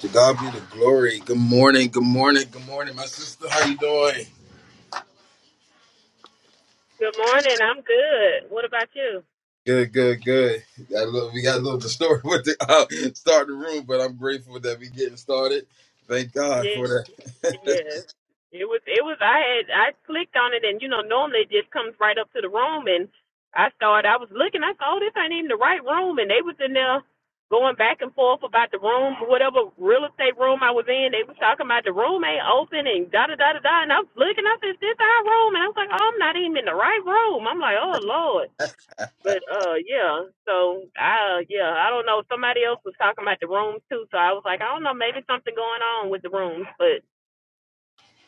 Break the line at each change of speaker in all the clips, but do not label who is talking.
To God be the glory. Good morning. Good morning. Good morning, my sister. How you doing?
Good morning. I'm good. What about you?
Good, good, good. Got a little, we got a little distorted with the uh, start the room, but I'm grateful that we getting started. Thank God
Yes,
for that.
yes. It was. It was. I had. I clicked on it, and you know, normally it just comes right up to the room, and I started. I was looking. I saw oh, this ain't even the right room, and they was in there going back and forth about the room, whatever real estate room I was in. They was talking about the room ain't open, and da da da da da. And I was looking. I said, "Is this our room?" And I was like, "Oh, I'm not even in the right room." I'm like, "Oh Lord." But uh yeah, so I uh, yeah, I don't know. Somebody else was talking about the rooms too, so I was like, I don't know, maybe something going on with the rooms, but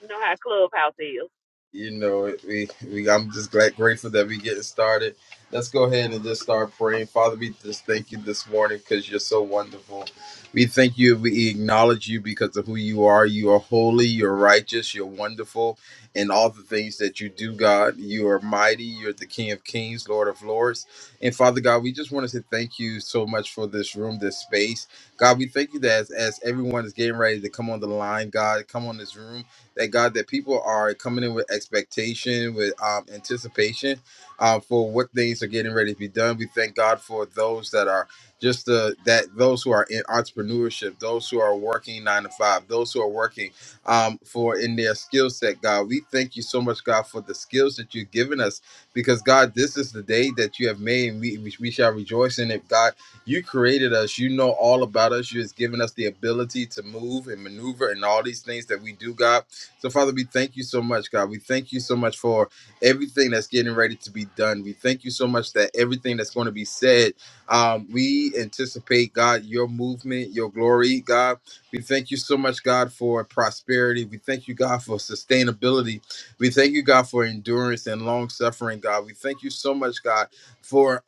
you know how Clubhouse is.
you know it- we, we i'm just glad grateful that we getting started let's go ahead and just start praying father we just thank you this morning because you're so wonderful we thank you we acknowledge you because of who you are you are holy you're righteous you're wonderful and all the things that you do god you are mighty you're the king of kings lord of lords and father god we just want to say thank you so much for this room this space god we thank you that as, as everyone is getting ready to come on the line god come on this room Thank God that people are coming in with expectation, with um, anticipation uh, for what things are getting ready to be done. We thank God for those that are just the that those who are in entrepreneurship, those who are working nine to five, those who are working um, for in their skill set. God, we thank you so much, God, for the skills that you've given us, because God, this is the day that you have made, and we we, we shall rejoice in it. God, you created us. You know all about us. You has given us the ability to move and maneuver and all these things that we do, God. So, Father, we thank you so much, God. We thank you so much for everything that's getting ready to be done. We thank you so much that everything that's going to be said, um, we anticipate, God, your movement, your glory, God. We thank you so much, God, for prosperity. We thank you, God, for sustainability. We thank you, God, for endurance and long suffering, God. We thank you so much, God, for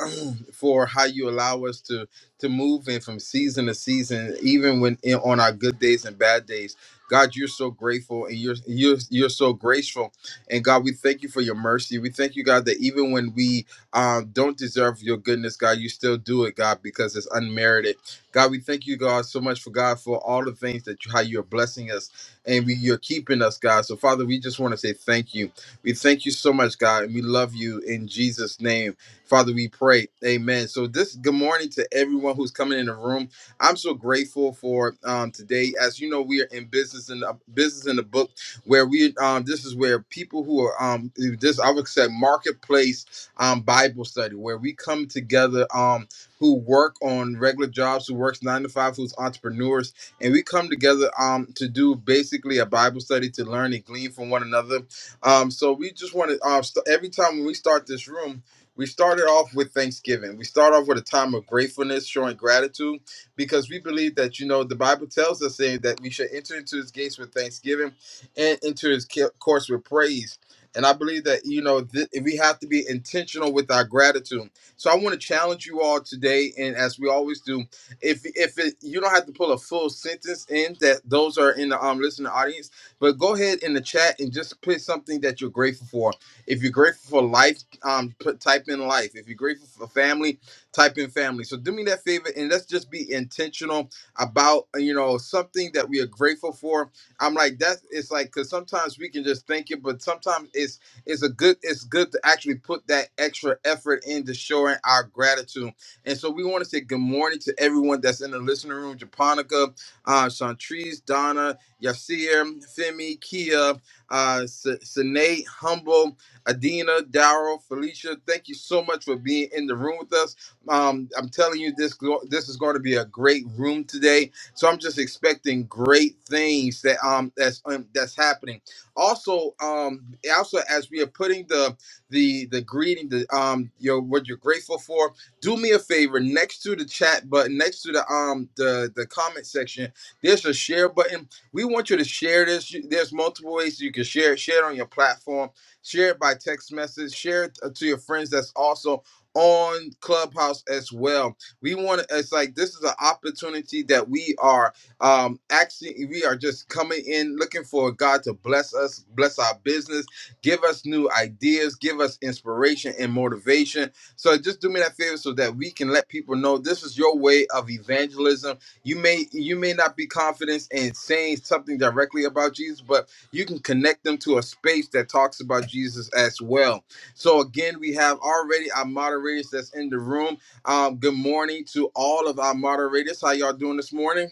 for how you allow us to to move in from season to season, even when in, on our good days and bad days. God, you're so grateful and you're you're you're so graceful. And God, we thank you for your mercy. We thank you, God, that even when we um, don't deserve your goodness, God, you still do it, God, because it's unmerited. God, we thank you, God, so much for God for all the things that you, how you're blessing us and we, you're keeping us, God. So, Father, we just want to say thank you. We thank you so much, God, and we love you in Jesus' name. Father, we pray. Amen. So this good morning to everyone who's coming in the room. I'm so grateful for um, today. As you know, we are in business in the business in the book where we um, this is where people who are um this I would say marketplace um Bible study where we come together um who work on regular jobs, who works nine to five, who's entrepreneurs, and we come together um to do basically a Bible study to learn and glean from one another. Um, so we just want to uh, st- every time when we start this room, we started off with Thanksgiving. We start off with a time of gratefulness, showing gratitude, because we believe that you know the Bible tells us saying that we should enter into His gates with thanksgiving and into His ca- courts with praise. And I believe that you know th- we have to be intentional with our gratitude. So I want to challenge you all today, and as we always do, if if it, you don't have to pull a full sentence in that those are in the um listening audience, but go ahead in the chat and just put something that you're grateful for if you're grateful for life, um, put type in life. If you're grateful for family, type in family. So do me that favor and let's just be intentional about you know something that we are grateful for. I'm like that. It's like because sometimes we can just think it, but sometimes it's it's a good it's good to actually put that extra effort into showing our gratitude. And so we want to say good morning to everyone that's in the listening room: Japonica, uh, Chantrice, Donna, Yasir, Femi, Kia, uh, S- Sine, Humble. Adina, Daryl, Felicia, thank you so much for being in the room with us. Um, I'm telling you, this go- this is going to be a great room today. So I'm just expecting great things that um that's um, that's happening. Also, um, also as we are putting the the the greeting, the um, your what you're grateful for, do me a favor. Next to the chat button, next to the um the the comment section, there's a share button. We want you to share this. You- There's multiple ways you can share it. Share it on your platform Share it by text message. Share it uh, to your friends that's also on Clubhouse as well. We want to, it's like this is an opportunity that we are um actually, we are just coming in looking for God to bless us, bless our business, give us new ideas, give us inspiration and motivation. So just do me that favor so that we can let people know this is your way of evangelism. You may you may not be confident in saying something directly about Jesus, but you can connect them to a space that talks about Jesus as well. So again, we have already our moderators that's in the room. Um, good morning to all of our moderators. How y'all doing this morning?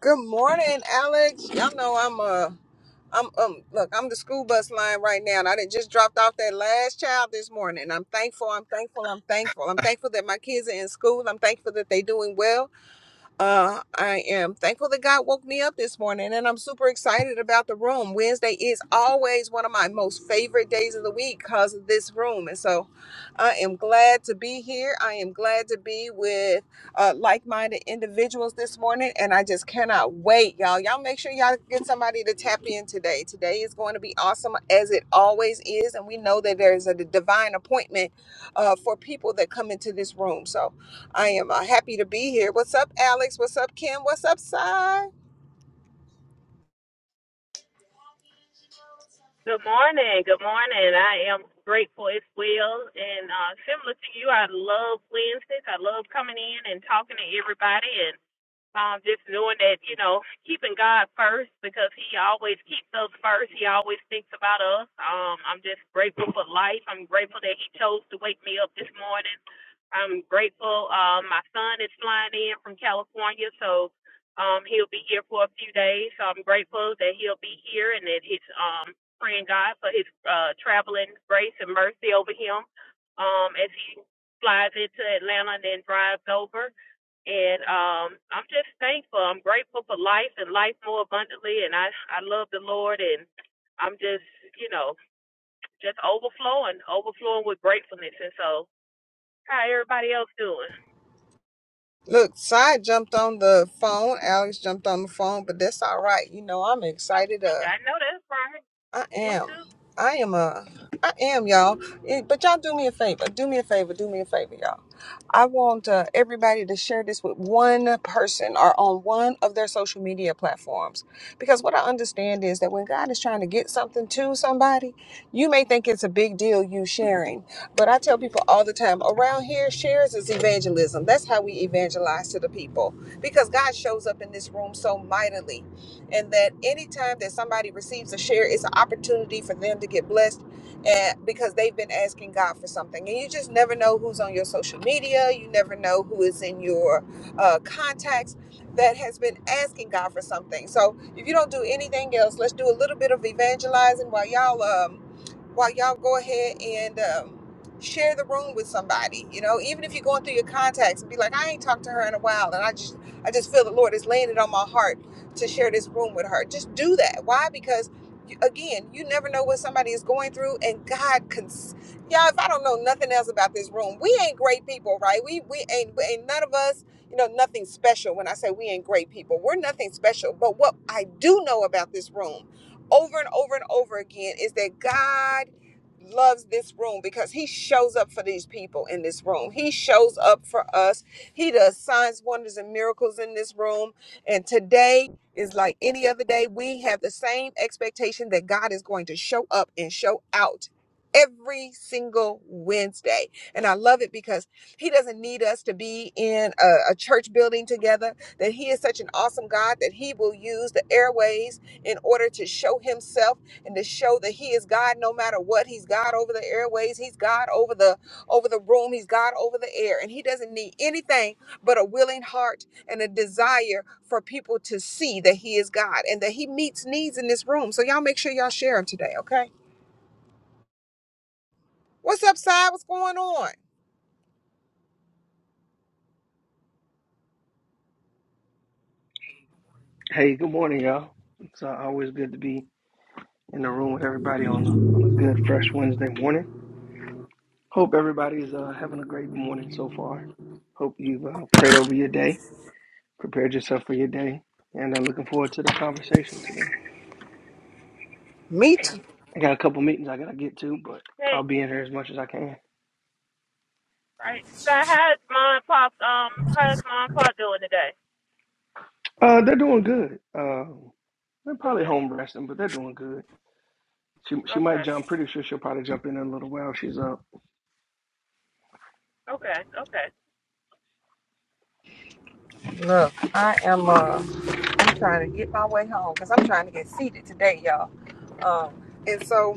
Good morning, Alex. Y'all know I'm uh I'm um look, I'm the school bus line right now and I done just dropped off that last child this morning. I'm thankful, I'm thankful, I'm thankful. I'm thankful that my kids are in school. I'm thankful that they're doing well. Uh, I am thankful that God woke me up this morning and I'm super excited about the room. Wednesday is always one of my most favorite days of the week because of this room. And so I am glad to be here. I am glad to be with uh, like minded individuals this morning. And I just cannot wait, y'all. Y'all make sure y'all get somebody to tap in today. Today is going to be awesome as it always is. And we know that there's a divine appointment uh, for people that come into this room. So, I am uh, happy to be here. What's up, Alex? What's up, Kim? What's up, Cy?
Good morning, good morning. I am grateful as well. And uh similar to you, I love Wednesdays. I love coming in and talking to everybody and um just knowing that, you know, keeping God first because he always keeps us first. He always thinks about us. Um I'm just grateful for life. I'm grateful that he chose to wake me up this morning I'm grateful. Um, my son is flying in from California, so um, he'll be here for a few days. So I'm grateful that he'll be here and that he's um, praying God for his uh, traveling grace and mercy over him um, as he flies into Atlanta and then drives over. And um, I'm just thankful. I'm grateful for life and life more abundantly. And I, I love the Lord. And I'm just, you know, just overflowing, overflowing with gratefulness. And so, how everybody else doing?
Look, Cy jumped on the phone. Alex jumped on the phone, but that's all right. You know, I'm
Oh,
excited. Uh,
I know that's right.
I
Me
am.
too.
I am. Uh, I am, y'all. Eh, But y'all do me a favor. Do me a favor. Do me a favor, y'all. I want uh, everybody to share this with one person or on one of their social media platforms. Because what I understand is that when God is trying to get something to somebody, you may think it's a big deal you sharing. But I tell people all the time around here, shares is evangelism. That's how we evangelize to the people. Because God shows up in this room so mightily. And that anytime that somebody receives a share, it's an opportunity for them to get blessed and because they've been asking God for something, and you just never know who's on your social media, you never know who is in your uh, contacts that has been asking God for something. So if you don't do anything else, let's do a little bit of evangelizing while y'all um, while y'all go ahead and um, share the room with somebody. You know, even if you're going through your contacts and be like, I ain't talked to her in a while, and I just, I just feel the Lord is laying it on my heart to share this room with her. Just do that. Why? Because again, you never know what somebody is going through, and God can. Y'all, if I don't know nothing else about this room, we ain't great people, right? We we ain't we ain't none of us, you know, nothing special. When I say we ain't great people, we're nothing special. But what I do know about this room over and over and over again is that God loves this room because he shows up for these people in this room. He shows up for us. He does signs, wonders and miracles in this room. And today is like any other day. We have the same expectation that God is going to show up and show out every single Wednesday. And I love it because he doesn't need us to be in a, a church building together. That he is such an awesome God that he will use the airways in order to show himself and to show that he is God no matter what. He's God over the airways, he's God over the over the room, he's God over the air, and he doesn't need anything but a willing heart and a desire for people to see that he is God and that he meets needs in this room. So y'all make sure y'all share him today, okay? What's up, side? What's going on?
Hey, good morning, y'all. It's uh, always good to be in the room with everybody on a- on a good, fresh Wednesday morning. Hope everybody's uh, having a great morning so far. Hope you've uh, prayed over your day, prepared yourself for your day, and I'm looking forward to the conversation today.
Me too.
I got a couple meetings I gotta get to, but I'll
Hey,
be in here as much as I can.
right. Sky, how's mom and pop? Um, how's mom and pop doing today?
Uh, they're doing good. Um, they're
Good.
probably home resting, but they're doing good. She she might
Okay.
jump. Pretty sure she'll probably jump in, in a little while. She's up.
Okay. Okay.
Look, I am. Uh, I'm trying to get my way home because I'm trying to get seated today, y'all. Um, And so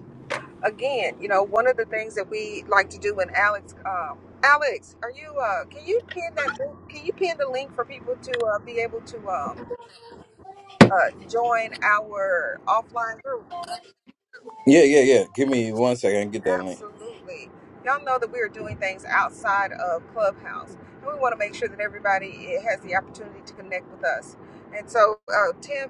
again, you know, one of the things that we like to do when Alex, um, Alex, are you? Uh, can you pin that? link- Can you pin the link for people to uh, be able to um, uh, join our offline group?
Yeah, yeah, yeah. Give me one second. Get that link.
Absolutely. Y'all know that we are doing things outside of Clubhouse, and we want to make sure that everybody eh, has the opportunity to connect with us. And so, uh, Tim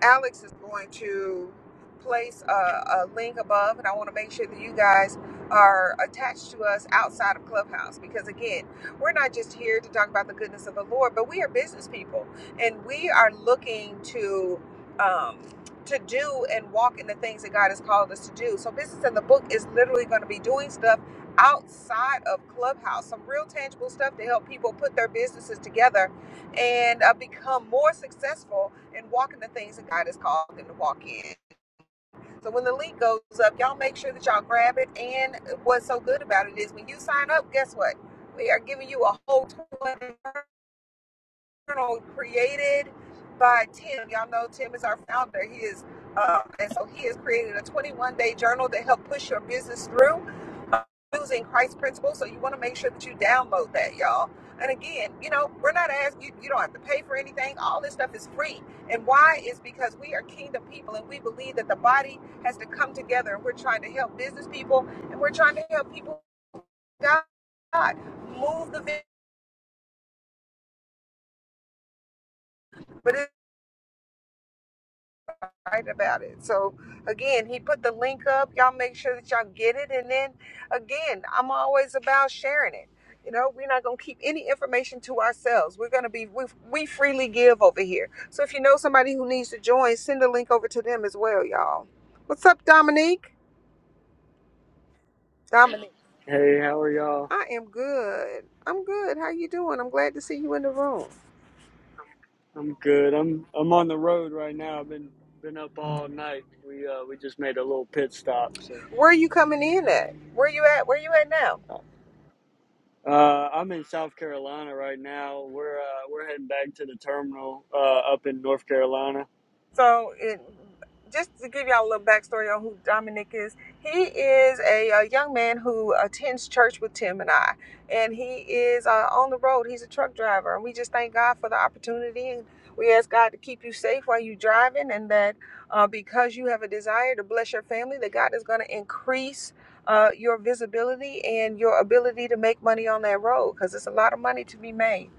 Alex is going to place a, a link above, and I want to make sure that you guys are attached to us outside of Clubhouse because, again, we're not just here to talk about the goodness of the Lord, but we are business people and we are looking to. Um, to do and walk in the things that God has called us to do. So, Business in the Book is literally going to be doing stuff outside of Clubhouse, some real tangible stuff to help people put their businesses together and uh, become more successful in walking the things that God has called them to walk in. So when the link goes up, y'all make sure that y'all grab it. And what's so good about it is when you sign up, guess what? We are giving you a whole $200 journal created by Tim. Y'all know Tim is our founder. He is, uh, and so he has created a 21 day journal to help push your business through uh, using Christ principles. So you want to make sure that you download that, y'all. And again, you know, we're not asking you, you don't have to pay for anything. All this stuff is free. And why is because we are kingdom people and we believe that the body has to come together and we're trying to help business people and we're trying to help people God move the vision. But it's right about it. So again, he put the link up. Y'all make sure that y'all get it. And then again, I'm always about sharing it. You know, we're not gonna keep any information to ourselves. We're gonna be we we freely give over here. So if you know somebody who needs to join, send a link over to them as well, y'all. What's up, Dominique? Dominique.
Hey, how are y'all?
I am good. I'm good. How you doing? I'm glad to see you in the room.
I'm good. I'm I'm on the road right now. I've been been up all night. We uh we just made a little pit stop. So
Where are you coming in at? Where you at? Where you at now?
uh I'm in South Carolina right now. We're uh we're heading back to the terminal uh up in North Carolina.
So it just to give y'all a little backstory on who Dominic is, he is a, a young man who attends church with Tim and I, and he is uh, on the road. He's a truck driver, and we just thank God for the opportunity. And we ask God to keep you safe while you're driving, and that uh, because you have a desire to bless your family, that God is going to increase. Uh, your visibility and your ability to make money on that road because it's a lot of money to be made.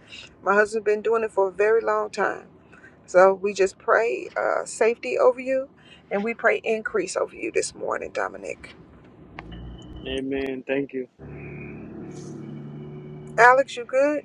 My husband's been doing it for a very long time. So we just pray uh, safety over you and we pray increase over you this morning, Dominic.
Amen. Thank you.
Alex, you good?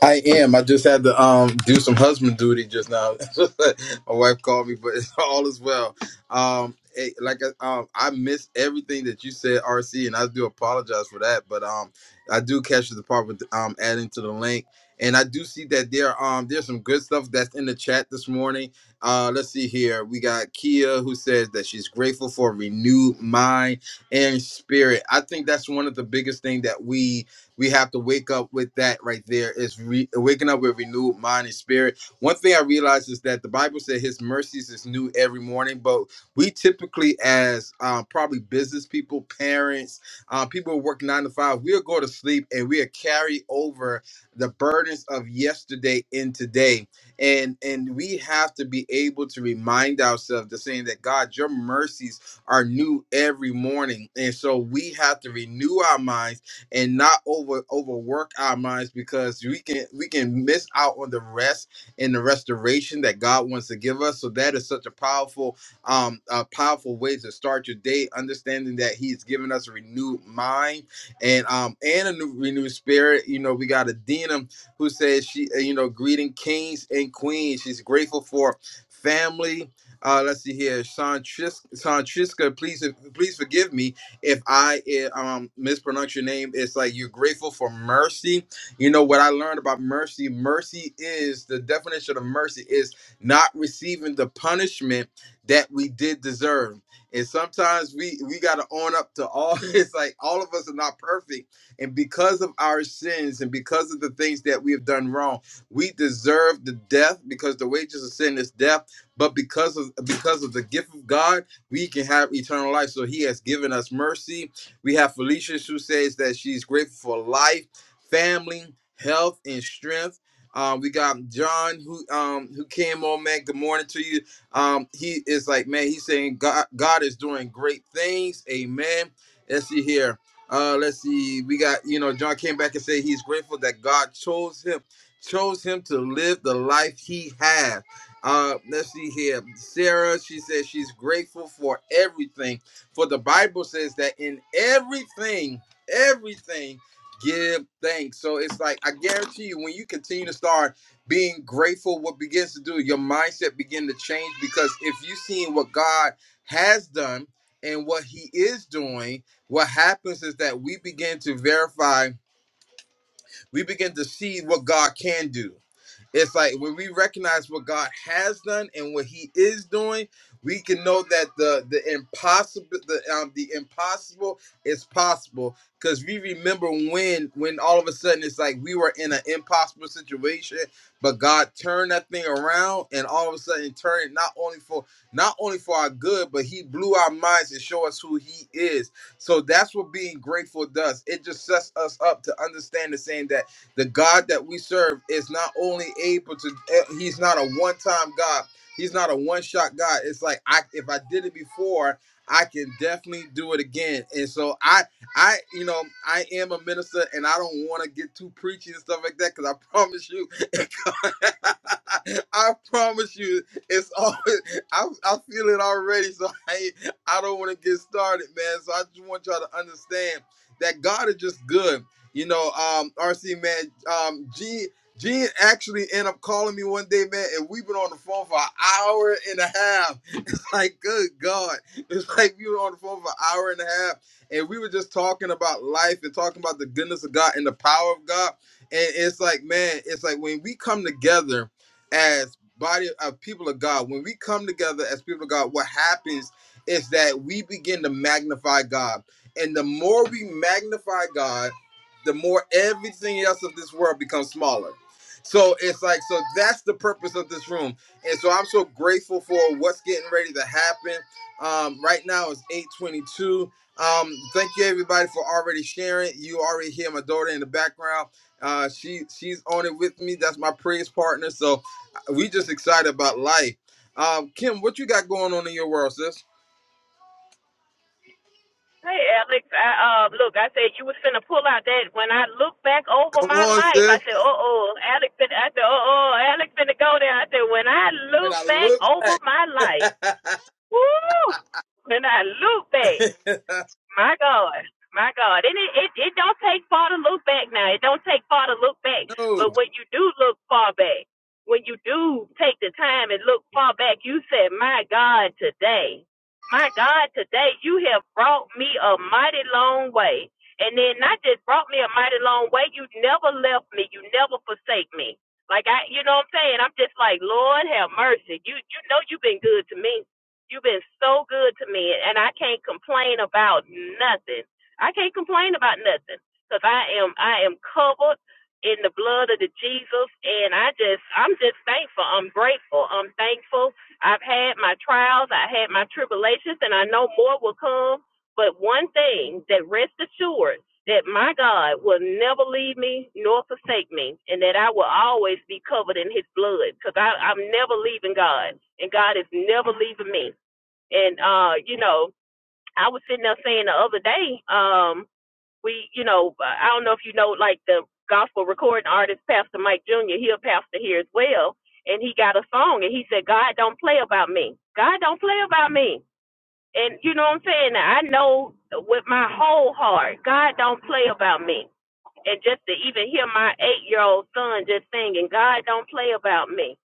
I am. I just had to um do some husband duty just now. My wife called me, but it's all is well. Um, eh, like I- um, I missed everything that you said, RC, and I do apologize for that. But um, I do catch the part with um adding to the link, and I do see that there um there's some good stuff that's in the chat this morning. Uh, let's see here. We got Kia who says that she's grateful for a renewed mind and spirit. I think that's one of the biggest thing that we we have to wake up with that right there is re- waking up with renewed mind and spirit one thing i realized is that the bible said his mercies is new every morning but we typically as uh, probably business people parents uh, people who work nine to five we'll go to sleep and we'll carry over the burdens of yesterday in today and and we have to be able to remind ourselves to saying that god your mercies are new every morning and so we have to renew our minds and not over overwork our minds because we can we can miss out on the rest and the restoration that God wants to give us. So that is such a powerful um a powerful way to start your day, understanding that He's given us a renewed mind and um and a new renewed spirit. You know, we got Adina who says she uh, you know greeting kings and queens. She's grateful for family. Uh, let's see here, Santriska, Santriska, please please forgive me if I eh, um mispronounce your name, it's like you're grateful for mercy. You know what I learned about mercy? Mercy is the definition of mercy is not receiving the punishment that we did deserve. And sometimes we we gotta own up to all. It's like all of us are not perfect, and because of our sins and because of the things that we have done wrong, we deserve the death because the wages of sin is death. But because of because of the gift of God we can have eternal life. So he has given us mercy. We have Felicia who says that she's grateful for life, family, health, and strength. Um, we got John who um who came on, man. Good morning to you. Um, he is like, man, he's saying God God is doing great things. Amen. Let's see here. Uh, let's see. We got, you know, John came back and said he's grateful that God chose him, chose him to live the life he has. Uh, let's see here. Sarah, she says she's grateful for everything. For the Bible says that in everything, everything, give thanks. So it's like I guarantee you, when you continue to start being grateful, what begins to do, your mindset begin to change because if you seeing what God has done and what He is doing, what happens is that we begin to verify we begin to see what God can do. It's like when we recognize what God has done and what He is doing, we can know that the the impossible the um, the impossible is possible because we remember when when all of a sudden it's like we were in an impossible situation, but God turned that thing around and all of a sudden turned it not only for not only for our good, but He blew our minds to show us who He is so that's what being grateful does. It just sets us up to understand the saying that the God that we serve is not only able to, eh, he's not a one time God. He's not a one shot God. It's like I if I did it before, I can definitely do it again. And so I I you know, I am a minister and I don't want to get too preachy and stuff like that cuz I promise you I promise you it's always I I feel it already so I. I don't want to get started, man. So I just want y'all to understand that God is just good. You know, um, RC man, um, Gene, Gene actually ended up calling me one day, man, and we've been on the phone for an hour and a half. like, good God. It's like we were on the phone for an hour and a half and we were just talking about life and talking about the goodness of God and the power of God. And it's like, man, it's like when we come together as body of people of God, when we come together as people of God, what happens is that we begin to magnify God. And the more we magnify God, the more everything else of this world becomes smaller. So it's like, so that's the purpose of this room and so I'm so grateful for what's getting ready to happen. Um, right now it's 822. Um, thank you everybody for already sharing. You already hear my daughter in the background. Uh, she she's on it with me. That's my praise partner. So uh, we just excited about life. Um, Kim, what you got going on in your world, sis?
Hey, Alex. I uh, look. I said you was finna pull out that. When I look back over
Come
my
on,
life, I
sis.
said, "Uh oh, Alex." Finna, I said, "Uh oh, Alex finna go there." I said, "When I
When
look
I
back over my life,
look back.
woo! When I look back." My God, my God, and it, it it don't take far to look back now. It don't take far to look back,
no.
but when you do look far back, when you do take the time and look far back, you said, "My God, today, my God, today, you have brought me a mighty long way." And then not just brought me a mighty long way, you never left me, you never forsake me. Like I, you know what I'm saying? I'm just like, Lord have mercy. You you know you've been good to me You've been so good to me, and I can't complain about nothing. I can't complain about nothing because I am I am covered in the blood of the Jesus, and I just I'm just thankful. I'm grateful. I'm thankful. I've had my trials. I had my tribulations, and I know more will come. But one thing that rest assured that my God will never leave me nor forsake me, and that I will always be covered in His blood, because I'm never leaving God, and God is never leaving me and uh, you know, I was sitting there saying the other day, um, we, you know, I don't know if you know, like the gospel recording artist, Pastor Mike Jr. He a pastor here as well, and he got a song, and he said, "God don't play about me. God don't play about me." And you know what I'm saying? I know with my whole heart, God don't play about me. And just to even hear my eight year old son just singing, God don't play about me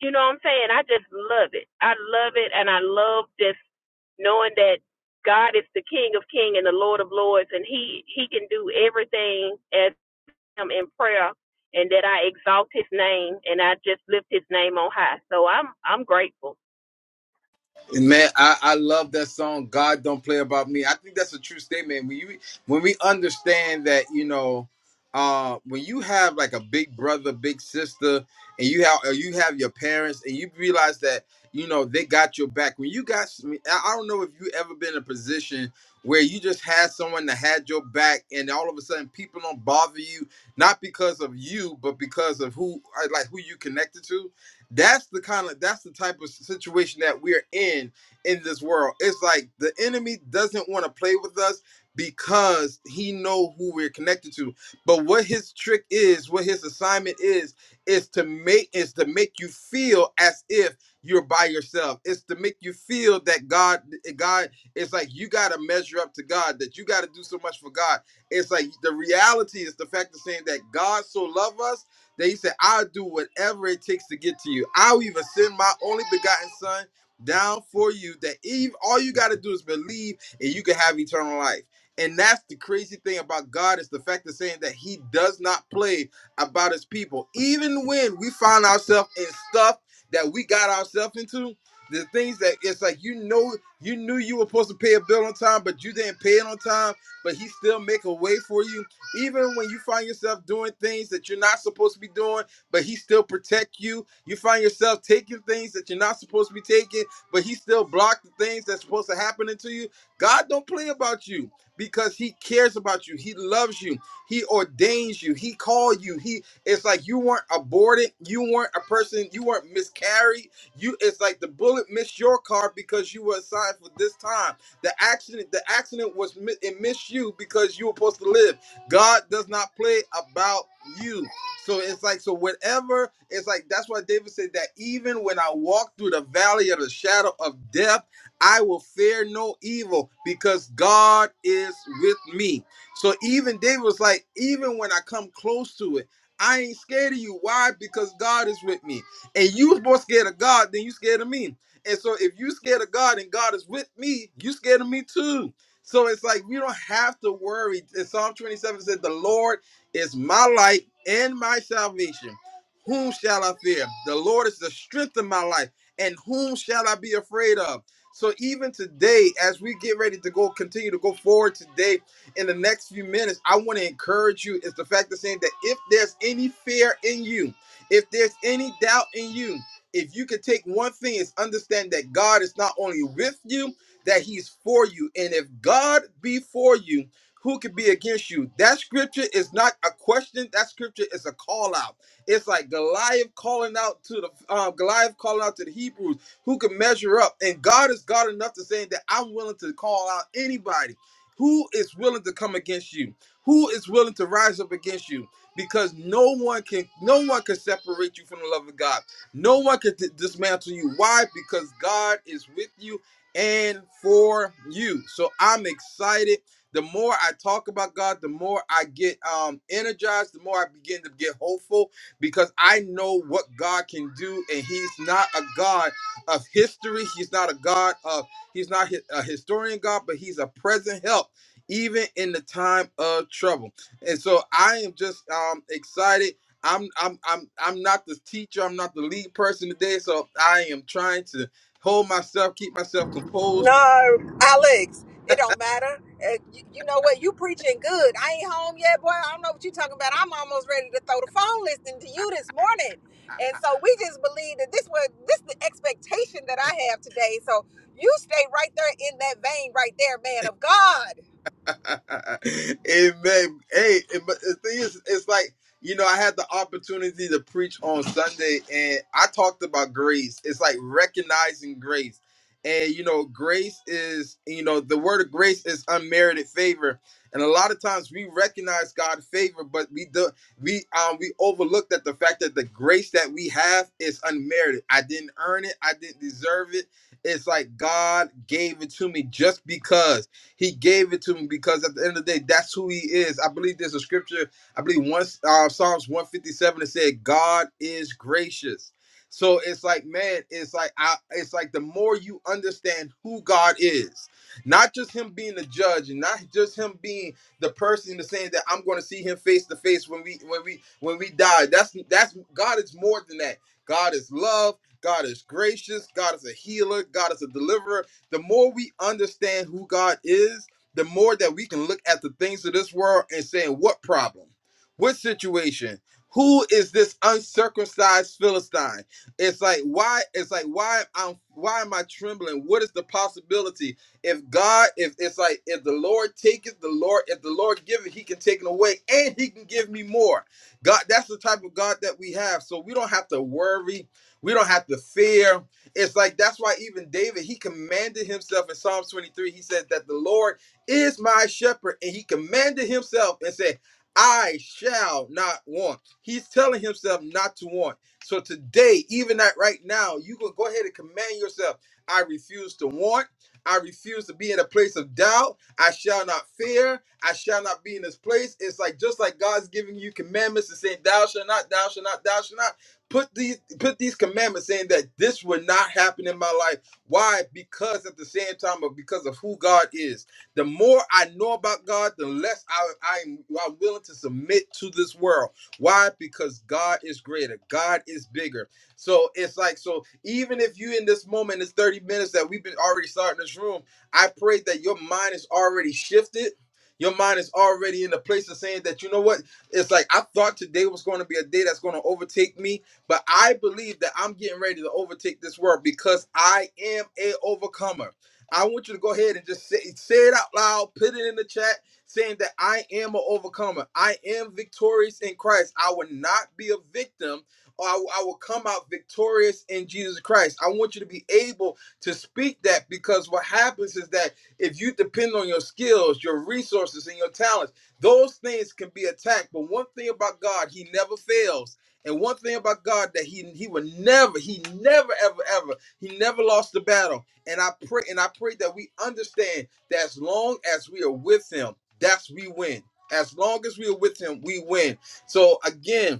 you know what I'm saying? I just love it. I love it, and I love just knowing that God is the King of Kings and the Lord of Lords, and He He can do everything as I'm in prayer, and that I exalt His name and I just lift His name on high. So I'm I'm grateful.
And Man, I, I love that song. God don't play about me. I think that's a true statement. When you when we understand that, you know, uh, when you have like a big brother, big sister, and you have or you have your parents, and you realize that you know they got your back. When you got, I I don't know if you ever been in a position where you just had someone that had your back, and all of a sudden people don't bother you, not because of you, but because of who uh, like who you connected to that's the kind of that's the type of situation that we're in in this world. It's like the enemy doesn't want to play with us because he know who we're connected to. But what his trick is, what his assignment is, is to make is to make you feel as if you're by yourself. It's to make you feel that God eh, God it's like you got to measure up to God, that you got to do so much for God. It's like the reality is the fact of saying that God so loved us they said, I'll do whatever it takes to get to you. I'll even send my only begotten son down for you that Eve, all you got to do is believe and you can have eternal life. And that's the crazy thing about God is the fact of saying that he does not play about his people. Even when we find ourselves in stuff that we got ourselves into, the things that it's like you know you knew you were supposed to pay a bill on time, but you didn't pay it on time, but he still make a way for you even when you find yourself doing things that you're not supposed to be doing, but he still protect you. You find yourself taking things that you're not supposed to be taking, but he still block the things that's supposed to happen to you. God don't play about you because he cares about you. He loves you. He ordains you. He called you. He it's like you weren't aborted. You weren't a person, you weren't miscarried. You it's like the bullet missed your car because you were assigned for this time. The accident, the accident was mi- it missed you because you were supposed to live. God does not play about you. So it's like, so whatever, it's like, that's why David said that even when I walk through the valley of the shadow of death, I will fear no evil because God is with me. So even David was like, even when I come close to it, I ain't scared of you. Why? Because God is with me. And you was more scared of God than you scared of me. And so if you scared of God and God is with me, you scared of me too. So it's like we don't have to worry. In Psalm 27 said, The Lord is my light and my salvation. Whom shall I fear? The Lord is the strength of my life, and whom shall I be afraid of? So even today, as we get ready to go, continue to go forward today in the next few minutes, I want to encourage you is the fact of saying that if there's any fear in you, if there's any doubt in you, if you could take one thing, is understand that God is not only with you, that he's for you. And if God be for you, who could be against you? That scripture is not a question. That scripture is a call out. It's like Goliath calling out to the um, Goliath calling out to the Hebrews, who can measure up. And God is God enough to say that I'm willing to call out anybody who is willing to come against you, who is willing to rise up against you, because no one can, no one can separate you from the love of God. No one can d- dismantle you. Why? Because God is with you and for you. So I'm excited. The more I talk about God, the more I get um, energized, the more I begin to get hopeful because I know what God can do, and He's not a God of history. He's not a God of, He's not hi- a historian God, but He's a present help, even in the time of trouble. And so I am just um, excited. I'm I'm I'm I'm not the teacher. I'm not the lead person today. So I am trying to hold myself, keep myself composed
No, Alex, it don't matter. Uh, you, you know what? You preaching good. I ain't home yet, boy. I don't know what you talking about. I'm almost ready to throw the phone listening to you this morning. And so we just believe that this was this the expectation that I have today. So you stay right there in that vein, right there, man of God.
Amen. Hey, but the thing is, it's like, you know, I had the opportunity to preach on Sunday and I talked about grace. It's like recognizing grace. And, you know, grace is, you know, the word of grace is unmerited favor. And a lot of times we recognize God's favor, but we do we um we overlook that the fact that the grace that we have is unmerited. I didn't earn it, I didn't deserve it. It's like God gave it to me just because. He gave it to me because at the end of the day, that's who he is. I believe there's a scripture. I believe once uh, Psalms 157 it said, "God is gracious." So it's like, man, it's like I, it's like the more you understand who God is, not just Him being the judge, and not just Him being the person that's saying that I'm going to see Him face to face when we when we when we die. That's that's God is more than that. God is love. God is gracious. God is a healer. God is a deliverer. The more we understand who God is, the more that we can look at the things of this world and saying, what problem? What situation? Who is this uncircumcised Philistine? It's like why it's like why I'm why am I trembling? What is the possibility? If God, if it's like if the Lord taketh, the Lord, if the Lord giveth, he can take it away and he can give me more. God, that's the type of God that we have. So we don't have to worry, we don't have to fear, it's like that's why even David he commanded himself in Psalms 23. He said that the Lord is my shepherd, and he commanded himself and said, I shall not want. He's telling himself not to want. So today, even that right now, you can go ahead and command yourself. I refuse to want. I refuse to be in a place of doubt. I shall not fear. I shall not be in this place. It's like just like God's giving you commandments and saying, Thou shalt not, thou shalt not, thou shalt not put these put these commandments saying that this will not happen in my life why because at the same time of because of who god is the more i know about god the less i i'm, I'm willing to submit to this world why because god is greater god is bigger so it's like so even if you in this moment this 30 minutes that we've been already starting this room i pray that your mind is already shifted your mind is already in the place of saying that you know what it's like I thought today was going to be a day that's going to overtake me, but I believe that I'm getting ready to overtake this world because I am a overcomer. I want you to go ahead and just say, say it out loud, put it in the chat, saying that I am an overcomer. I am victorious in Christ. I will not be a victim, or I, I will come out victorious in Jesus Christ. I want you to be able to speak that because what happens is that if you depend on your skills, your resources, and your talents, those things can be attacked. But one thing about God, He never fails. And one thing about God that He He will never, He never, ever, ever, He never lost the battle. And I pray, and I pray that we understand that as long as we are with Him, that's we win. As long as we are with Him, we win. So again,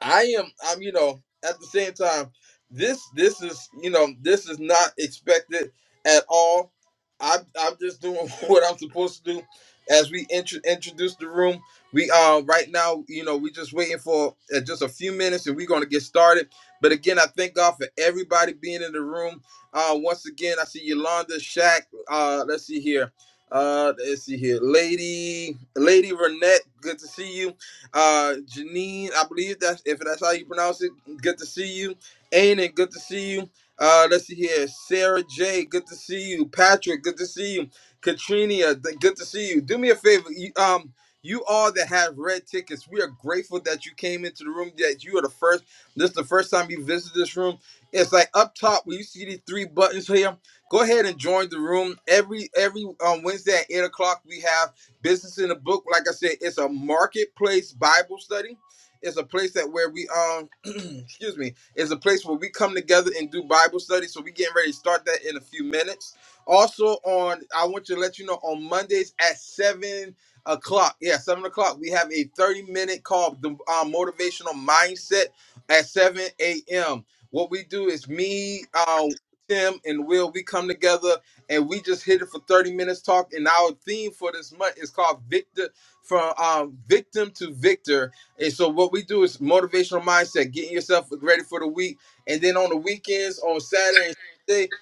I am I'm you know at the same time this this is you know this is not expected at all. I'm I'm just doing what I'm supposed to do as we intro, introduce the room. We uh right now you know we just waiting for uh, just a few minutes and we're gonna get started. But again, I thank God for everybody being in the room. Uh, once again, I see Yolanda, Shaq. Uh, let's see here. Uh, let's see here, Lady Lady Renette. Good to see you uh, Janine, I believe that's if that's how you pronounce it. Good to see you. Aiden, good to see you. Uh, let's see here. Sarah J, good to see you. Patrick, good to see you. Katrina, th- good to see you. Do me a favor. You, um, you all that have red tickets, we are grateful that you came into the room. That you are the first. This is the first time you visit this room. It's like up top where you see these three buttons here. Go ahead and join the room every every um, Wednesday at eight o'clock. We have. Business in the book, like I said, it's a marketplace Bible study. It's a place that where we um excuse me, it's a place where we come together and do Bible study. So we getting ready to start that in a few minutes. Also on I want to let you know on Mondays at seven o'clock. Yeah, seven o'clock. We have a 30 minute call, the uh, motivational mindset at 7 a.m. What we do is me, uh, Tim, and Will, we come together and we just hit it for 30 minutes talk and our theme for this month is called victor from um, victim to victor and so what we do is motivational mindset getting yourself ready for the week and then on the weekends on saturday and sunday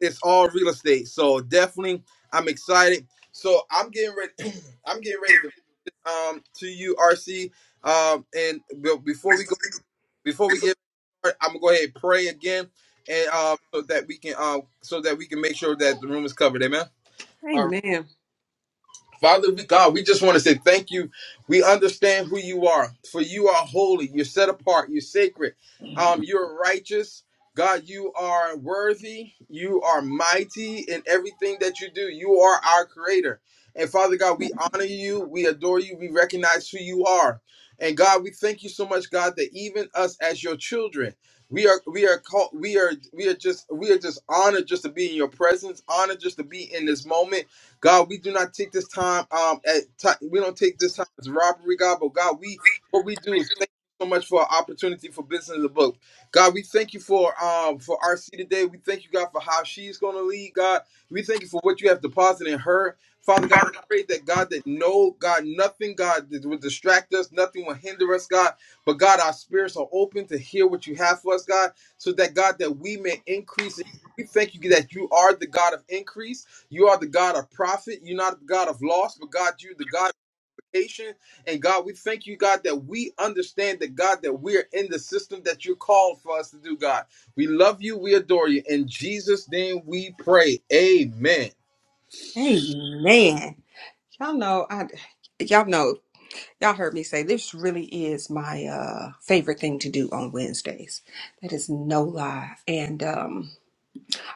it's all real estate so definitely i'm excited so i'm getting ready i'm getting ready to um to you rc um and be- before we go before we get started, i'm gonna go ahead and pray again and um so that we can um so that we can make sure that the room is covered amen all right.
Amen.
Father we- God, we just want to say thank you. We understand who you are, for you are holy. You're set apart. You're sacred. Um, you're righteous. God, you are worthy. You are mighty in everything that you do. You are our creator. And Father God, we honor you. We adore you. We recognize who you are. And God, we thank you so much, God, that even us as your children, we are we are called we are we are just we are just honored just to be in your presence, honored just to be in this moment God, we do not take this time. Um, at ti- we don't take this time as robbery, God. But God, we what we do is thank you so much for our opportunity for business in the book. God, we thank you for um for RC today. We thank you, God, for how she's going to lead. God, we thank you for what you have deposited in her, Father God. I Pray that God, that no God, nothing God that will distract us, nothing will hinder us, God. But God, our spirits are open to hear what you have for us, God, so that God, that we may increase. We thank you that you are the God of increase. You are the God of profit. You're not the God of loss, but God, you're the God of vacation. And God, we thank you, God, that we understand that God, that we're in the system that you called for us to do, God. We love you. We adore you. In Jesus' name we pray. Amen.
Amen. Y'all know I y'all know Y'all heard me say this really is my uh favorite thing to do on Wednesdays. That is no lie. And um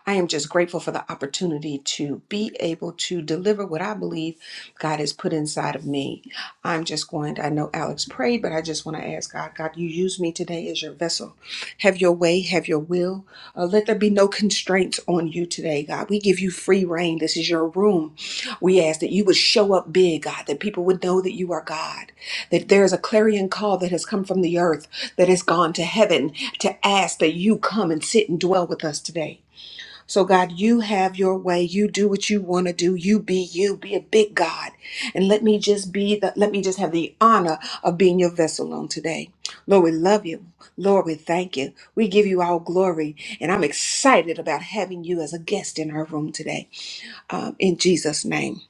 I am just grateful for the opportunity to be able to deliver what I believe God has put inside of me. I'm just going to, I know Alex prayed, but I just want to ask God, God, you use me today as your vessel. Have your way, have your will. Uh, let there be no constraints on you today, God. We give you free reign. This is your room. We ask that you would show up big, God, that people would know that you are God, that there is a clarion call that has come from the earth, that has gone to heaven to ask that you come and sit and dwell with us today. So, God, you have your way. You do what you want to do. You be you. Be a big God. And let me just be the, let me just have the honor of being your vessel on today. Lord, we love you. Lord, we thank you. We give you all glory. And I'm excited about having you as a guest in our room today. Um, in Jesus' name.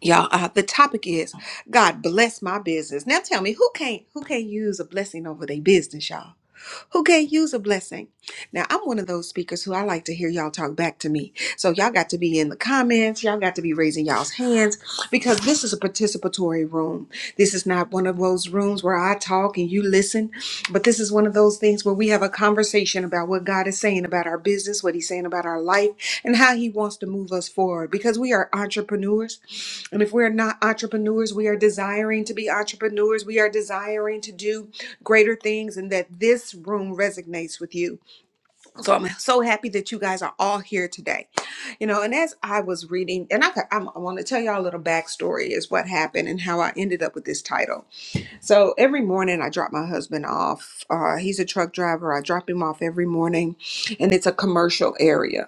Y'all, uh, the topic is God bless my business. Now tell me who can't who can't use a blessing over their business, y'all? who can't use a blessing. Now, I'm one of those speakers who I like to hear y'all talk back to me. So, y'all got to be in the comments, y'all got to be raising y'all's hands because this is a participatory room. This is not one of those rooms where I talk and you listen, but this is one of those things where we have a conversation about what God is saying about our business, what He's saying about our life, and how He wants to move us forward because we are entrepreneurs. And if we're not entrepreneurs, we are desiring to be entrepreneurs. We are desiring to do greater things, and that this room resonates with you. So I'm so happy that you guys are all here today. You know, and as I was reading, and I, I'm, I want to tell y'all a little backstory is what happened and how I ended up with this title. So every morning I drop my husband off. Uh, he's a truck driver. I drop him off every morning, and it's a commercial area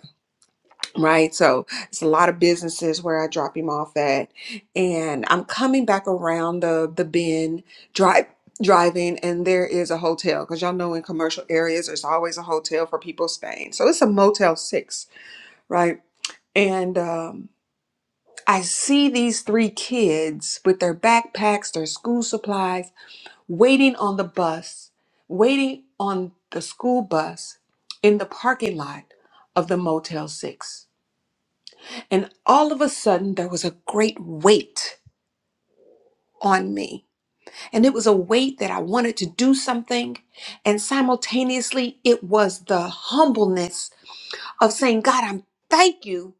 right? So it's a lot of businesses where I drop him off at, and I'm coming back around the the bend drive driving and there is a hotel because y'all know in commercial areas there's always a hotel for people staying so it's a motel six right and um, i see these three kids with their backpacks their school supplies waiting on the bus waiting on the school bus in the parking lot of the motel six And all of a sudden, there was a great weight on me. And it was a weight that I wanted to do something. And simultaneously, it was the humbleness of saying, God, I'm thank you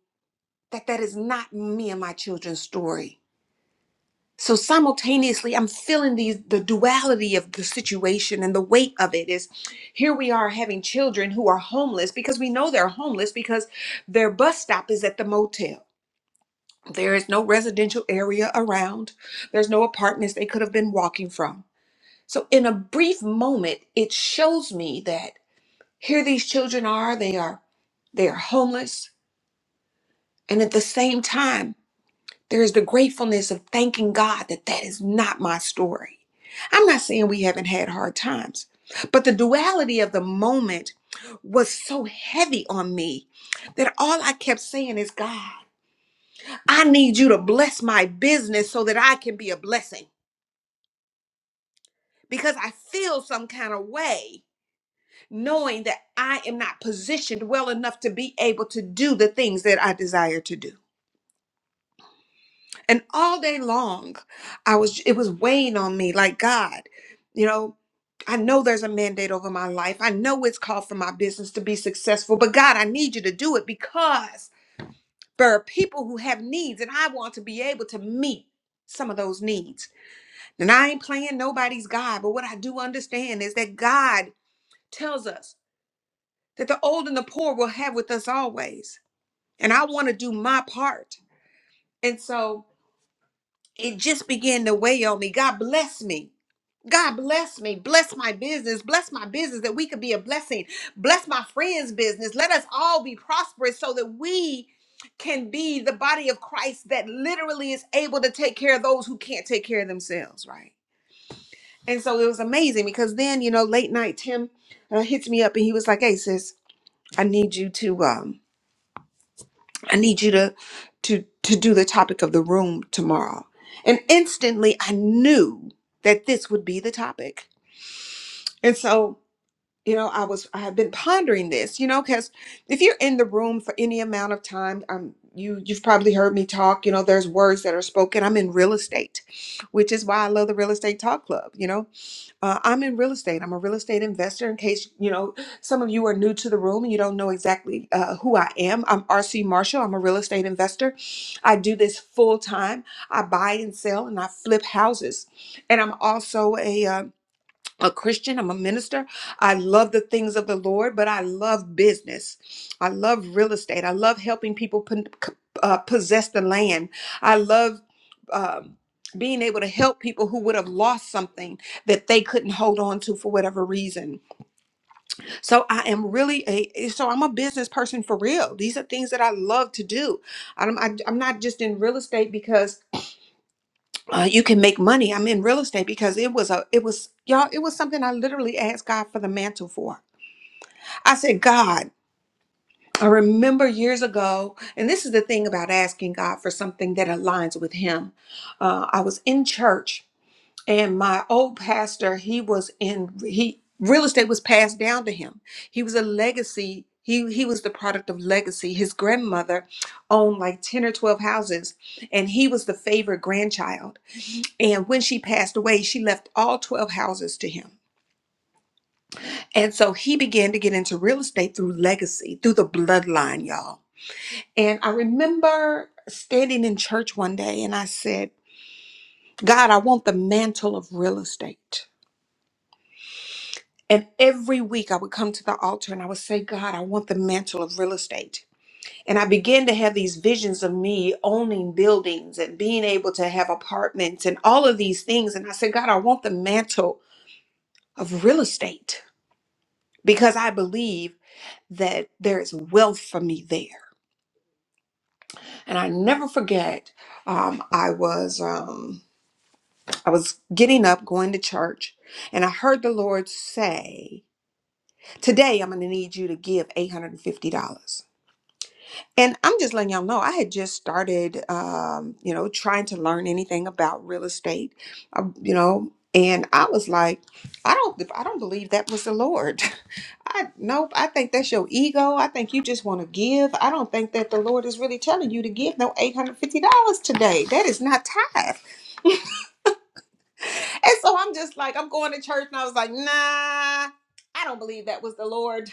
that that is not me and my children's story. So simultaneously, I'm the, the duality of the situation and the weight of it is here we are having children who are homeless because we know they're homeless because their bus stop is at the motel There is no residential area around. There's no apartments they could have been walking from. So, in a brief moment, it shows me that here these children are. They are they are homeless, and at the same time, there is the gratefulness of thanking God that that is not my story. I'm not saying we haven't had hard times, but the duality of the moment was so heavy on me that all I kept saying is, God, I need you to bless my business so that I can be a blessing. because I feel some kind of way knowing that I am not positioned well enough to be able to do the things that I desire to do. And all day long, I was it was weighing on me like God, you know, I know there's a mandate over my life. I know it's called for my business to be successful, but God, I need you to do it because there are people who have needs and I want to be able to meet some of those needs. And I ain't playing nobody's God, but what I do understand is that God tells us that the old and the poor will have with us always. And I want to do my part. And so it just began to weigh on me. God bless me. God bless me. Bless my business. Bless my business that we could be a blessing. Bless my friends' business. Let us all be prosperous so that we can be the body of Christ that literally is able to take care of those who can't take care of themselves, right? And so it was amazing because then, you know, late night Tim uh, hits me up and he was like, "Hey sis, I need you to um I need you to to to do the topic of the room tomorrow. And instantly I knew that this would be the topic. And so, you know, I was I have been pondering this, you know, cuz if you're in the room for any amount of time, um you you've probably heard me talk, you know, there's words that are spoken. I'm in real estate, which is why I love the real estate talk club, you know uh, I'm in real estate. I'm a real estate investor. In case you know, some of you are new to the room and you don't know exactly uh, who I am. I'm RC Marshall. I'm a real estate investor. I do this full time. I buy and sell, and I flip houses. And I'm also a um, a Christian, I'm a minister. I love the things of the Lord, but I love business. I love real estate. I love helping people pon- c- uh, possess the land. I love um, being able to help people who would have lost something that they couldn't hold on to for whatever reason. So I am really a so I'm a business person for real. These are things that I love to do. I'm I, I'm not just in real estate because uh, you can make money. I'm in real estate because it was a, it was y'all, it was something I literally asked God for the mantle for. I said, God, I remember years ago, and this is the thing about asking God for something that aligns with Him. Uh, I was in church, and my old pastor, he was in he real estate was passed down to him. He was a legacy. He, he was the product of legacy. His grandmother owned like 10 or 12 houses, and he was the favorite grandchild. And when she passed away, she left all 12 houses to him. And so he began to get into real estate through legacy, through the bloodline, y'all. And I remember standing in church one day and I said, God, I want the mantle of real estate. And every week I would come to the altar and I would say, God, I want the mantle of real estate. And I began to have these visions of me owning buildings and being able to have apartments and all of these things. And I said, God, I want the mantle of real estate. because I believe that there is wealth for me there. And I never forget, um, I was um, I was getting up, going to church, and I heard the Lord say, "Today I'm going to need you to give eight hundred and fifty dollars." And I'm just letting y'all know, I had just started, um, you know, trying to learn anything about real estate, um, you know, and I was like, I don't, I don't believe that was the Lord. I nope. I think that's your ego. I think you just want to give. I don't think that the Lord is really telling you to give no eight hundred fifty dollars today. That is not tithe. And so I'm just like, I'm going to church, and I was like, nah, I don't believe that was the Lord.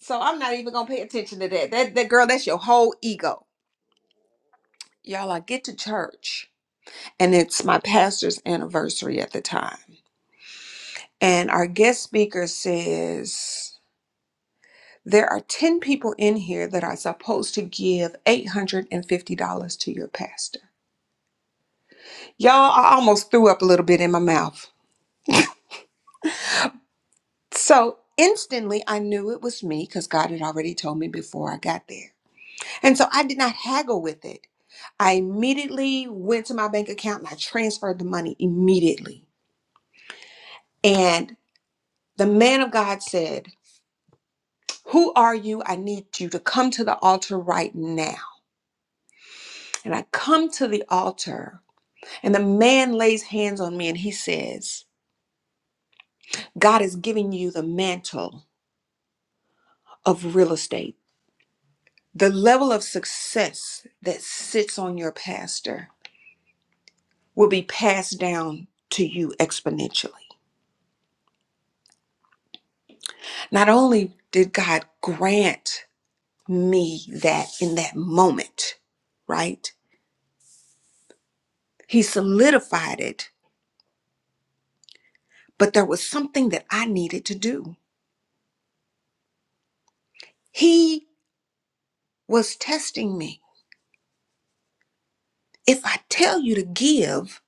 So I'm not even gonna pay attention to that. That that girl, that's your whole ego. Y'all, I get to church, and it's my pastor's anniversary at the time, and our guest speaker says. There are 10 people in here that are supposed to give $850 to your pastor. Y'all, I almost threw up a little bit in my mouth. So instantly, I knew it was me because God had already told me before I got there. And so I did not haggle with it. I immediately went to my bank account and I transferred the money immediately. And the man of God said, Who are you? I need you to come to the altar right now. And I come to the altar And the man lays hands on me and he says, God is giving you the mantle of real estate. The level of success that sits on your pastor will be passed down to you exponentially. Not only did God grant me that in that moment, right? He solidified it, but there was something that I needed to do. He was testing me. If I tell you to give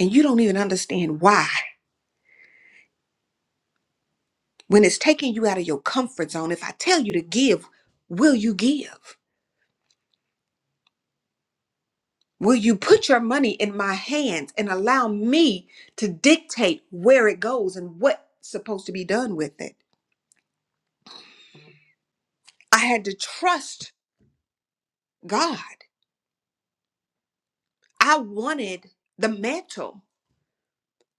and you don't even understand why, When it's taking you out of your comfort zone, if I tell you to give, will you give? Will you put your money in my hands and allow me to dictate where it goes and what's supposed to be done with it? I had to trust God. I wanted the mantle,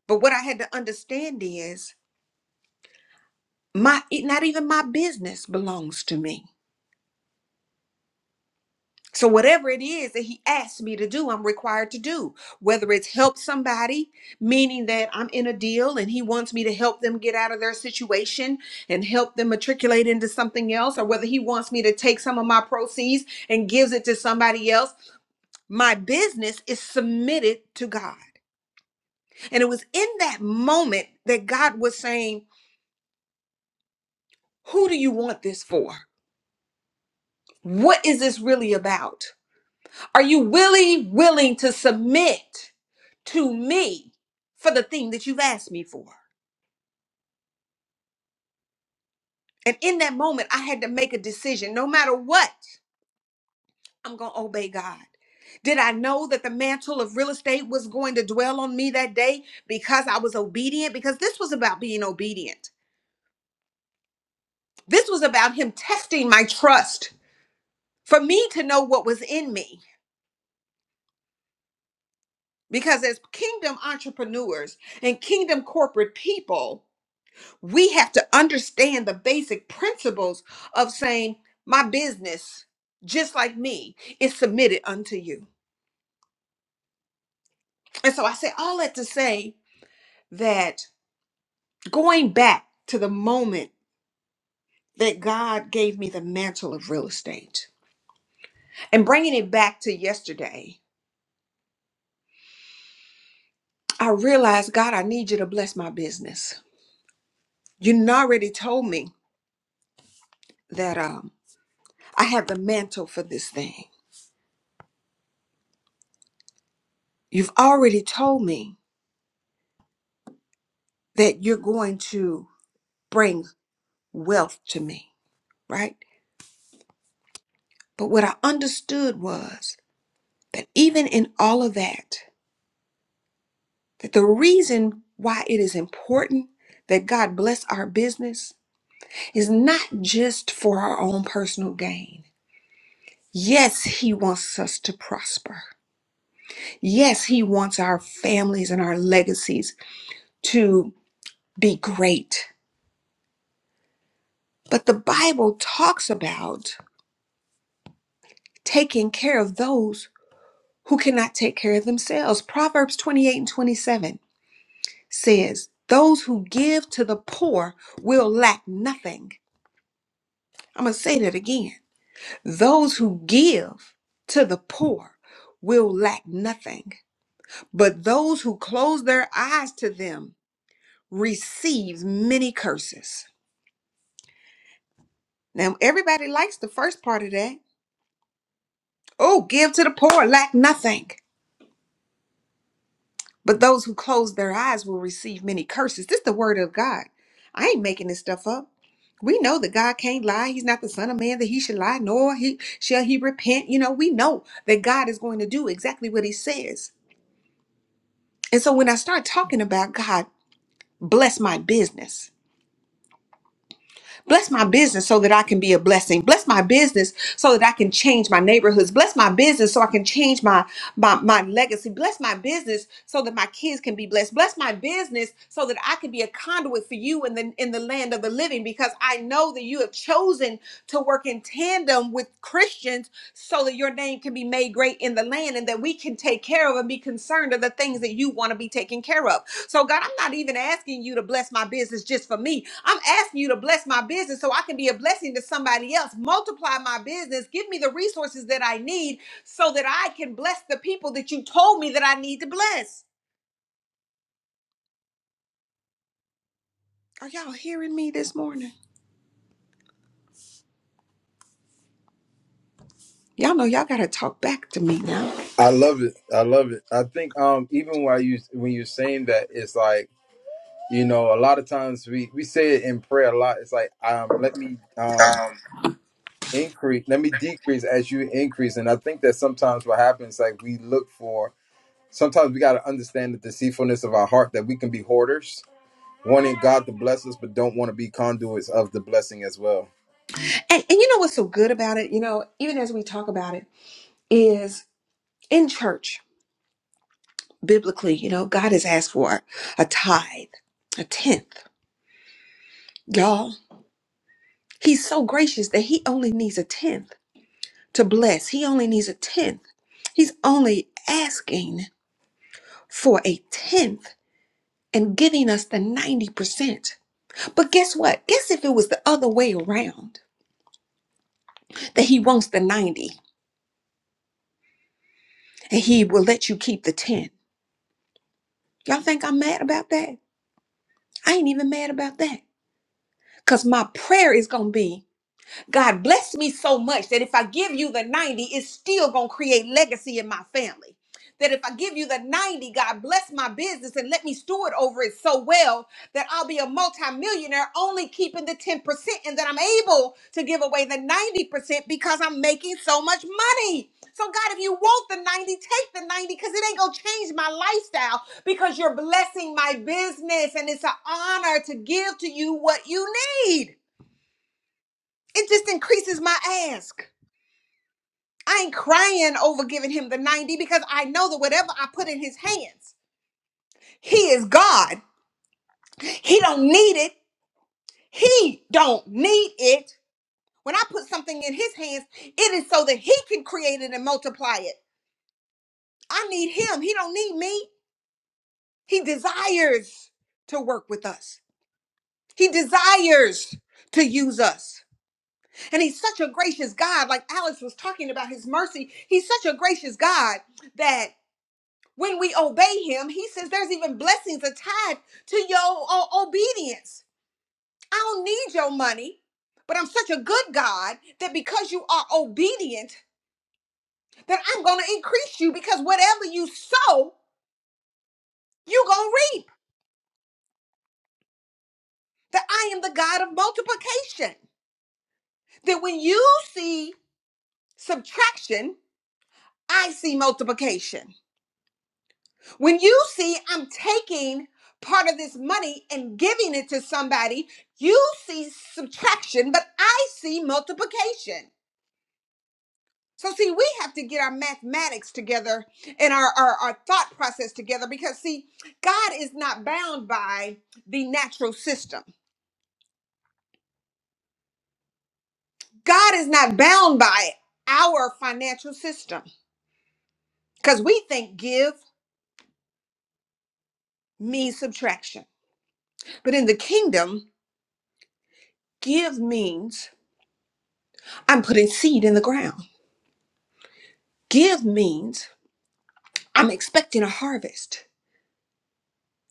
but what I had to understand is my it- not even my business belongs to me. So, whatever it is that he asks me to do, I'm required to do. Whether it's help somebody, meaning that I'm in a deal and he wants me to help them get out of their situation and help them matriculate into something else, or whether he wants me to take some of my proceeds and gives it to somebody else, my business is submitted to God. And it was in that moment that God was saying, Who do you want this for? What is this really about? Are you really willing to submit? to me for the thing that you've asked me for. And in that moment, I had to make a decision. No matter what, I'm going to obey God. Did I know that the mantle of real estate was going to dwell on me that day because I was obedient? Because this was about being obedient. This was about Him testing my trust for me to know what was in me. Because as kingdom entrepreneurs and kingdom corporate people, we have to understand the basic principles of saying, My business, just like me, is submitted unto you. And so I say all that to say that going back to the moment that God gave me the mantle of real estate and bringing it back to yesterday, I realized, God, I need you to bless my business. You already told me that um, I have the mantle for this thing. You've already told me that you're going to. bring. wealth to me, right? But what I understood was that even in all of that, that the reason why it is important that God bless our business is not just for our own personal gain. Yes, He wants us to prosper. Yes, He wants our families and our legacies to be great. But the Bible talks about taking care of those who cannot take care of themselves. Proverbs 28 and 27 says, Those who give to the poor will lack nothing. I'm going to say that again. Those who give to the poor will lack nothing, but those who close their eyes to them receives many curses. Now, everybody likes the first part of that. Oh, give to the poor, lack nothing. But those who close their eyes will receive many curses. This is the word of God. I ain't making this stuff up. We know that God can't lie. He's not the son of man that he should lie, nor he shall he repent. You know, we know that God is going to do exactly what he says. And so when I start talking about God, bless my business. Bless my business so that I can be a blessing. Bless my business so that I can change my neighborhoods. Bless my business so I can change my my, my legacy. Bless my business so that my kids can be blessed. Bless my business so that I can be a conduit for you in the in the land of the living because I know that you have chosen to work in tandem with Christians so that your name can be made great in the land and that we can take care of and be concerned of the things that you want to be taken care of. So, God, I'm not even asking you to bless my business just for me. I'm asking you to bless my business so I can be a blessing to somebody else. Multiply my business. Give me the resources that I need so that I can bless the people that you told me that I need to bless. Are y'all hearing me this morning? Y'all know y'all got to talk back to me now.
I love it. I love it. I think um even while you when you're saying that it's like you know a lot of times we we say it in prayer a lot. It's like um let me um increase, let me decrease as you increase. And I think that sometimes what happens like we look for Sometimes we got to understand the deceitfulness of our heart that we can be hoarders, wanting God to bless us, but don't want to be conduits of the blessing as well.
And, and you know what's so good about it, you know, even as we talk about it, is in church, biblically, you know, God has asked for a tithe, a tenth. Y'all. He's so gracious that he only needs a tenth to bless. He only needs a tenth. He's only asking for a tenth and giving us the 90%. But guess what? Guess if it was the other way around that he wants the 90 and he will let you keep the 10. Y'all think I'm mad about that? I ain't even mad about that. Because my prayer is going to be God bless me so much that if I give you the 90, it's still going to create legacy in my family. That if I give you the 90, God bless my business and let me steward over it so well that I'll be a multimillionaire only keeping the 10% and that I'm able to give away the 90% because I'm making so much money. So, God, if you want the 90, take the 90 because it ain't going to change my lifestyle because you're blessing my business and it's an honor to give to you what you need. It just increases my ask. I ain't crying over giving him the 90 because I know that whatever I put in his hands, he is God. He don't need it. He don't need it. When I put something in his hands, it is so that he can create it and multiply it. I need him. He don't need me. He desires to work with us. He desires to use us. And he's such a gracious God. Like Alex was talking about his mercy. He's such a gracious God that When we obey him, he says there's even blessings tied to your o- obedience. I don't need your money, but I'm such a good God that because you are obedient, that I'm going to increase you because whatever you sow, you're going to reap. That I am the God of multiplication. That when you see subtraction, I see multiplication. When you see I'm taking part of this money and giving it to somebody, you see subtraction, but I see multiplication. So, see, we have to get our mathematics together and our, our, our thought process together because, see, God is not bound by the natural system. God is not bound by our financial system because we think give means subtraction. But in the kingdom, give means I'm putting seed in the ground. Give means I'm expecting a harvest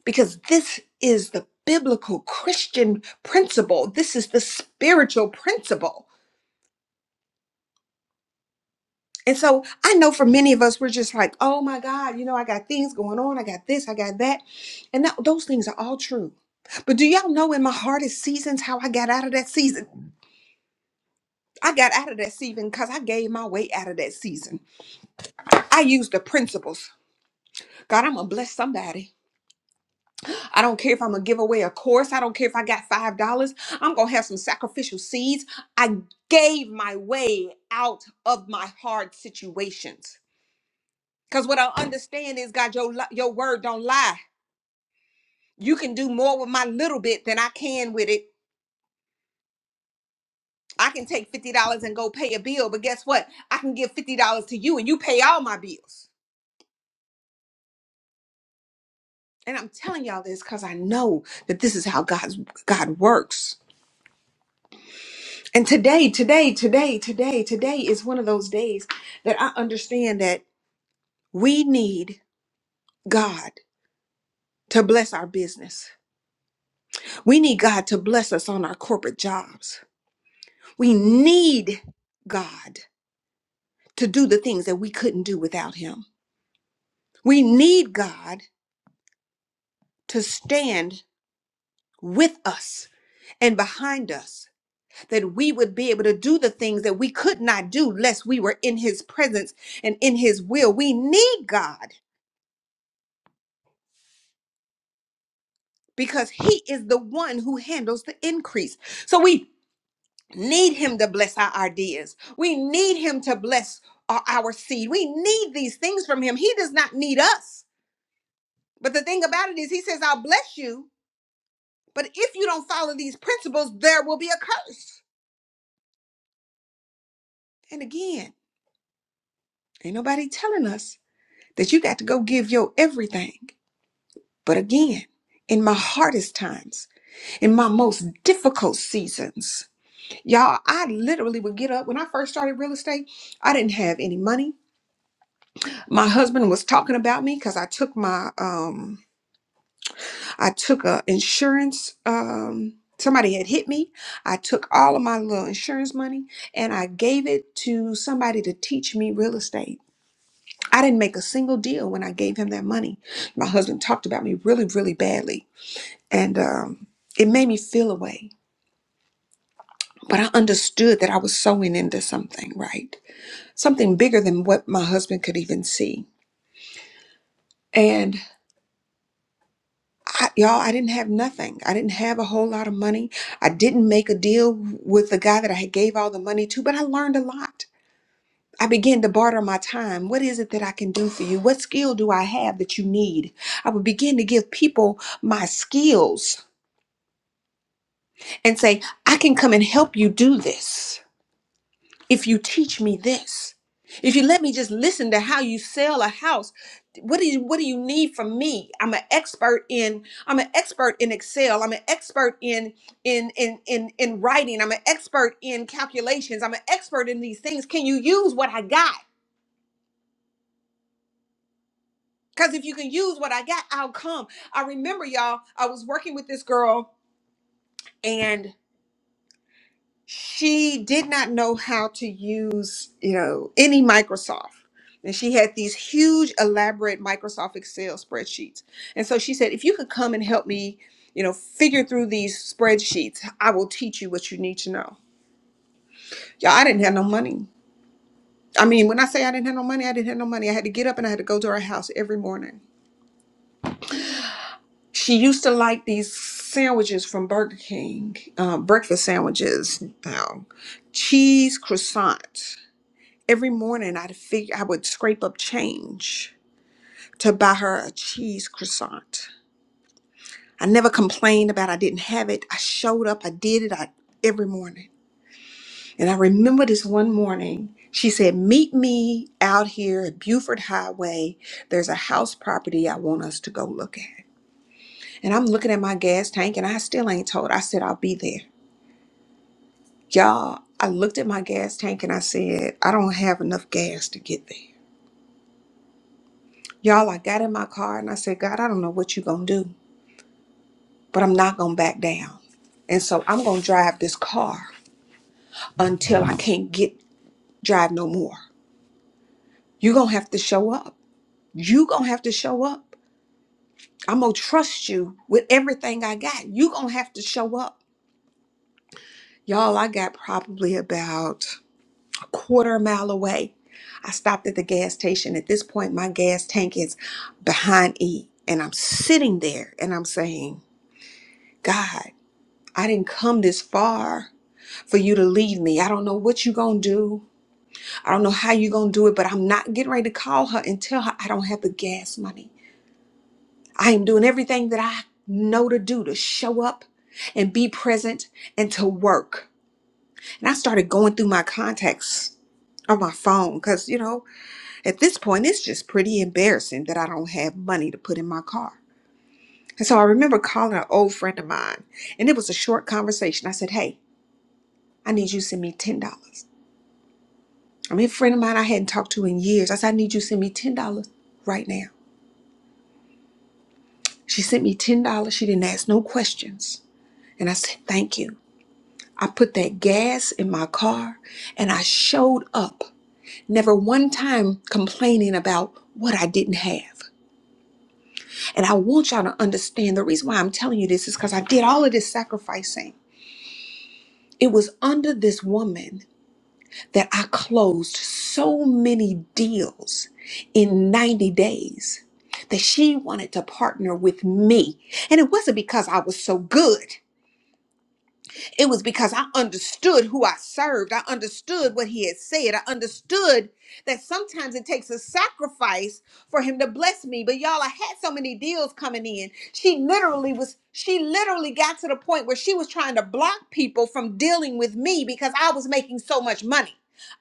because this is the biblical Christian principle. This is the spiritual principle. And so I know for many of us, we're just like, oh my God, you know, I got things going on. I got this, I got that. And that, those things are all true. But do y'all know in my hardest seasons how I got out of that season? I got out of that season because I gave my way out of that season. I used the principles. God, I'm going to bless somebody. I don't care if I'm gonna give away a course. I don't care if I got five dollars. I'm gonna have some sacrificial seeds. I gave my way out of my hard situations. Cause what I understand is, God, your li- your word don't lie. You can do more with my little bit than I can with it. I can take fifty dollars and go pay a bill, but guess what? I can give fifty dollars to you, and you pay all my bills. And I'm telling y'all this because I know that this is how God's God works. And today, today, today, today, today is one of those days that I understand that we need God to bless our business. We need God to bless us on our corporate jobs. We need God to do the things that we couldn't do without Him. We need God to stand with us and behind us. That we would be able to do the things that we could not do lest we were in his presence and in his will. We need God because he is the one who handles the increase. So we need him to bless our ideas. We need him to bless our, our seed. We need these things from him. He does not need us. But the thing about it is, he says, I'll bless you. But if you don't follow these principles, there will be a curse. And again, ain't nobody telling us that you got to go give your everything. But again, in my hardest times, in my most difficult seasons, Y'all, I literally would get up when I first started real estate. I didn't have any money. My husband was talking about me because I took my um I took a insurance um somebody had hit me. I took all of my little insurance money and I gave it to somebody to teach me real estate. I didn't make a single deal when I gave him that money. My husband talked about me really, really badly. And um it made me feel away. But I understood that I was sowing into something, right? something bigger than what my husband could even see. And I, y'all, I didn't have nothing. I didn't have a whole lot of money. I didn't make a deal with the guy that I had gave all the money to, but I learned a lot. I began to barter my time. What is it that I can do for you? What skill do I have that you need? I would begin to give people my skills and say, I can come and help you do this. if you teach me this if you let me just listen to how you sell a house what do you what do you need from me i'm an expert in i'm an expert in excel i'm an expert in in in in, in writing i'm an expert in calculations i'm an expert in these things can you use what i got because if you can use what i got i'll come i remember y'all i was working with this girl and. she did not know how to use you know any microsoft and she had these huge elaborate microsoft excel spreadsheets and so she said if you could come and help me you know figure through these spreadsheets i will teach you what you need to know yeah i didn't have no money i mean when i say i didn't have no money i didn't have no money i had to get up and i had to go to her house every morning she used to like these sandwiches from burger king uh, breakfast sandwiches um, cheese croissants Every morning I'd figure I would scrape up change to buy her a cheese croissant. I never complained about I didn't have it. I showed up, I did it I, every morning. And I remember this one morning, she said, Meet me out here at Buford Highway. There's a house property I want us to go look at. And I'm looking at my gas tank and I still ain't told. I said, I'll be there. Y'all, I looked at my gas tank and I said, I don't have enough gas to get there. Y'all, I got in my car and I said, God, I don't know what you're going to do, but I'm not going to back down. And so I'm going to drive this car until I can't get drive no more. You're going to have to show up. you are going to have to show up. I'm going to trust you with everything I got. you are going to have to show up. Y'all, I got probably about a quarter mile away. I stopped at the gas station. At this point, my gas tank is behind E. And I'm sitting there and I'm saying, God. I didn't come this far for you to leave me. I don't know what you're going to do. I don't know how you're going to do it, but I'm not getting ready to call her and tell her I don't have the gas money. I am doing everything that I know to do to show up and be present and to work. And I started going through my contacts on my phone because, you know, at this point, it's just pretty embarrassing that I don't have money to put in my car. And so I remember calling an old friend of mine, and it was a short conversation. I said, Hey, I need you to send me $10. I mean, a friend of mine I hadn't talked to in years. I said, I need you to send me $10 right now. She sent me $10. She didn't ask no questions. And I said, thank you. I put that gas in my car and I showed up. Never one time complaining about what I didn't have. And I want y'all to understand the reason why I'm telling you this is because I did all of this sacrificing. It was under this woman that I closed so many deals in 90 days that she wanted to partner with me. And it wasn't because I was so good, it was because I understood who I served. I understood what he had said. I understood that sometimes it takes a sacrifice for him to bless me. But y'all, I had so many deals coming in. She literally was, she literally got to the point where she was trying to block people from dealing with me because I was making so much money.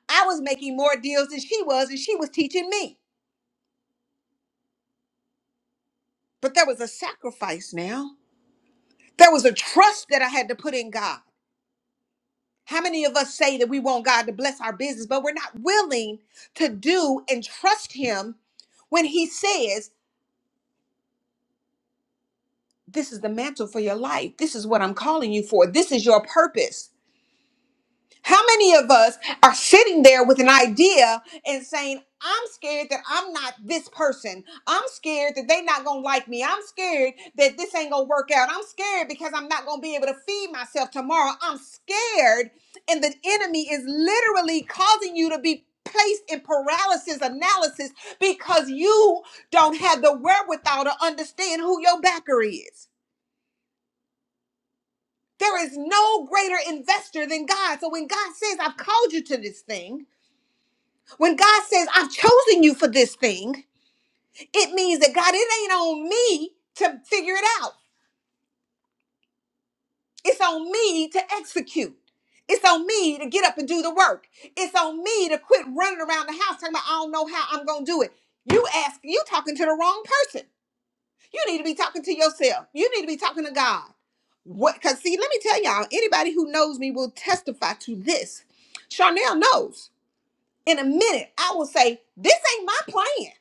I was making more deals than she was, and she was teaching me. But there was a sacrifice now. There was a trust that I had to put in God. How many of us say that we want God to bless our business, but we're not willing to do and trust Him when He says, This is the mantle for your life. This is what I'm calling you for. This is your purpose. How many of us are sitting there with an idea and saying, I'm scared that I'm not this person. I'm scared that they're not going to like me. I'm scared that this ain't going to work out. I'm scared because I'm not going to be able to feed myself tomorrow. I'm scared. And the enemy is literally causing you to be placed in paralysis analysis because you don't have the wherewithal to understand who your backer is. There is no greater investor than God. So when God says, I've called you to this thing, When God says, I've chosen you for this thing, it means that God, it ain't on me to figure it out. It's on me to execute. It's on me to get up and do the work. It's on me to quit running around the house talking about, I don't know how I'm going to do it. You ask, you talking to the wrong person. You need to be talking to yourself. You need to be talking to God. What? Because see, let me tell y'all, anybody who knows me will testify to this. Charnel knows. In a minute, I will say, this ain't my plan.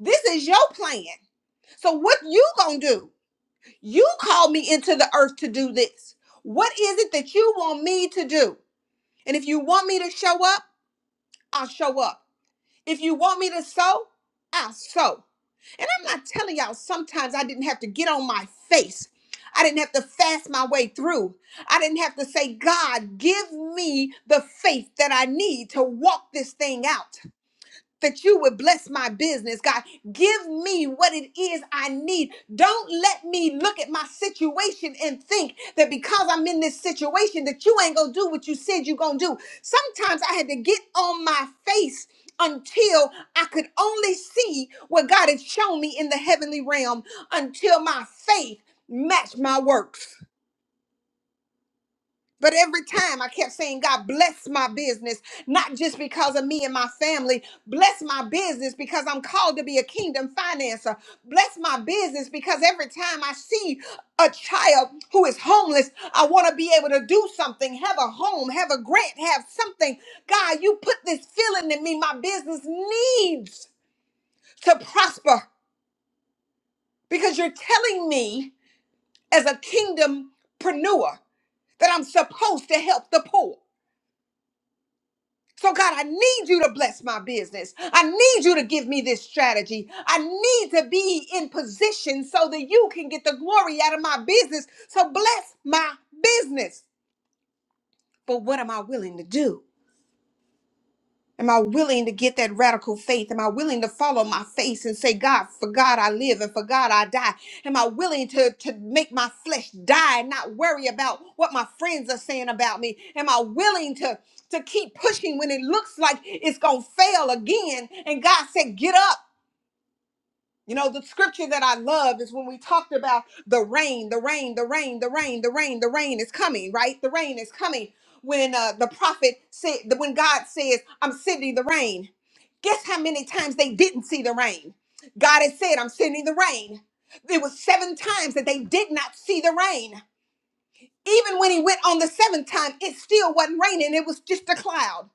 This is your plan. So what you gonna do? You called me into the earth to do this. What is it that you want me to do? And if you want me to show up, I'll show up. If you want me to sow, I'll sow. And I'm not telling y'all, sometimes I didn't have to get on my face. I didn't have to fast my way through. I didn't have to say, God, give me the faith that I need to walk this thing out that you would bless my business, God. Give me what it is I need. Don't let me look at my situation and think that because I'm in this situation that you ain't gonna do what you said you gonna do. Sometimes I had to get on my face until I could only see what God had shown me in the heavenly realm until my faith matched my works but every time I kept saying, God, bless my business, not just because of me and my family. Bless my business because I'm called to be a kingdom financer. Bless my business because every time I see a child who is homeless, I want to be able to do something, have a home, have a grant, have something. God, you put this feeling in me. My business needs to prosper because you're telling me as a kingdompreneur that I'm supposed to help the poor. So, God, I need you to bless my business. I need you to give me this strategy. I need to be in position so that you can get the glory out of my business. So, bless my business. But what am I willing to do? Am I willing to get that radical faith? Am I willing to follow my faith and say, God, for God I live and for God I die? Am I willing to, to make my flesh die and not worry about what my friends are saying about me? Am I willing to, to keep pushing when it looks like it's going to fail again? And God said, Get up. You know, the scripture that I love is when we talked about the rain, the rain, the rain, the rain, the rain, the rain is coming, right? The rain is coming. When uh, the prophet said, when God says, I'm sending the rain, guess how many times they didn't see the rain? God had said, I'm sending the rain. There was seven times that they did not see the rain. Even when he went on the seventh time, it still wasn't raining, it was just a cloud.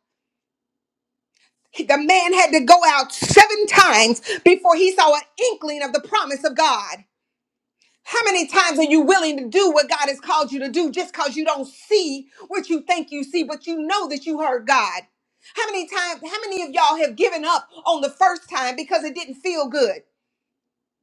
The man had to go out seven times before he saw an inkling of the promise of God. How many times are you willing to do what God has called you to do just because you don't see what you think you see, but you know that you heard God? How many times, how many of y'all have given up on the first time because it didn't feel good?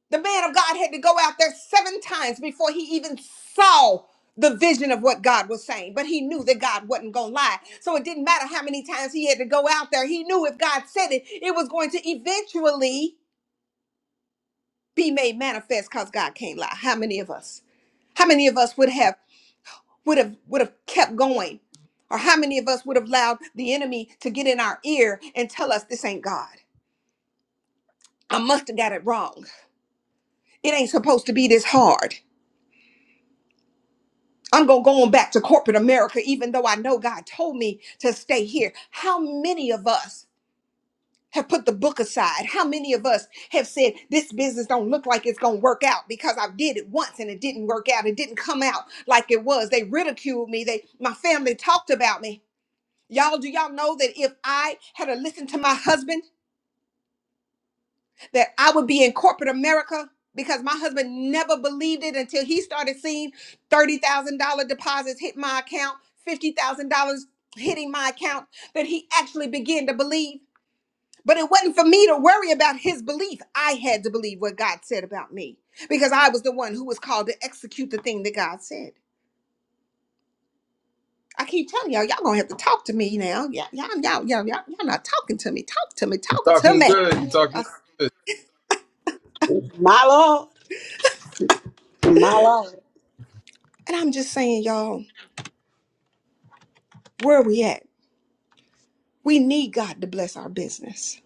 The man of God had to go out there seven times before he even saw the vision of what God was saying, but he knew that God wasn't going to lie. So it didn't matter how many times he had to go out there. He knew if God said it, it was going to eventually be made manifest because God can't lie. How many of us? How many of us would have? would have would have kept going or how many of us would have allowed the enemy to get in our ear and tell us this ain't god i must have got it wrong it ain't supposed to be this hard i'm going to go on back to corporate america even though i know god told me to stay here how many of us have put the book aside how many of us have said this business don't look like it's going to work out because i did it once and it didn't work out it didn't come out like it was they ridiculed me they my family talked about me Y'all, do y'all know that if I had to listen to my husband, that I would be in corporate America? Because my husband never believed it until he started seeing $30,000 deposits hit my account, $50,000 hitting my account, that he actually began to believe. But it wasn't for me to worry about his belief. I had to believe what God said about me because I was the one who was called to execute the thing that God said. I keep telling y'all, y'all gonna have to talk to me now. Y'all, y'all, y'all, y'all, y'all, y'all not talking to me. Talk to me.
You're
Talk to
talking
me.
good. You're talking.
I-
My Lord, my Lord.
and I'm just saying, y'all, where are we at? We need God to bless our business.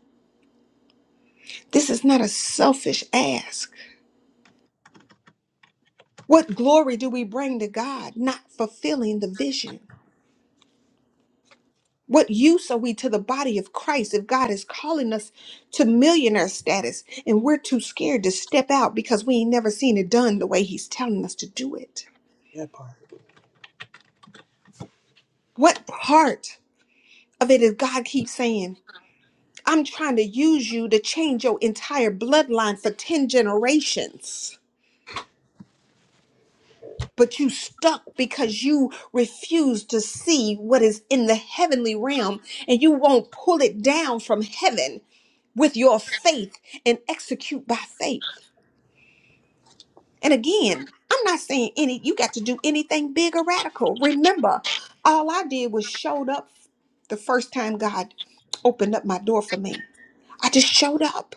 This is not a selfish ask. What glory do we bring to God not fulfilling the vision? What use are we to the body of Christ if God is calling us to millionaire status and we're too scared to step out because we ain't never seen it done the way He's telling us to do it?
That part.
What part? of it is God keeps saying, I'm trying to use you to change your entire bloodline for 10 generations. But you stuck because you refuse to see what is in the heavenly realm and you won't pull it down from heaven with your faith and execute by faith. And again, I'm not saying any you got to do anything big or radical. Remember, all I did was showed up the first time God opened up my door for me. I just showed up.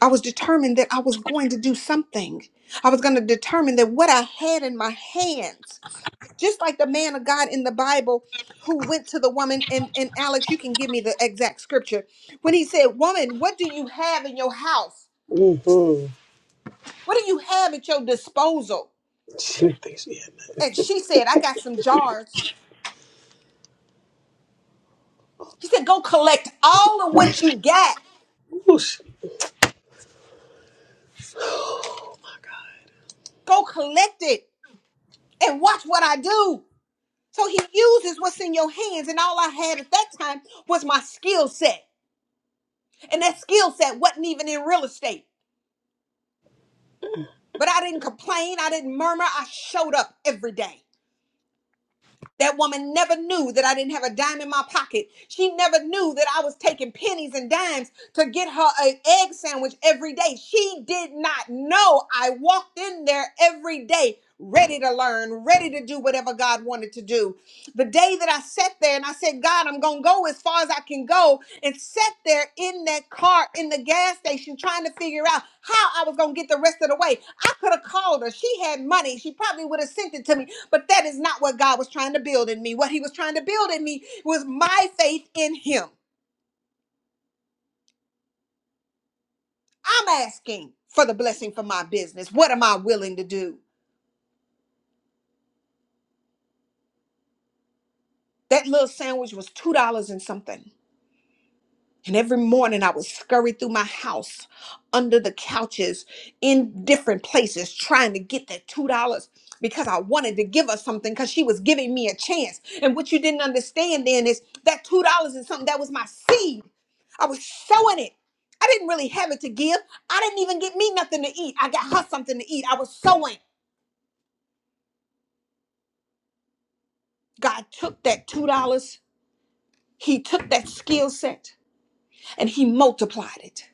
I was determined that I was going to do something. I was going to determine that what I had in my hands, just like the man of God in the Bible who went to the woman, and, and Alex, you can give me the exact scripture, when he said, Woman, what do you have in your house?
Mm-hmm.
What do you have at your disposal?
She didn't think she had
And she said, I got some jars. He said, Go collect all of what you got.
that. Whoosh.
Go collect it and watch what I do. So he uses what's in your hands, and all I had at that time was my skill set. And that skill set wasn't even in real estate. But I didn't complain. I didn't murmur. I showed up every day. That woman never knew that I didn't have a dime in my pocket. She never knew that I was taking pennies and dimes to get her an egg sandwich every day. She did not know I walked in there every day ready to learn, ready to do whatever God wanted to do. The day that I sat there and I said, God, I'm going to go as far as I can go, and sat there in that car in the gas station trying to figure out how I was going to get the rest of the way. I could have called her. She had money. She probably would have sent it to me. But that is not what God was trying to build in me. What He was trying to build in me was my faith in Him. I'm asking for the blessing for my business. What am I willing to do? That little sandwich was $2 and something. And every morning I would scurry through my house, under the couches, in different places, trying to get that $2 because I wanted to give her something because she was giving me a chance. And what you didn't understand then is that $2 is something that was my seed. I was sowing it. I didn't really have it to give. I didn't even get me nothing to eat. I got her something to eat. I was sowing. God took that $2, He took that skill set. and he multiplied it.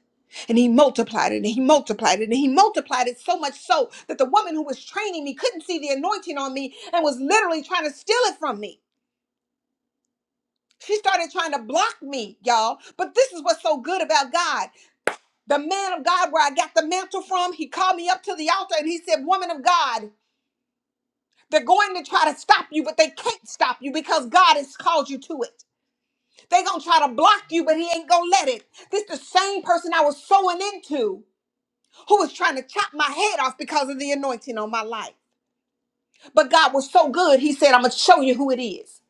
And he multiplied it and he multiplied it and he multiplied it so much so that the woman who was training me couldn't see the anointing on me and was literally trying to steal it from me. She started trying to block me, y'all. But this is what's so good about God. The man of God, where I got the mantle from, he called me up to the altar and he said, Woman of God, they're going to try to stop you, but they can't stop you because God has called you to it. They're going to try to block you, but he ain't going to let it. This is the same person I was sowing into. who was trying to chop my head off because of the anointing on my life. But God was so good, He said, I'm going to show you who it is.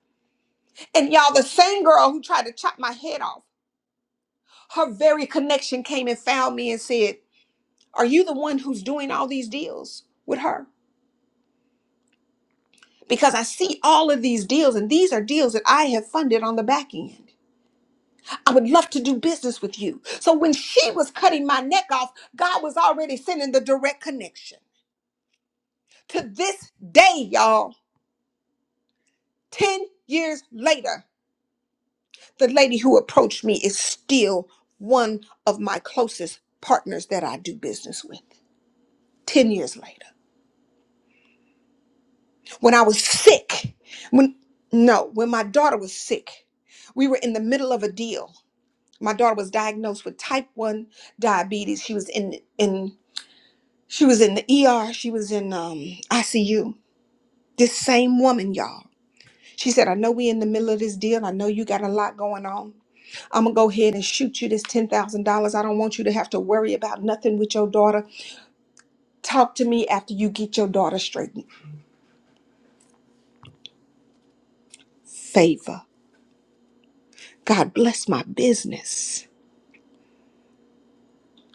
And y'all, the same girl who tried to chop my head off, her very connection came and found me and said, Are you the one who's doing all these deals with her? Because I see all of these deals, and these are deals that I have funded on the back end. I would love to do business with you. So when she was cutting my neck off, God was already sending the direct connection. To this day, y'all, 10 years later, the lady who approached me is still one of my closest partners that I do business with 10 years later. When I was sick, when no, when my daughter was sick, we were in the middle of a deal. My daughter was diagnosed with type 1 diabetes. She was in in she was in the ER, she was in um ICU. This same woman, y'all. She said, "I know we in the middle of this deal. I know you got a lot going on, I'm gonna go ahead and shoot you this ten thousand dollars. I don't want you to have to worry about nothing with your daughter. Talk to me after you get your daughter straightened. Favor. God bless my business.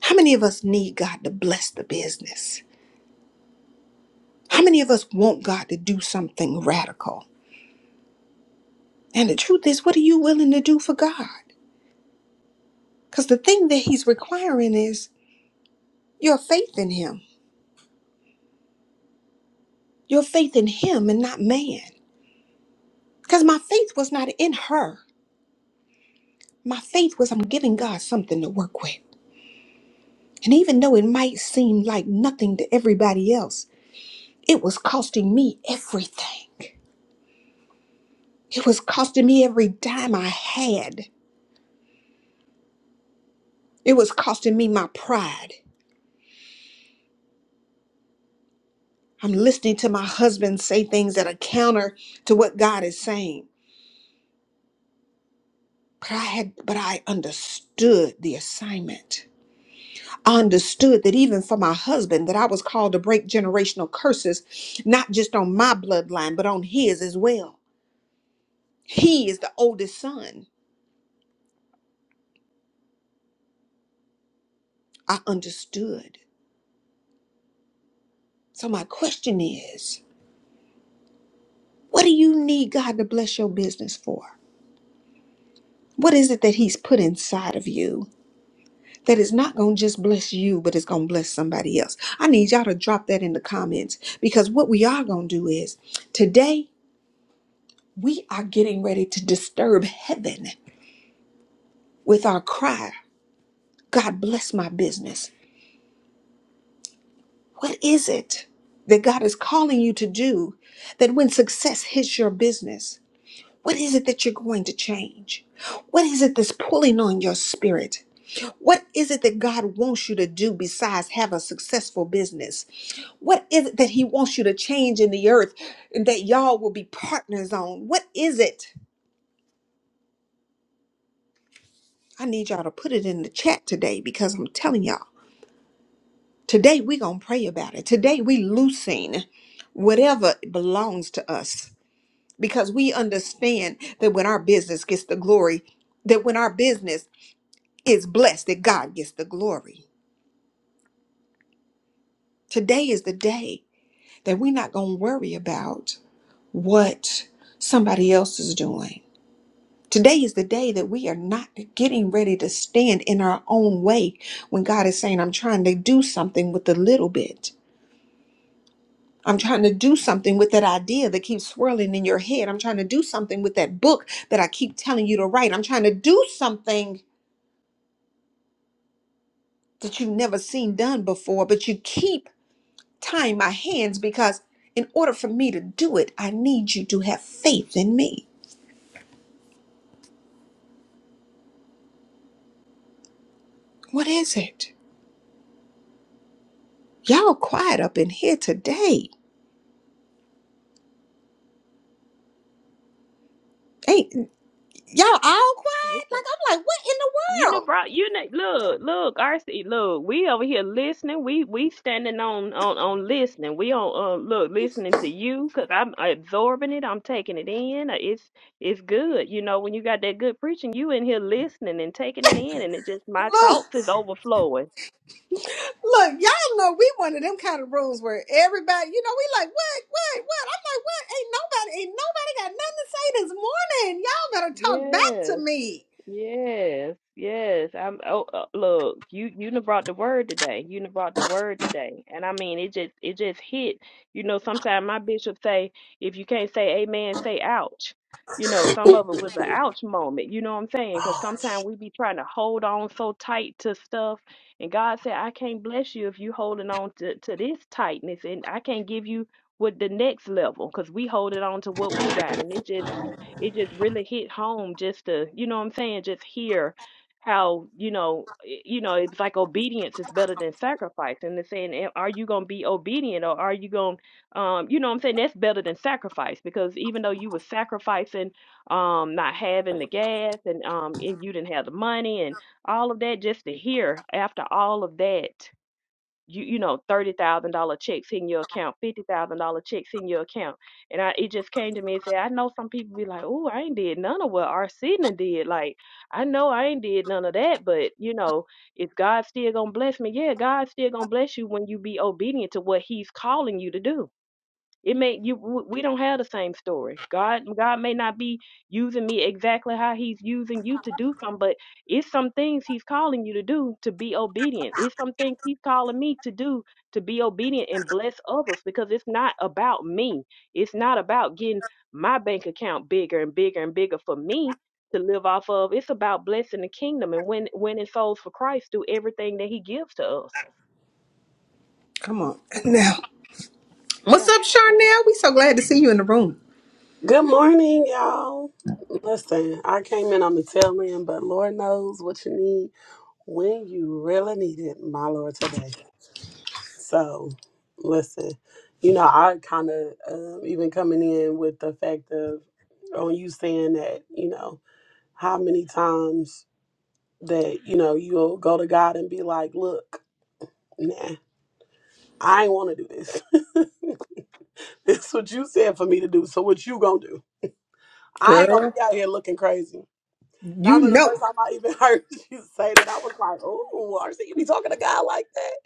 How many of us need God to bless the business? How many of us want God to do something radical? And the truth is, what are you willing to do for God? Because the thing that He's requiring is your faith in Him, your faith in Him and not man. Because my faith was not in her. My faith was I'm giving God something to work with. And even though it might seem like nothing to everybody else, it was costing me everything. It was costing me every dime I had. It was costing me my pride. I'm listening to my husband say things that are counter to what God is saying. But I had but I understood the assignment. I understood that even for my husband that I was called to break generational curses not just on my bloodline but on his as well. He is the oldest son. I understood. So, my question is what do you need God to bless your business for? What is it that He's put inside of you that is not going to just bless you, but it's going to bless somebody else? I need y'all to drop that in the comments because what we are going to do is today we are getting ready to disturb heaven with our cry God, bless my business. What is it that God is calling you to do that when success hits your business? What is it that you're going to change? What is it that's pulling on your spirit? What is it that God wants you to do besides have a successful business? What is it that He wants you to change in the earth and that y'all will be partners on? What is it? I need y'all to put it in the chat today because I'm telling y'all, today we're going to pray about it. Today we loosing whatever belongs to us because we understand that when our business gets the glory, that when our business is blessed that God gets the glory. Today is the day that we're not going to worry about what somebody else is doing. Today is the day that we are not getting ready to stand in our own way when God is saying, I'm trying to do something with a little bit. I'm trying to do something with that idea that keeps swirling in your head. I'm trying to do something with that book that I keep telling you to write. I'm trying to do something that you've never seen done before, but you keep tying my hands because in order for me to do it, I need you to have faith in me. What is it? Y'all quiet up in here today. Ain't y'all all quiet? Like I'm like, what in the
You know,
world?
bro. You know, look, look, RC, look. We over here listening. We we standing on on on listening. We on uh look listening to you because I'm absorbing it. I'm taking it in. Uh, It's it's good. You know, when you got that good preaching, you in here listening and taking it in, and it just my
Look,
thoughts is overflowing.
look, y'all know we one of them kind of rooms where everybody, you know, we like, what, what, what? I'm like, what? Ain't nobody, ain't nobody got nothing to say this morning. Y'all better talk back
Yeah.
to me.
Yes, yes. I'm oh uh, look, you you done brought the word today. You done brought the word today. And I mean it just it just hit. You know, sometimes my bishop say, if you can't say amen, say ouch. You know, some of it was an ouch moment. You know what I'm saying? Because
Oh.
sometimes we be trying to hold on so tight to stuff. And God said, I can't bless you if you holding on to, to this tightness. And I can't give you what the next level because we holding on to what we got. And it just it just really hit home just to, you know what I'm saying, just hear how, you know, i- you know, it's like obedience is better than sacrifice. And they're saying, "Am- are you going to be obedient or are you going to, um, you know what I'm saying? That's better than sacrifice because even though you were sacrificing, um, not having the gas and, um, and you didn't have the money and all of that, just to hear after all of that you you know thirty thousand dollar checks in your account, fifty thousand dollar checks in your account, and I it just came to me and said, I know some people be like, oh, I ain't did none of what Arsena did. Like I know I ain't did none of that, but you know, is God still gonna bless me? Yeah, God's still gonna bless you when you be obedient to what He's calling you to do it may you w- we don't have the same story. God God may not be using me exactly how he's using you to do something, but it's some things he's calling you to do to be obedient. It's some things he's calling me to do to be obedient and bless others because it's not about me. It's not about getting my bank account bigger and bigger and bigger for me to live off of. It's about blessing the kingdom and win, winning souls for Christ through everything that he gives to us.
Come on. Now, what's
Yeah.
up,
Yeah.
Charnel? We so glad to see you in the room.
Good morning, y'all. Listen, I came in on the tail end, but Lord knows what you need when you really need it, my Lord, today. So, listen, you know, I kind of um, even coming in with the fact of on you saying that, you know, how many times that, you know, you'll go to God and be like, look, nah, I ain't want to do this. It's what you said for me to do. So what you gonna do? I ain't gonna
Girl,
be out here looking crazy. And I
you
remember the first
know.
time I even heard you say that, I was like, "Ooh, RC, you be talking to God like that."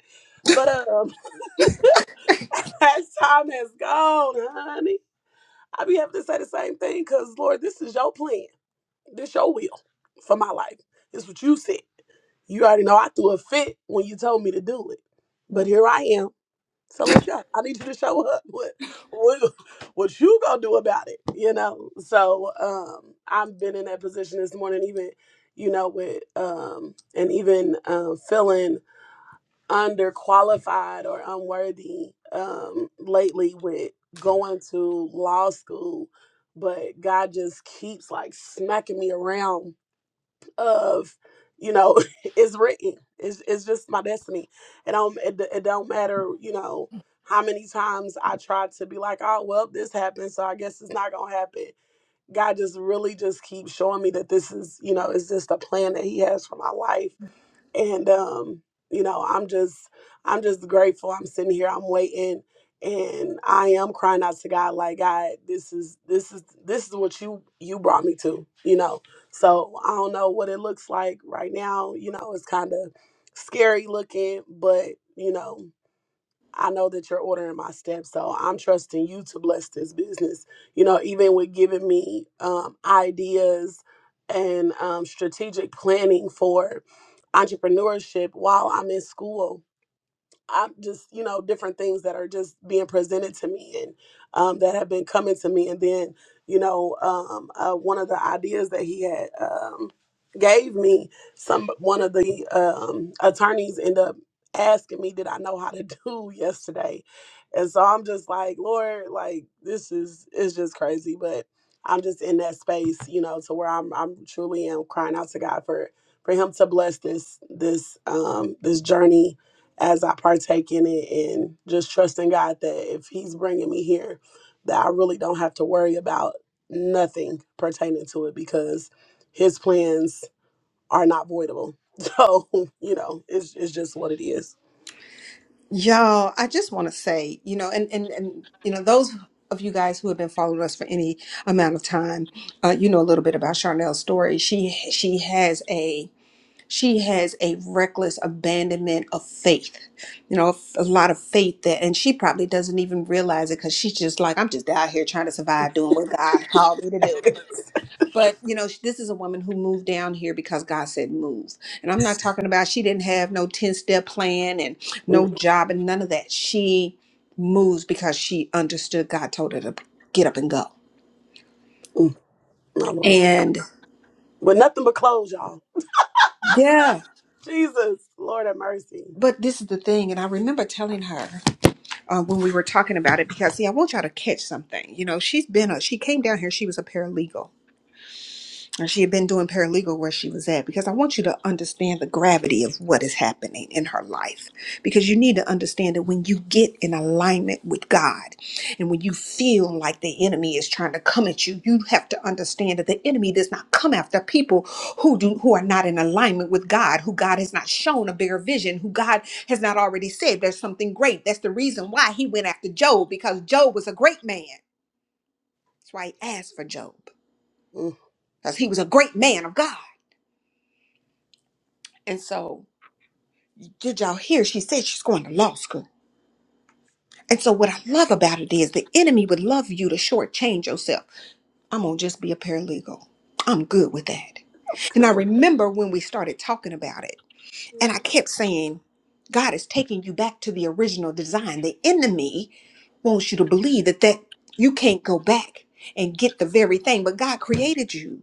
But um, as time has gone, honey, I be having to say the same thing because Lord, this is your plan, this your will for my life. It's what you said. You already know I threw a fit when you told me to do it, but here I am So let's go. I need you to show up. What what what you gonna do about it? You know. So um, I've been in that position this morning, even you know, with um, and even um, feeling underqualified or unworthy um, lately with going to law school, but God just keeps like smacking me around of you know it's written it's, it's just my destiny and um it, d- it don't matter you know how many times i try to be like oh well this happened so i guess it's not gonna happen god just really just keeps showing me that this is you know it's just a plan that he has for my life and um you know i'm just i'm just grateful i'm sitting here i'm waiting and i am crying out to god like god this is this is this is what you you brought me to you know so i don't know what it looks like right now you know it's kind of scary looking but you know I know that you're ordering my steps, so I'm trusting you to bless this business. You know, even with giving me um, ideas and um, strategic planning for entrepreneurship while I'm in school I'm just, you know, different things that are just being presented to me and um, that have been coming to me. And then, you know, um, uh, one of the ideas that he had um, gave me, some one of the um, attorneys end up asking me, "Did I know how to do yesterday?" And so I'm just like, Lord, like this is is just crazy, but. I'm just in that space, you know, to where I'm I'm truly am crying out to God for for him to bless this this um this journey as I partake in it and just trusting God that if He's bringing me here, that I really don't have to worry about nothing pertaining to it because His plans are not voidable. So, you know, it's, it's just what it is.
Y'all, I just want to say, you know, and and and you know, those of you guys who have been following us for any amount of time, uh, you know a little bit about Charnel's story. She she has a she has a reckless abandonment of faith, you know, a lot of faith that, and she probably doesn't even realize it because she's just like, I'm just out here trying to survive doing what God called me to do. But you know, sh- this is a woman who moved down here because God said move. And I'm not talking about she didn't have no 10 step plan and
Mm,
no job and none of that. She moves because she understood God told her to get up and go.
My Lord.
And
But nothing but clothes, y'all.
yeah,
Jesus, Lord have mercy.
but this is the thing. And I remember telling her uh, when we were talking about it because, see, I want y'all to catch something. You know, she's been a, she came down here, she was a paralegal. And she had been doing paralegal where she was at because I want you to understand the gravity of what is happening in her life. Because you need to understand that when you get in alignment with God and when you feel like the enemy is trying to come at you, you have to understand that the enemy does not come after people who do who are not in alignment with God, who God has not shown a bigger vision, who God has not already said there's something great. That's the reason why he went after Job, because Job was a great man. That's why he asked for Job.
Mm.
Because he was a great man of God. And so, did y'all hear? She said she's going to law school. And so, what I love about it is the enemy would love you to shortchange yourself. I'm going to just be a paralegal. I'm good with that. And I
Cool.
remember when we started talking about it, and I kept saying, God is taking you back to the original design. The enemy wants you to believe that, that you can't go back and get the very thing, but God created you.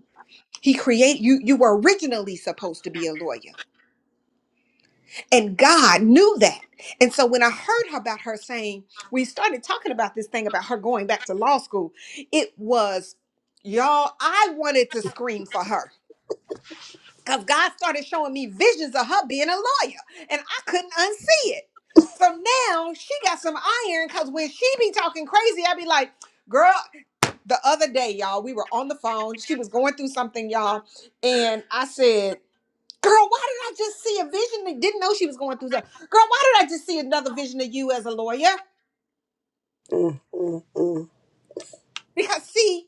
He create you. You were originally supposed to be a lawyer. And God knew that. And so when I heard about her saying, we started talking about this thing about her going back to law school, it was, y'all, I wanted to scream for her because God started showing me visions of her being a lawyer and I couldn't unsee it. So now she got some iron because when she be talking crazy, i be like, girl, the other day, y'all, we were on the phone. She was going through something, y'all. And I said, Girl, why did I just see a vision? that didn't know she was going through that. Girl, why did I just see another vision of you as a lawyer?
Mm, mm, mm.
Because see,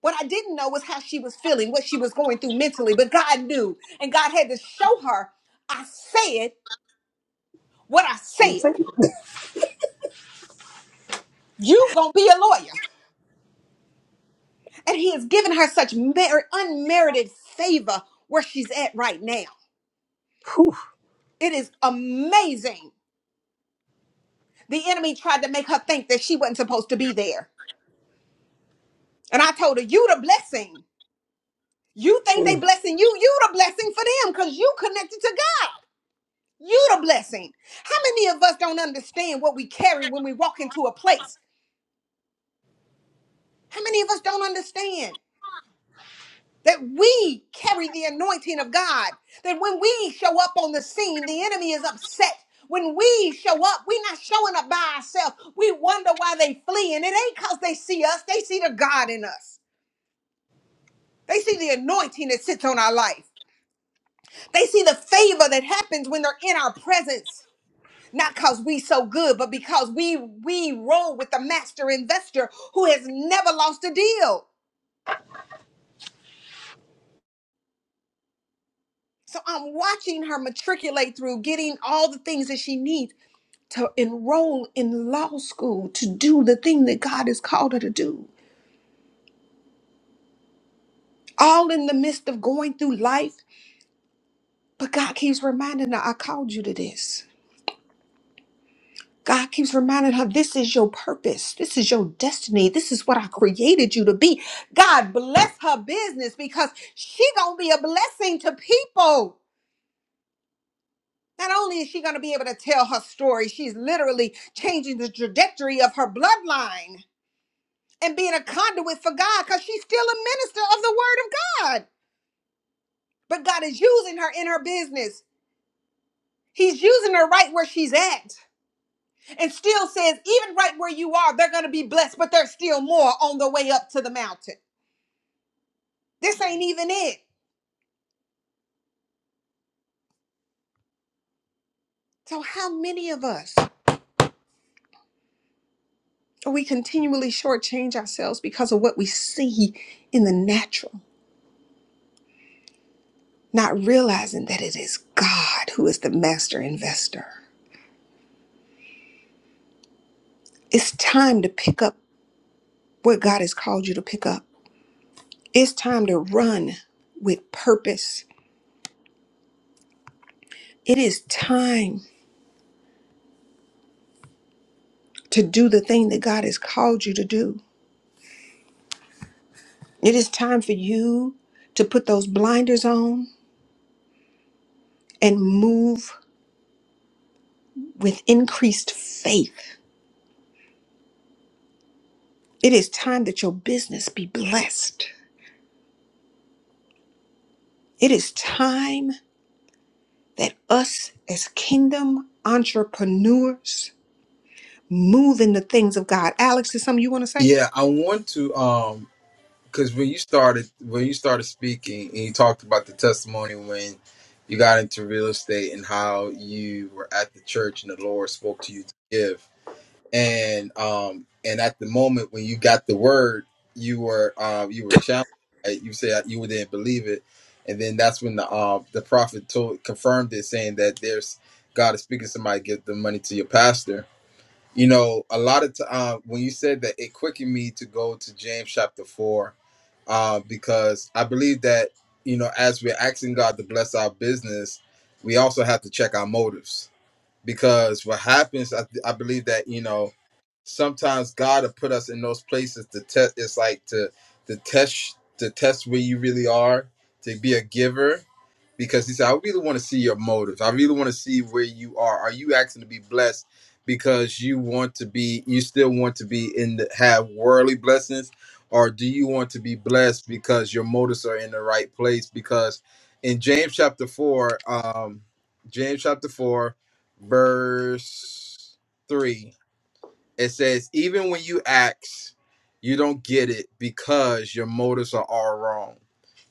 what I didn't know was how she was feeling, what she was going through mentally, but God knew, and God had to show her. I said what I said.
That's it.
You gonna be a lawyer, and He has given her such mer- unmerited favor where she's at right now.
Whew.
It is amazing. The enemy tried to make her think that she wasn't supposed to be there, and I told her, "You the blessing." You think
Mm.
they blessing you? You the blessing for them because you connected to God. You the blessing. How many of us don't understand what we carry when we walk into a place? How many of us don't understand that we carry the anointing of God? That when we show up on the scene, the enemy is upset. When we show up, we're not showing up by ourselves. We wonder why they flee, and it ain't because they see us. They see the God in us. They see the anointing that sits on our life. They see the favor that happens when they're in our presence. not because we so good but because we we roll with the master investor who has never lost a deal so i'm watching her matriculate through getting all the things that she needs to enroll in law school to do the thing that god has called her to do all in the midst of going through life but god keeps reminding her i called you to this God keeps reminding her, this is your purpose. This is your destiny. This is what I created you to be. God bless her business because she going to be a blessing to people. Not only is she going to be able to tell her story, she's literally changing the trajectory of her bloodline and being a conduit for God because she's still a minister of the word of God. But God is using her in her business. He's using her right where she's at. and still says, even right where you are, they're going to be blessed, but there's still more on the way up to the mountain. This ain't even it. So, how many of us are we continually shortchange ourselves because of what we see in the natural, not realizing that it is God who is the master investor? It's time to pick up what God has called you to pick up. It's time to run with purpose. It is time to do the thing that God has called you to do. It is time for you to put those blinders on and move with increased faith. It is time that your business be blessed. It is time that us as kingdom entrepreneurs move in the things of God. Alex, is something you want to say?
Yeah, I want to um because when you started when you started speaking and you talked about the testimony when you got into real estate and how you were at the church and the Lord spoke to you to give. and um and at the moment when you got the word you were um you were challenged right? you said you didn't believe it and then that's when the um the prophet told confirmed it saying that there's god is speaking to somebody give the money to your pastor you know a lot of t- uh, when you said that it quickened me to go to james chapter 4 uh, because i believe that you know as we're asking god to bless our business we also have to check our motives because what happens i, I believe that you know sometimes God will put us in those places to test. It's like to to test to test where you really are to be a giver, because He said, "I really want to see your motives. I really want to see where you are. Are you asking to be blessed because you want to be? You still want to be in the, have worldly blessings, or do you want to be blessed because your motives are in the right place? Because in James chapter four, um, James chapter four, verse three it says, even when you ask, you don't get it because your motives are all wrong.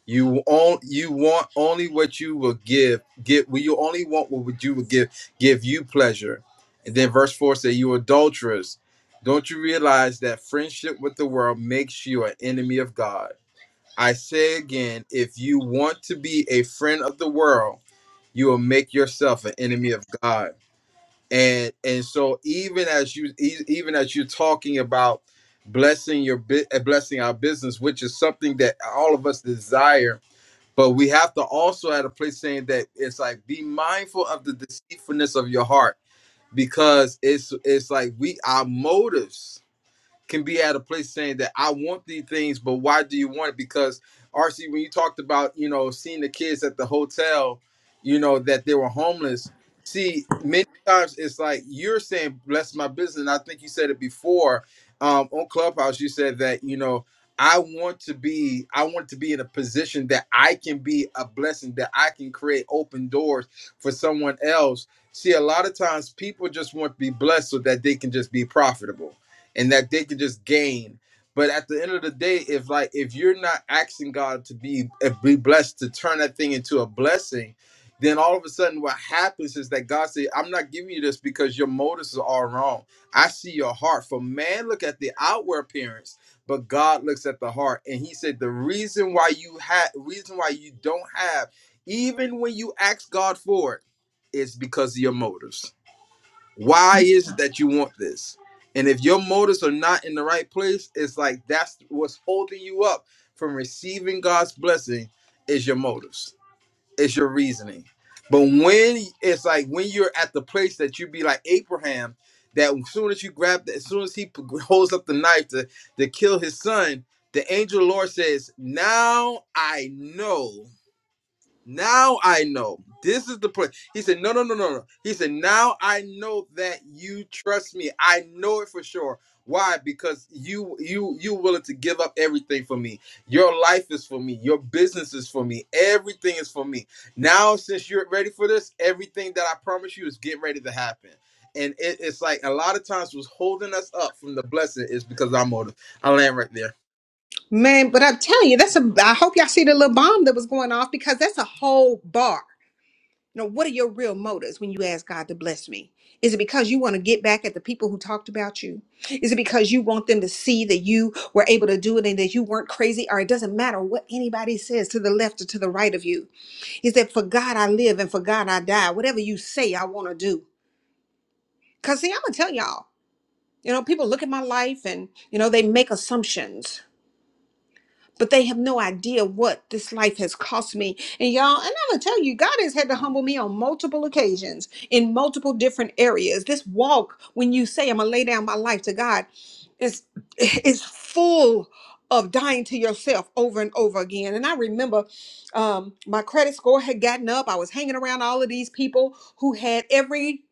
You on, you want only what you will give. Get well, you only want what would you will give give you pleasure. And then verse four says, "You adulterers, don't you realize that friendship with the world makes you an enemy of God?" I say again, if you want to be a friend of the world, you will make yourself an enemy of God and and so even as you e- even as you're talking about blessing your bu- uh, blessing our business which is something that all of us desire but we have to also at a place saying that it's like be mindful of the deceitfulness of your heart because it's it's like we our motives can be at a place saying that I want these things, but why do you want it? Because RC, when you talked about, you know, seeing the kids at the hotel, you know, that they were homeless. See, many times it's like you're saying, bless my business. And I think you said it before um, on Clubhouse. You said that, you know, I want to be, I want to be in a position that I can be a blessing, that I can create open doors for someone else. See, a lot of times people just want to be blessed so that they can just be profitable and that they can just gain. But at the end of the day, if like if you're not asking God to be eh, be blessed to turn that thing into a blessing, then all of a sudden what happens is that God says, I'm not giving you this because your motives are all wrong. I see your heart. For man look at the outward appearance, but God looks at the heart. And he said, The reason why you had reason why you don't have, even when you ask God for it, is because of your motives. Why is it that you want this? And if your motives are not in the right place, it's like that's what's holding you up from receiving God's blessing is your motives, is your reasoning. But when it's like when you're at the place that you be like Abraham, that as soon as you grab that, as soon as he p- holds up the knife to, to kill his son, the angel of the Lord says, Now I know now I know. This is the place. He said, No, no, no, no, no. He said, Now I know that you trust me. I know it for sure. Why? Because you you you willing to give up everything for me. Your life is for me. Your business is for me. Everything is for me. Now, since you're ready for this, everything that I promise you is getting ready to happen. And it, it's like a lot of times what's holding us up from the blessing is because of our motive. I land right there.
Man, but I'm telling you, that's a. I hope y'all see the little bomb that was going off because that's a whole bar. You know, what are your real motives when you ask God to bless me? Is it because you want to get back at the people who talked about you? Is it because you want them to see that you were able to do it and that you weren't crazy? Or it doesn't matter what anybody says to the left or to the right of you. Is that For God I live and for God I die. Whatever you say, I want to do. Because, see, I'm going to tell y'all, you know, people look at my life and, you know, they make assumptions but they have no idea what this life has cost me. And y'all, and I'm gonna tell you, God has had to humble me on multiple occasions in multiple different areas. This walk, when you say I'm gonna lay down my life to God, is is full of dying to yourself over and over again. And I remember um, my credit score had gotten up. I was hanging around all of these people who had every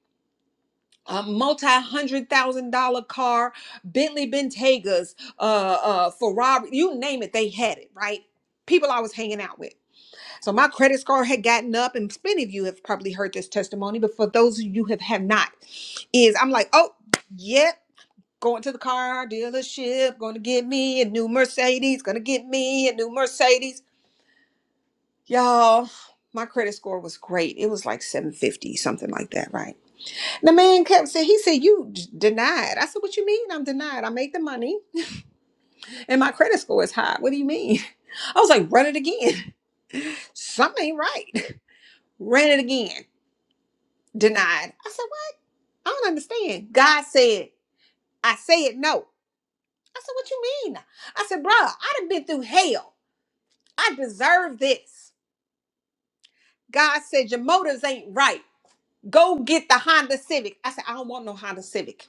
a multi-hundred thousand dollar car, Bentley Bentegas, uh, uh, Ferrari, you name it, they had it, right? People I was hanging out with. So my credit score had gotten up, and many of you have probably heard this testimony, but for those of you who have, have not, is I'm like, oh, yep, going to the car dealership, going to get me a new Mercedes, going to get me a new Mercedes. Y'all, my credit score was great. It was like 750, something like that, right? The man kept saying, he said, you d- denied. I said, what you mean I'm denied? I make the money and my credit score is high. What do you mean? I was like, run it again. Something ain't right. Ran it again. Denied. I said, what? I don't understand. God said, I said no. I said, what you mean? I said, "Bro, I done been through hell. I deserve this. God said, your motives ain't right. Go get the Honda Civic. I said, I don't want no Honda Civic.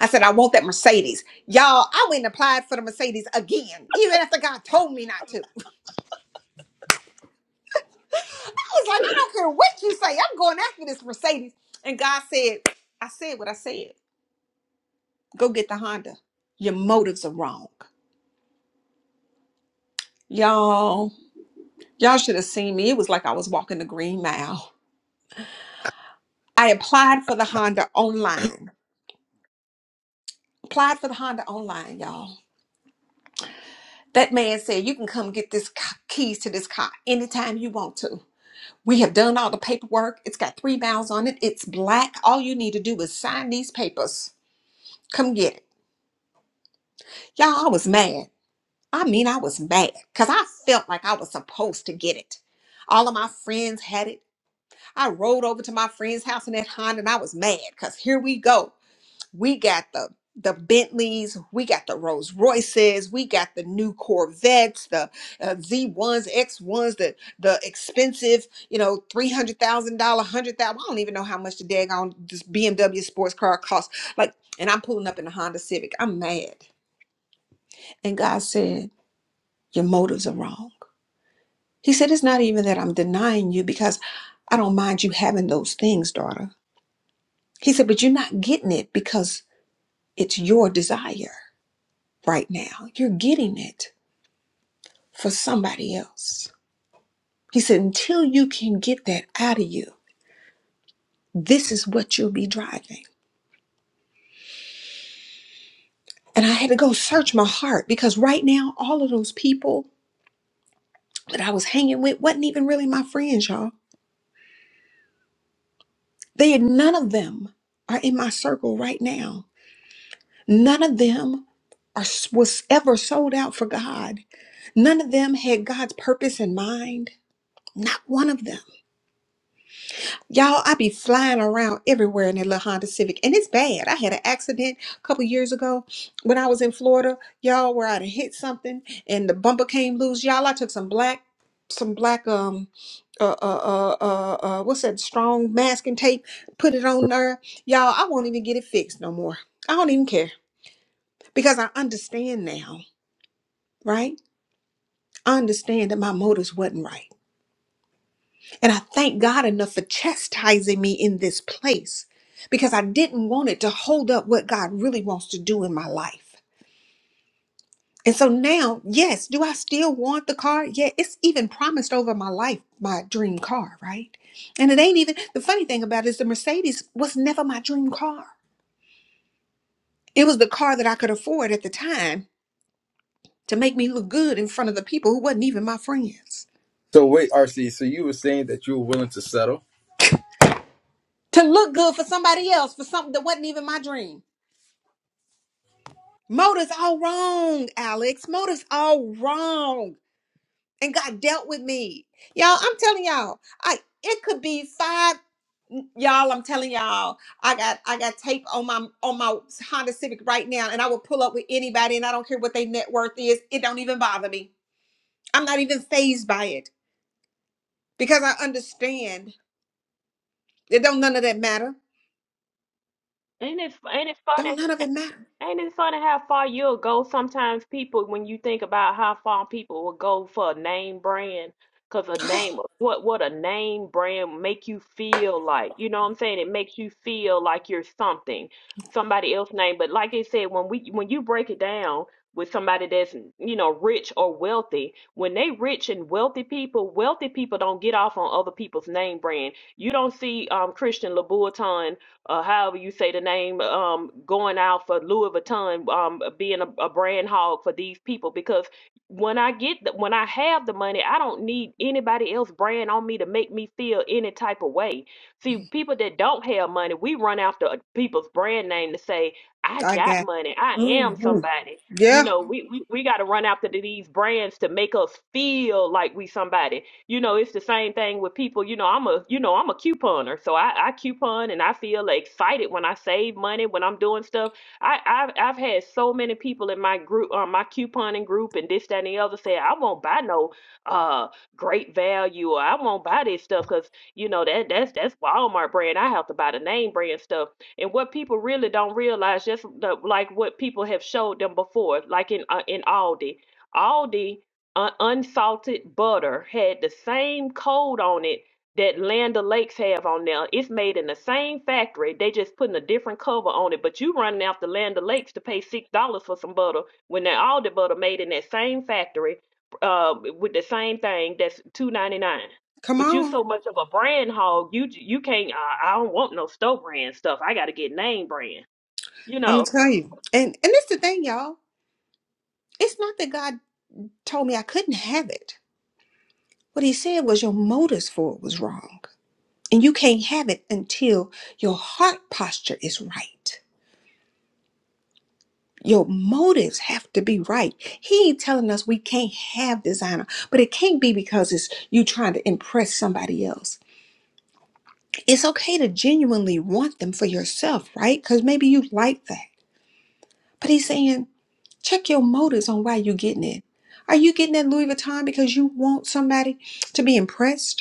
I said, I want that Mercedes. Y'all, I went and applied for the Mercedes again, even after God told me not to. I was like, I don't care what you say. I'm going after this Mercedes. And God said, I said what I said. Go get the Honda. Your motives are wrong. Y'all, y'all should have seen me. It was like I was walking the green mile. I applied for the Honda online. Applied for the Honda online, y'all. That man said, you can come get this c- keys to this car anytime you want to. We have done all the paperwork. It's got three miles on it. It's black. All you need to do is sign these papers. Come get it. Y'all, I was mad. I mean, I was mad because I felt like I was supposed to get it. All of my friends had it. I rode over to my friend's house in that Honda and I was mad because here we go. we got the the Bentleys, we got the Rolls Royces, we got the new Corvettes, the uh, Z1s, X1s, the the expensive, you know, three hundred thousand dollar, hundred thousand. I don't even know how much the daggone this BMW sports car costs. Like, and I'm pulling up in a Honda Civic. I'm mad. And God said, "Your motives are wrong." He said, "It's not even that I'm denying you because I don't mind you having those things, daughter." He said, "But you're not getting it because it's your desire." right now. You're getting it for somebody else. He said, until you can get that out of you, this is what you'll be driving. And I had to go search my heart because right now, all of those people that I was hanging with wasn't even really my friends, y'all. They had none of them are in my circle right now. None of them are was ever sold out for God. None of them had God's purpose in mind. Not one of them. Y'all, I be flying around everywhere in that little Honda Civic, and it's bad. I had an accident a couple years ago when I was in Florida. Y'all, where I'd hit something and the bumper came loose. Y'all, I took some black, some black um, uh, uh, uh, uh, uh what's that? Strong masking tape. Put it on there. Y'all, I won't even get it fixed no more. I don't even care because I understand now, right? I understand that my motives wasn't right. And I thank God enough for chastising me in this place because I didn't want it to hold up what God really wants to do in my life. And so now, yes, do I still want the car? Yeah, it's even promised over my life, my dream car, right? And it ain't even the funny thing about it is the Mercedes was never my dream car. It was the car that I could afford at the time to make me look good in front of the people who wasn't even my friends.
So wait, RC. So you were saying that you were willing to settle?
To look good for somebody else for something that wasn't even my dream. Motive's all wrong, Alex. Motive's all wrong. And God dealt with me. Y'all, I'm telling y'all, I it could be five mm, y'all, I'm telling y'all, I got I got tape on my on my Honda Civic right now, and I will pull up with anybody, and I don't care what their net worth is. It don't even bother me. I'm not even phased by it because I understand. It don't none of that matter.
Ain't it ain't it
Don't none
funny?
of it matter.
Ain't it funny how far you'll go? Sometimes people, when you think about how far people will go for a name brand, because a name, what what a name brand make you feel like? You know what I'm saying? It makes you feel like you're something, somebody else name. But like I said, when we when you break it down with somebody that's you know rich or wealthy, when they rich and wealthy people, wealthy people don't get off on other people's name brand. You don't see um, Christian Louboutin uh, however you say the name, um, going out for Louis Vuitton, um, being a, a brand hog for these people. Because when I get the, when I have the money, I don't need anybody else brand on me to make me feel any type of way. See, people that don't have money, we run after uh, people's brand name to say, "I
I
got
got.
money. I am
hmm
somebody." You
Yeah,
know, we, we, we got to run after these brands to make us feel like we somebody you know, it's the same thing with people. You know, I'm a you know I'm a couponer, so I, I coupon and I feel excited when I save money when I'm doing stuff. I I've, I've had so many people in my group, uh, my couponing group, and this that and the other say I won't buy no uh great value or I won't buy this stuff because you know that that's that's Walmart brand. I have to buy the name brand stuff. And what people really don't realize, just the, like what people have showed them before, like in uh, in Aldi. Aldi un- unsalted butter had the same code on it that Land O'Lakes have on now. It's made in the same factory. They just putting a different cover on it. But you running after Land O'Lakes to pay six dollars for some butter when that all the butter made in that same factory, uh, with the same thing that's two ninety nine.
come
But you
on.
so much of a brand hog, you you can't. I, I don't want no store brand stuff. I got to get name brand. You
I'm
know
gonna tell you. And and it's the thing, y'all. It's not that God told me I couldn't have it. What he said was your motives for it was wrong. And you can't have it until your heart posture is right. Your motives have to be right. He ain't telling us we can't have designer, but it can't be because it's you trying to impress somebody else. It's okay to genuinely want them for yourself, right? Because maybe you like that. But he's saying, check your motives on why you're getting it. Are you getting that Louis Vuitton because you want somebody to be impressed?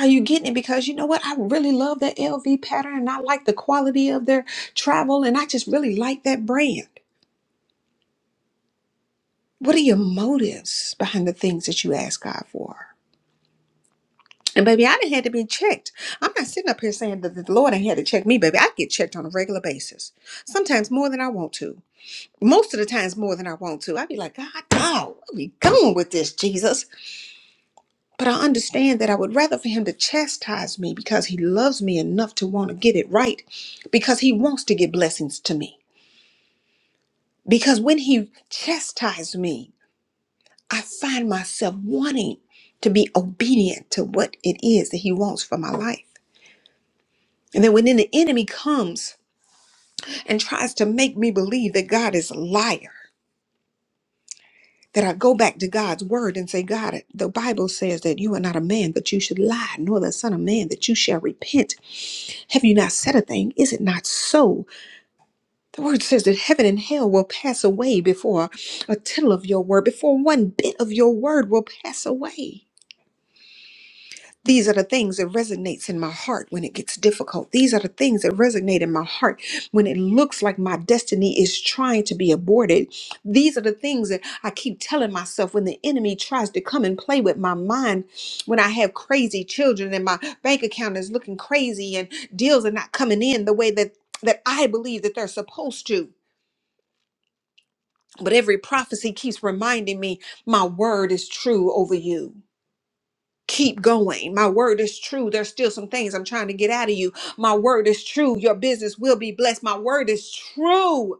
Are you getting it? Because you know what? I really love that LV pattern and I like the quality of their travel and I just really like that brand. What are your motives behind the things that you ask God for? And baby, I didn't had to be checked. I'm not sitting up here saying that the Lord ain't had to check me, baby. I get checked on a regular basis. Sometimes more than I want to. Most of the times more than I want to. i be like, God, no, where we going with this, Jesus? But I understand that I would rather for him to chastise me because he loves me enough to want to get it right, because he wants to give blessings to me. Because when he chastises me, I find myself wanting to be obedient to what it is that he wants for my life. And then when then the enemy comes and tries to make me believe that God is a liar, that I go back to God's word and say, God, the Bible says that you are not a man that you should lie, nor the son of man that you shall repent. Have you not said a thing? Is it not so? The word says that heaven and hell will pass away before a tittle of your word, before one bit of your word will pass away. These are the things that resonates in my heart when it gets difficult. These are the things that resonate in my heart when it looks like my destiny is trying to be aborted. These are the things that I keep telling myself when the enemy tries to come and play with my mind, when I have crazy children and my bank account is looking crazy and deals are not coming in the way that that I believe that they're supposed to. But every prophecy keeps reminding me my word is true over you keep going. My word is true. There's still some things I'm trying to get out of you. My word is true. Your business will be blessed. My word is true.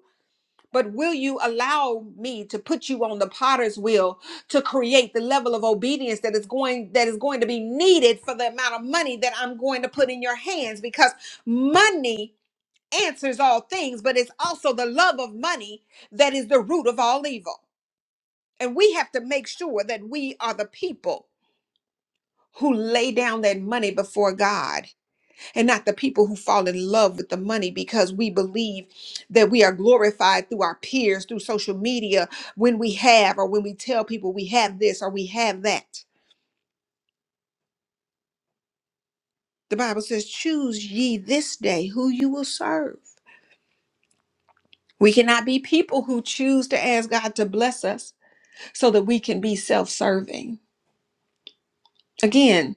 But will you allow me to put you on the potter's wheel to create the level of obedience that is going that is going to be needed for the amount of money that I'm going to put in your hands because money answers all things, but it's also the love of money that is the root of all evil. And we have to make sure that we are the people who lay down that money before God and not the people who fall in love with the money because we believe that we are glorified through our peers, through social media, when we have or when we tell people we have this or we have that. The Bible says, Choose ye this day who you will serve. We cannot be people who choose to ask God to bless us so that we can be self serving. Again,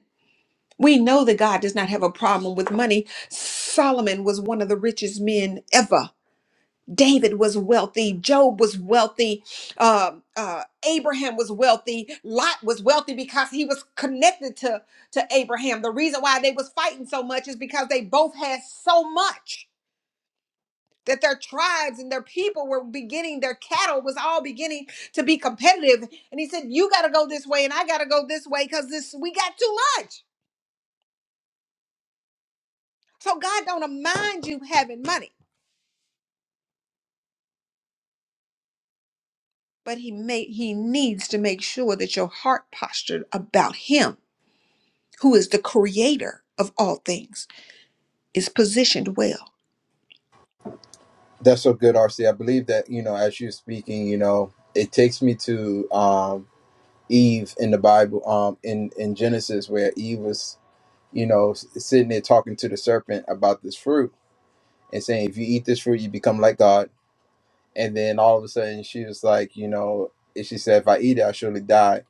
we know that God does not have a problem with money. Solomon was one of the richest men ever David was wealthy. Job was wealthy. um, uh, Abraham was wealthy. Lot was wealthy because he was connected to, to Abraham. The reason why they was fighting so much is because they both had so much that their tribes and their people were beginning, their cattle was all beginning to be competitive. And he said, you got to go this way and I got to go this way because this we got too much. So God don't mind you having money, but he may, he needs to make sure that your heart posture about him who is the creator of all things, is positioned well.
That's so good, RC. I believe that, you know, as you're speaking, you know, it takes me to um, Eve in the Bible, um, in, in Genesis, where Eve was, you know, s- sitting there talking to the serpent about this fruit and saying, if you eat this fruit, you become like God. And then all of a sudden she was like, you know, and she said, if I eat it, I surely die.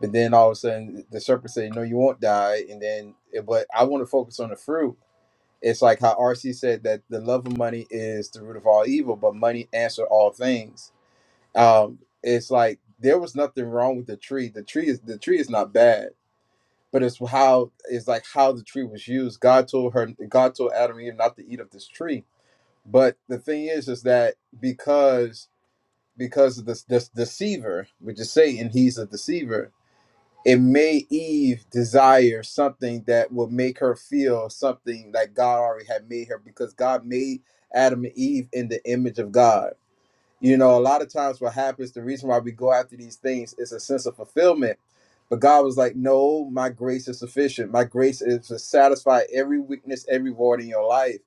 But then all of a sudden the serpent said, no, you won't die. And then, eh, but I want to focus on the fruit it's like how RC said that the love of money is the root of all evil, but money answer all things um it's like there was nothing wrong with the tree the tree is the tree is not bad but it's how it's like how the tree was used god told her god told adam and eve not to eat of this tree but the thing is is that because because of this this deceiver which is satan he's a deceiver it made eve desire something that would make her feel something that god already had made her because god made adam and eve in the image of god you know, a lot of times what happens, the reason why we go after these things is a sense of fulfillment. But God was like, No, my grace is sufficient. My grace is to satisfy every weakness, every void in your life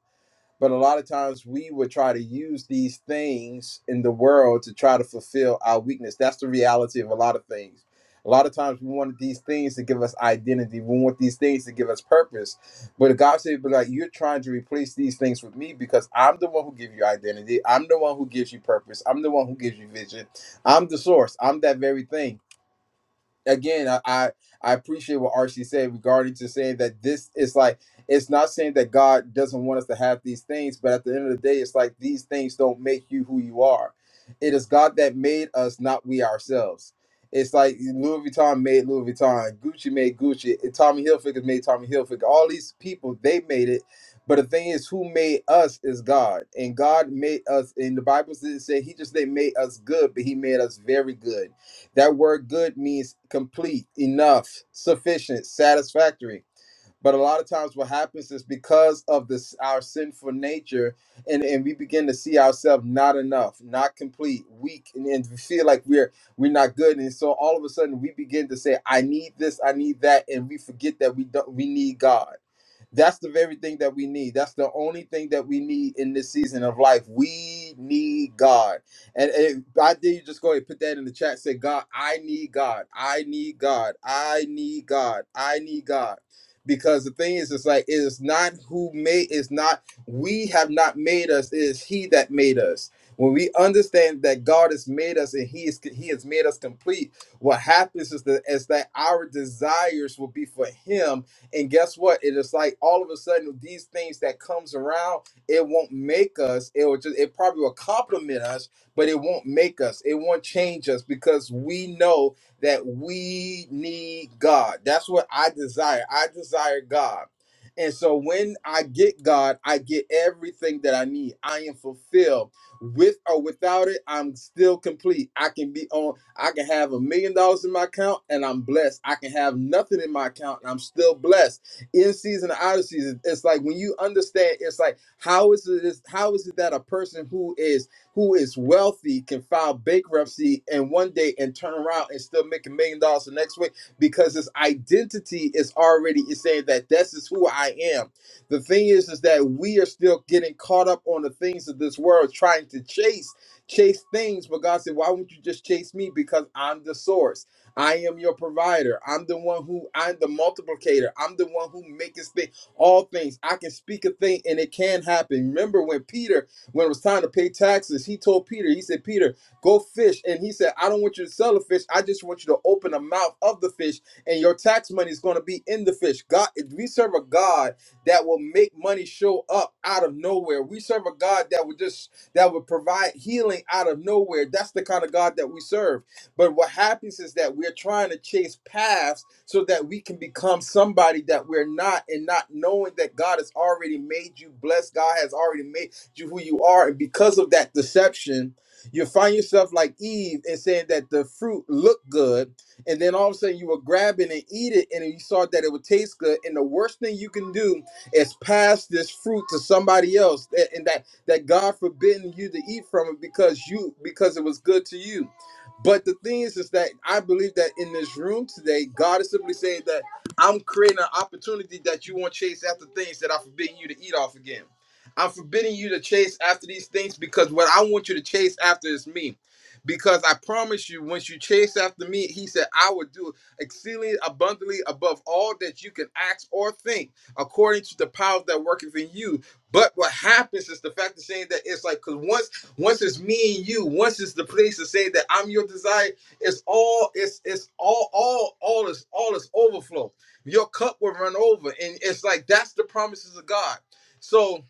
but a lot of times we would try to use these things in the world to try to fulfill our weakness. That's the reality of a lot of things. A lot of times we want these things to give us identity. We want these things to give us purpose. But God said, but like you're trying to replace these things with me because I'm the one who gives you identity. I'm the one who gives you purpose. I'm the one who gives you vision. I'm the source. I'm that very thing again, I, I I appreciate what RC said regarding to saying that this is like it's not saying that God doesn't want us to have these things, but at the end of the day, it's like these things don't make you who you are. It is God that made us, not we ourselves. It's like Louis Vuitton made Louis Vuitton, Gucci made Gucci, and Tommy Hilfiger made Tommy Hilfiger. All these people they made it, but the thing is, who made us is God, and God made us. And the Bible says say He just they made us good, but He made us very good that word good means complete, enough, sufficient, satisfactory. But a lot of times what happens is because of this our sinful nature and, and we begin to see ourselves not enough, not complete, weak, and, and we feel like we're we're not good. And so all of a sudden we begin to say, I need this, I need that, and we forget that we don't we need God. That's the very thing that we need. That's the only thing that we need in this season of life. We need God. And if I dare you just go ahead and put that in the chat. Say, God, I need God. I need God. I need God. I need God. Because the thing is, it's like it is not who made it's not we have not made us, it is He that made us. When we understand that God has made us and He is He has made us complete, what happens is that is that our desires will be for Him and guess what? It is like all of a sudden these things that comes around, it won't make us. It will just it probably will compliment us, but it won't make us. It won't change us because we know that we need God. That's what I desire. I desire God. And so when I get God, I get everything that I need. I am fulfilled with or without it, I'm still complete. I can be on, I can have a million dollars in my account and I'm blessed. I can have nothing in my account and I'm still blessed. In season and out of season, it's like when you understand, it's like, how is it is how is it that a person who is who is wealthy can file bankruptcy and one day and turn around and still make a million dollars the next week? Because his identity is already is saying that this is who I am. The thing is, is that we are still getting caught up on the things of this world, trying to chase, chase things. But God said, why won't you just chase me? Because I'm the source. I am your provider. I'm the one who I'm the multiplicator. I'm the one who makes thing all things. I can speak a thing and it can happen. Remember when Peter, when it was time to pay taxes, he told Peter, he said, Peter, go fish. And he said, I don't want you to sell a fish. I just want you to open the mouth of the fish and your tax money is going to be in the fish. God, if we serve a God that will make money show up out of nowhere. We serve a God that would just that would provide healing out of nowhere. That's the kind of God that we serve. But what happens is that we're trying to chase paths so that we can become somebody that we're not and not knowing that God has already made you blessed. God has already made you who you are. And because of that deception, you find yourself like Eve and saying that the fruit looked good. And then all of a sudden you were grabbing and eat it and you saw that it would taste good. And the worst thing you can do it's pass this fruit to somebody else, that, and that that God forbidden you to eat from it because you because it was good to you. But the thing is, is that I believe that in this room today, God is simply saying that I'm creating an opportunity that you won't chase after things that I forbidden you to eat off again. I'm forbidding you to chase after these things because what I want you to chase after is me. Because I promise you, once you chase after me, he said, I will do exceedingly abundantly above all that you can ask or think according to the power that worketh in you. But what happens is the fact of saying that it's like because once once it's me and you, once it's the place to say that I'm your desire, it's all it's it's all all all is all is overflow. Your cup will run over, and it's like that's the promises of God. So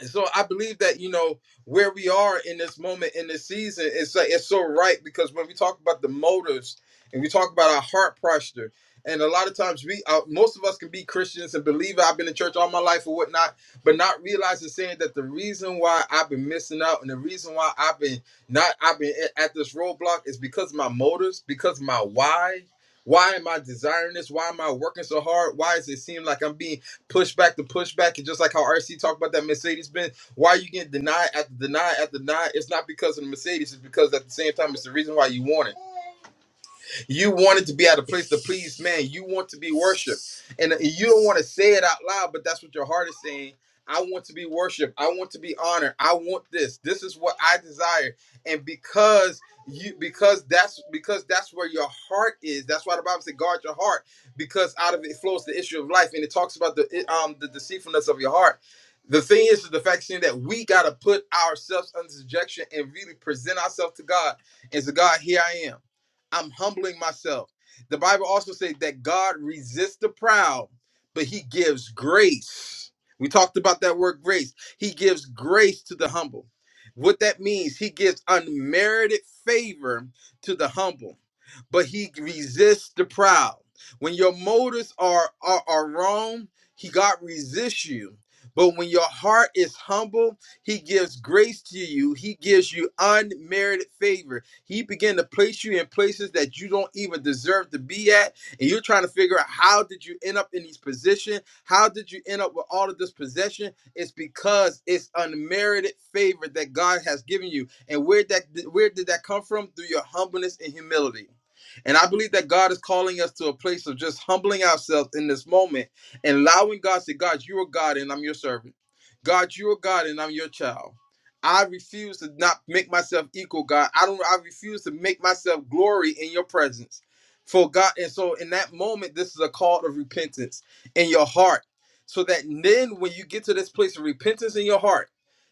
and so I believe that you know where we are in this moment in this season it's like it's so right because when we talk about the motives and we talk about our heart posture and a lot of times we uh, most of us can be Christians and believe I've been in church all my life or whatnot but not realizing saying that the reason why I've been missing out and the reason why I've been not I've been at at this roadblock is because of my motives because of my why why am I desiring this why am I working so hard why does it seem like I'm being pushback to pushback, and just like how RC talked about that Mercedes Benz, why are you getting denied after denied after denied? It's not because of the Mercedes, it's because at the same time it's the reason why you want it. You wanted to be at a place to please man. You want to be worshipped. And you don't want to say it out loud, but that's what your heart is saying. I want to be worshipped. I want to be honored. I want this. This is what I desire. And because you because that's because that's where your heart is. That's why the Bible said guard your heart because out of it flows the issue of life. And it talks about the um the deceitfulness of your heart. The thing is, is the fact is that we gotta put ourselves under subjection and really present ourselves to God and say, God, here I am. I'm humbling myself. The Bible also says that God resists the proud, but he gives grace. We talked about that word grace. He gives grace to the humble. What that means, he gives unmerited favor to the humble but he resists the proud. When your motives are, are, are wrong, he God resists you. But when your heart is humble, he gives grace to you. He gives you unmerited favor. He began to place you in places that you don't even deserve to be at. And you're trying to figure out how did you end up in these position? How did you end up with all of this possession? It's because it's unmerited favor that God has given you. And where that where did that come from? Through your humbleness and humility. And I believe that God is calling us to a place of just humbling ourselves in this moment and allowing God to say, God, you are God and I'm your servant. God, you are God and I'm your child. I refuse to not make myself equal, God. I don't I refuse to make myself glory in your presence. For God, and so in that moment, this is a call of repentance in your heart. So that then when you get to this place of repentance in your heart,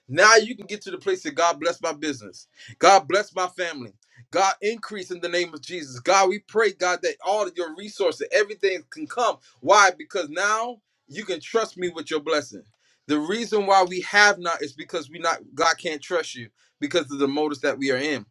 now you can get to the place that God bless my business. God bless my family. God, increase in the name of Jesus. God, we pray, God, that all of your resources, everything can come. Why? Because now you can trust me with your blessing. The reason why we have not is because we not God can't trust you because of the motives that we are in.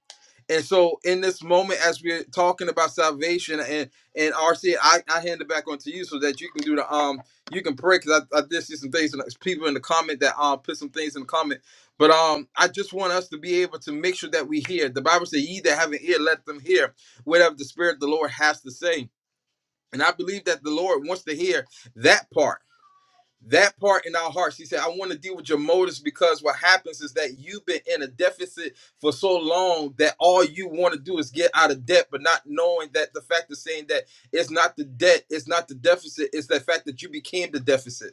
And so in this moment, as we're talking about salvation and and RC, I, I hand it back onto you so that you can do the um you can pray because I, I did see some things and there's people in the comment that um put some things in the comment but um, I just want us to be able to make sure that we hear. The Bible says, "Ye that have an ear, let them hear whatever the Spirit of the Lord has to say." And I believe that the Lord wants to hear that part, that part in our hearts. He said, "I want to deal with your motives because what happens is that you've been in a deficit for so long that all you want to do is get out of debt, but not knowing that the fact of saying that it's not the debt, it's not the deficit, it's the fact that you became the deficit."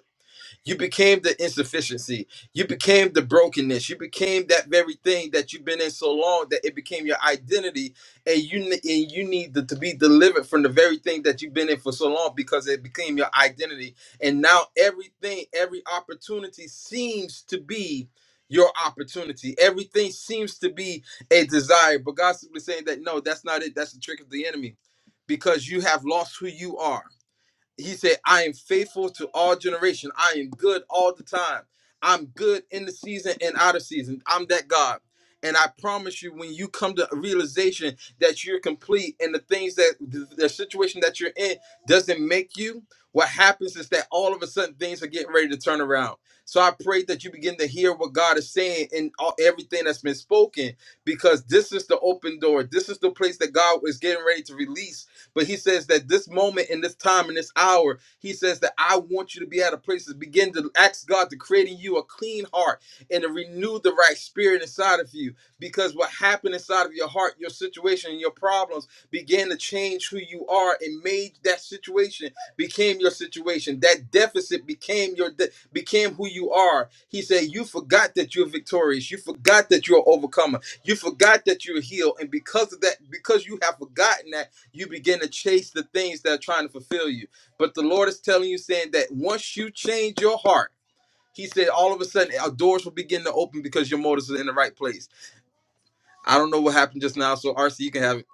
You became the insufficiency. You became the brokenness. You became that very thing that you've been in so long that it became your identity, and you ne- and you need to, to be delivered from the very thing that you've been in for so long because it became your identity. And now everything, every opportunity seems to be your opportunity. Everything seems to be a desire, but God's simply saying that no, that's not it. That's the trick of the enemy, because you have lost who you are he said, I am faithful to all generation. I am good all the time. I'm good in the season and out of season. I'm that God. And I promise you, when you come to a realization that you're complete and the things that the, the situation that you're in doesn't make you, what happens is that all of a sudden things are getting ready to turn around. So I pray that you begin to hear what God is saying in all, everything that's been spoken, because this is the open door. This is the place that God is getting ready to release but he says that this moment in this time in this hour, he says that I want you to be at a place to begin to ask God to create in you a clean heart and to renew the right spirit inside of you. Because what happened inside of your heart, your situation, and your problems began to change who you are and made that situation became your situation. That deficit became your de- became who you are. He said, You forgot that you're victorious. You forgot that you're an overcomer. You forgot that you're healed. And because of that, because you have forgotten that, you begin to chase the things that are trying to fulfill you. But the Lord is telling you, saying that once you change your heart, He said, all of a sudden, our doors will begin to open because your motives are in the right place. I don't know what happened just now, so RC, you can have it.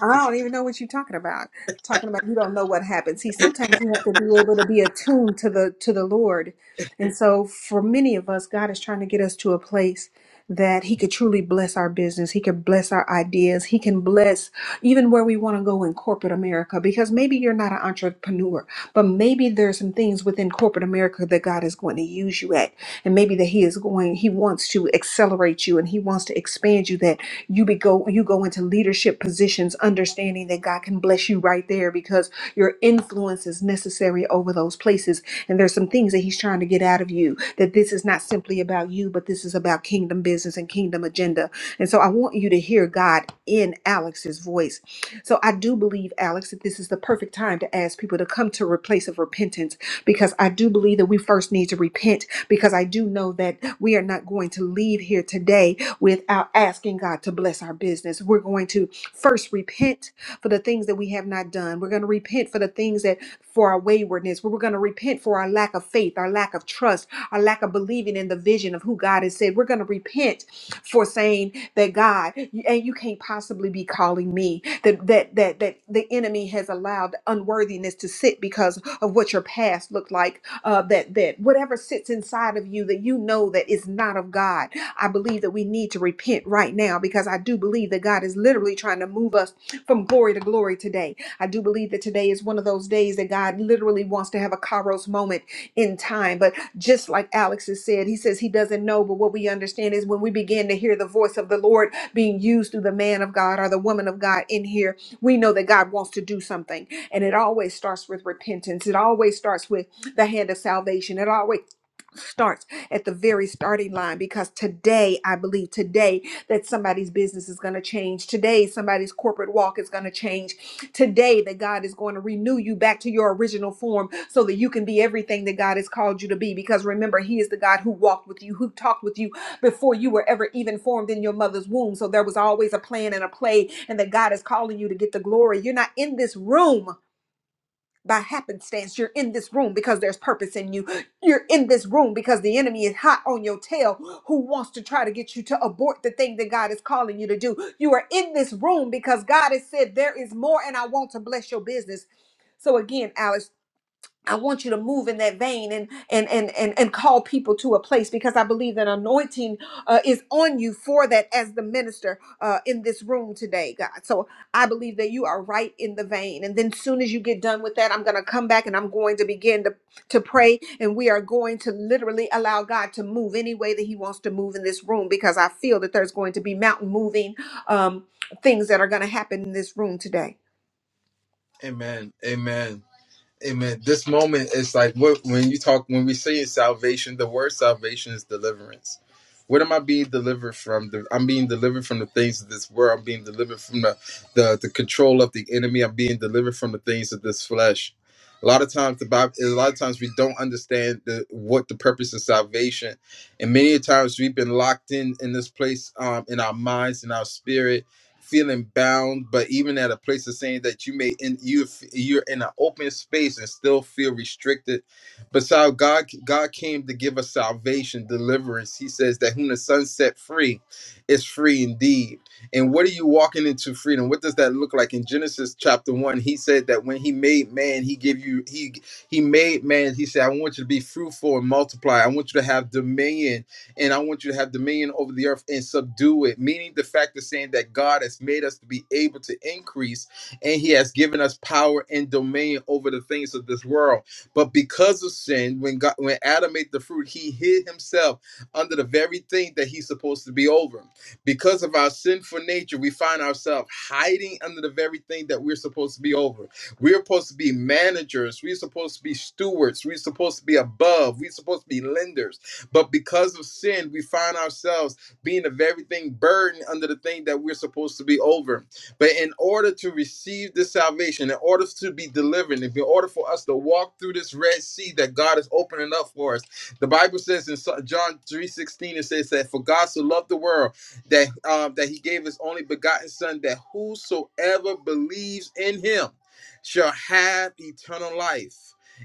I don't even know what you're talking about. Talking about you don't know what happened. See, sometimes you have to be able to be attuned to the to the Lord. And so for many of us, God is trying to get us to a place that he could truly bless our business. He could bless our ideas. He can bless even where we want to go in corporate America because maybe you're not an entrepreneur, but maybe there's some things within corporate America that God is going to use you at. And maybe that he is going he wants to accelerate you and he wants to expand you that you be go you go into leadership positions understanding that God can bless you right there because your influence is necessary over those places and there's some things that he's trying to get out of you that this is not simply about you but this is about kingdom business and kingdom agenda and so I want you to hear God in Alex's voice so I do believe Alex that this is the perfect time to ask people to come to a place of repentance because I do believe that we first need to repent because I do know that we are not going to leave here today without asking God to bless our business. We're going to first repent for the things that we have not done. We're going to repent for the things that for our waywardness. We're going to repent for our lack of faith, our lack of trust, our lack of believing in the vision of who God has said. We're going to repent for saying that God you- and you can't possibly be calling me that that that that the enemy has allowed unworthiness to sit because of what your past looked like uh, that that whatever sits inside of you that you know that is not of God I believe that we need to repent right now because I do believe that God is literally trying to move us from glory to glory today I do believe that today is one of those days that God literally wants to have a kairos moment in time. But just like Alex has said, he says he doesn't know, but what we understand is when we begin to hear the voice of the Lord being used through the man of God or the woman of God in here, we know that God wants to do something. And it always starts with repentance, it always starts with the hand of salvation, it always starts at the very starting line because today, I believe, today that somebody's business is going to change today somebody's corporate walk is going to change today that god is going to renew you back to your original form so that you can be everything that god has called you to be because remember he is the god who walked with you who talked with you before you were ever even formed in your mother's womb so there was always a plan and a play and that god is calling you to get the glory you're not in this room by happenstance. You're in this room because there's purpose in you. You're in this room because the enemy is hot on your tail who wants to try to get you to abort the thing that God is calling you to do. You are in this room because God has said, There is more, and I want to bless your business. So, again, Alex. I want you to move in that vein and and and and, and call people to a place because I believe that anointing uh, is on you for that as the minister uh, in this room today, God. So I believe that you are right in the vein. And then soon as you get done with that, I'm going to come back and I'm going to begin to to pray and we are going to literally allow God to move any way that He wants to move in this room because I feel that there's going to be mountain moving um, things that are going to happen in this room today.
Amen. Amen. Amen. This moment is like what when you talk when we say salvation, the word salvation is deliverance. What am I being delivered from? The, I'm being delivered from the things of this world. I'm being delivered from the, the the control of the enemy. I'm being delivered from the things of this flesh. A lot of times the Bible, a lot of times we don't understand the, what the purpose of salvation, and many times we've been locked in in this place um, in our minds, in our spirit, feeling bound, but even at a place of saying that you may in you you're in an open space and still feel restricted. But so God God came to give us salvation, deliverance. He says that whom the Son set free is free indeed. And what are you walking into freedom? What does that look like? In Genesis chapter one, he said that when he made man, he gave you he he made man, he said, I want you to be fruitful and multiply. I want you to have dominion and I want you to have dominion over the earth and subdue it. Meaning the fact of saying that God has made us to be able to increase and He has given us power and dominion over the things of this world. But because of sin, when God when Adam ate the fruit, he hid himself under the very thing that he's supposed to be over. Because of our sinful nature, we find ourselves hiding under the very thing that we're supposed to be over. We're supposed to be managers, we're supposed to be stewards, we're supposed to be above, we're supposed to be lenders. But because of sin, we find ourselves being of everything burdened under the thing that we're supposed to be over. But in order to receive this salvation, in order to be delivered, in order for us to walk through this Red Sea that God is opening up for us, the Bible says in So- John 3:16, it says that for God so loved the world that um, that he gave his only begotten son that whosoever believes in him shall have eternal life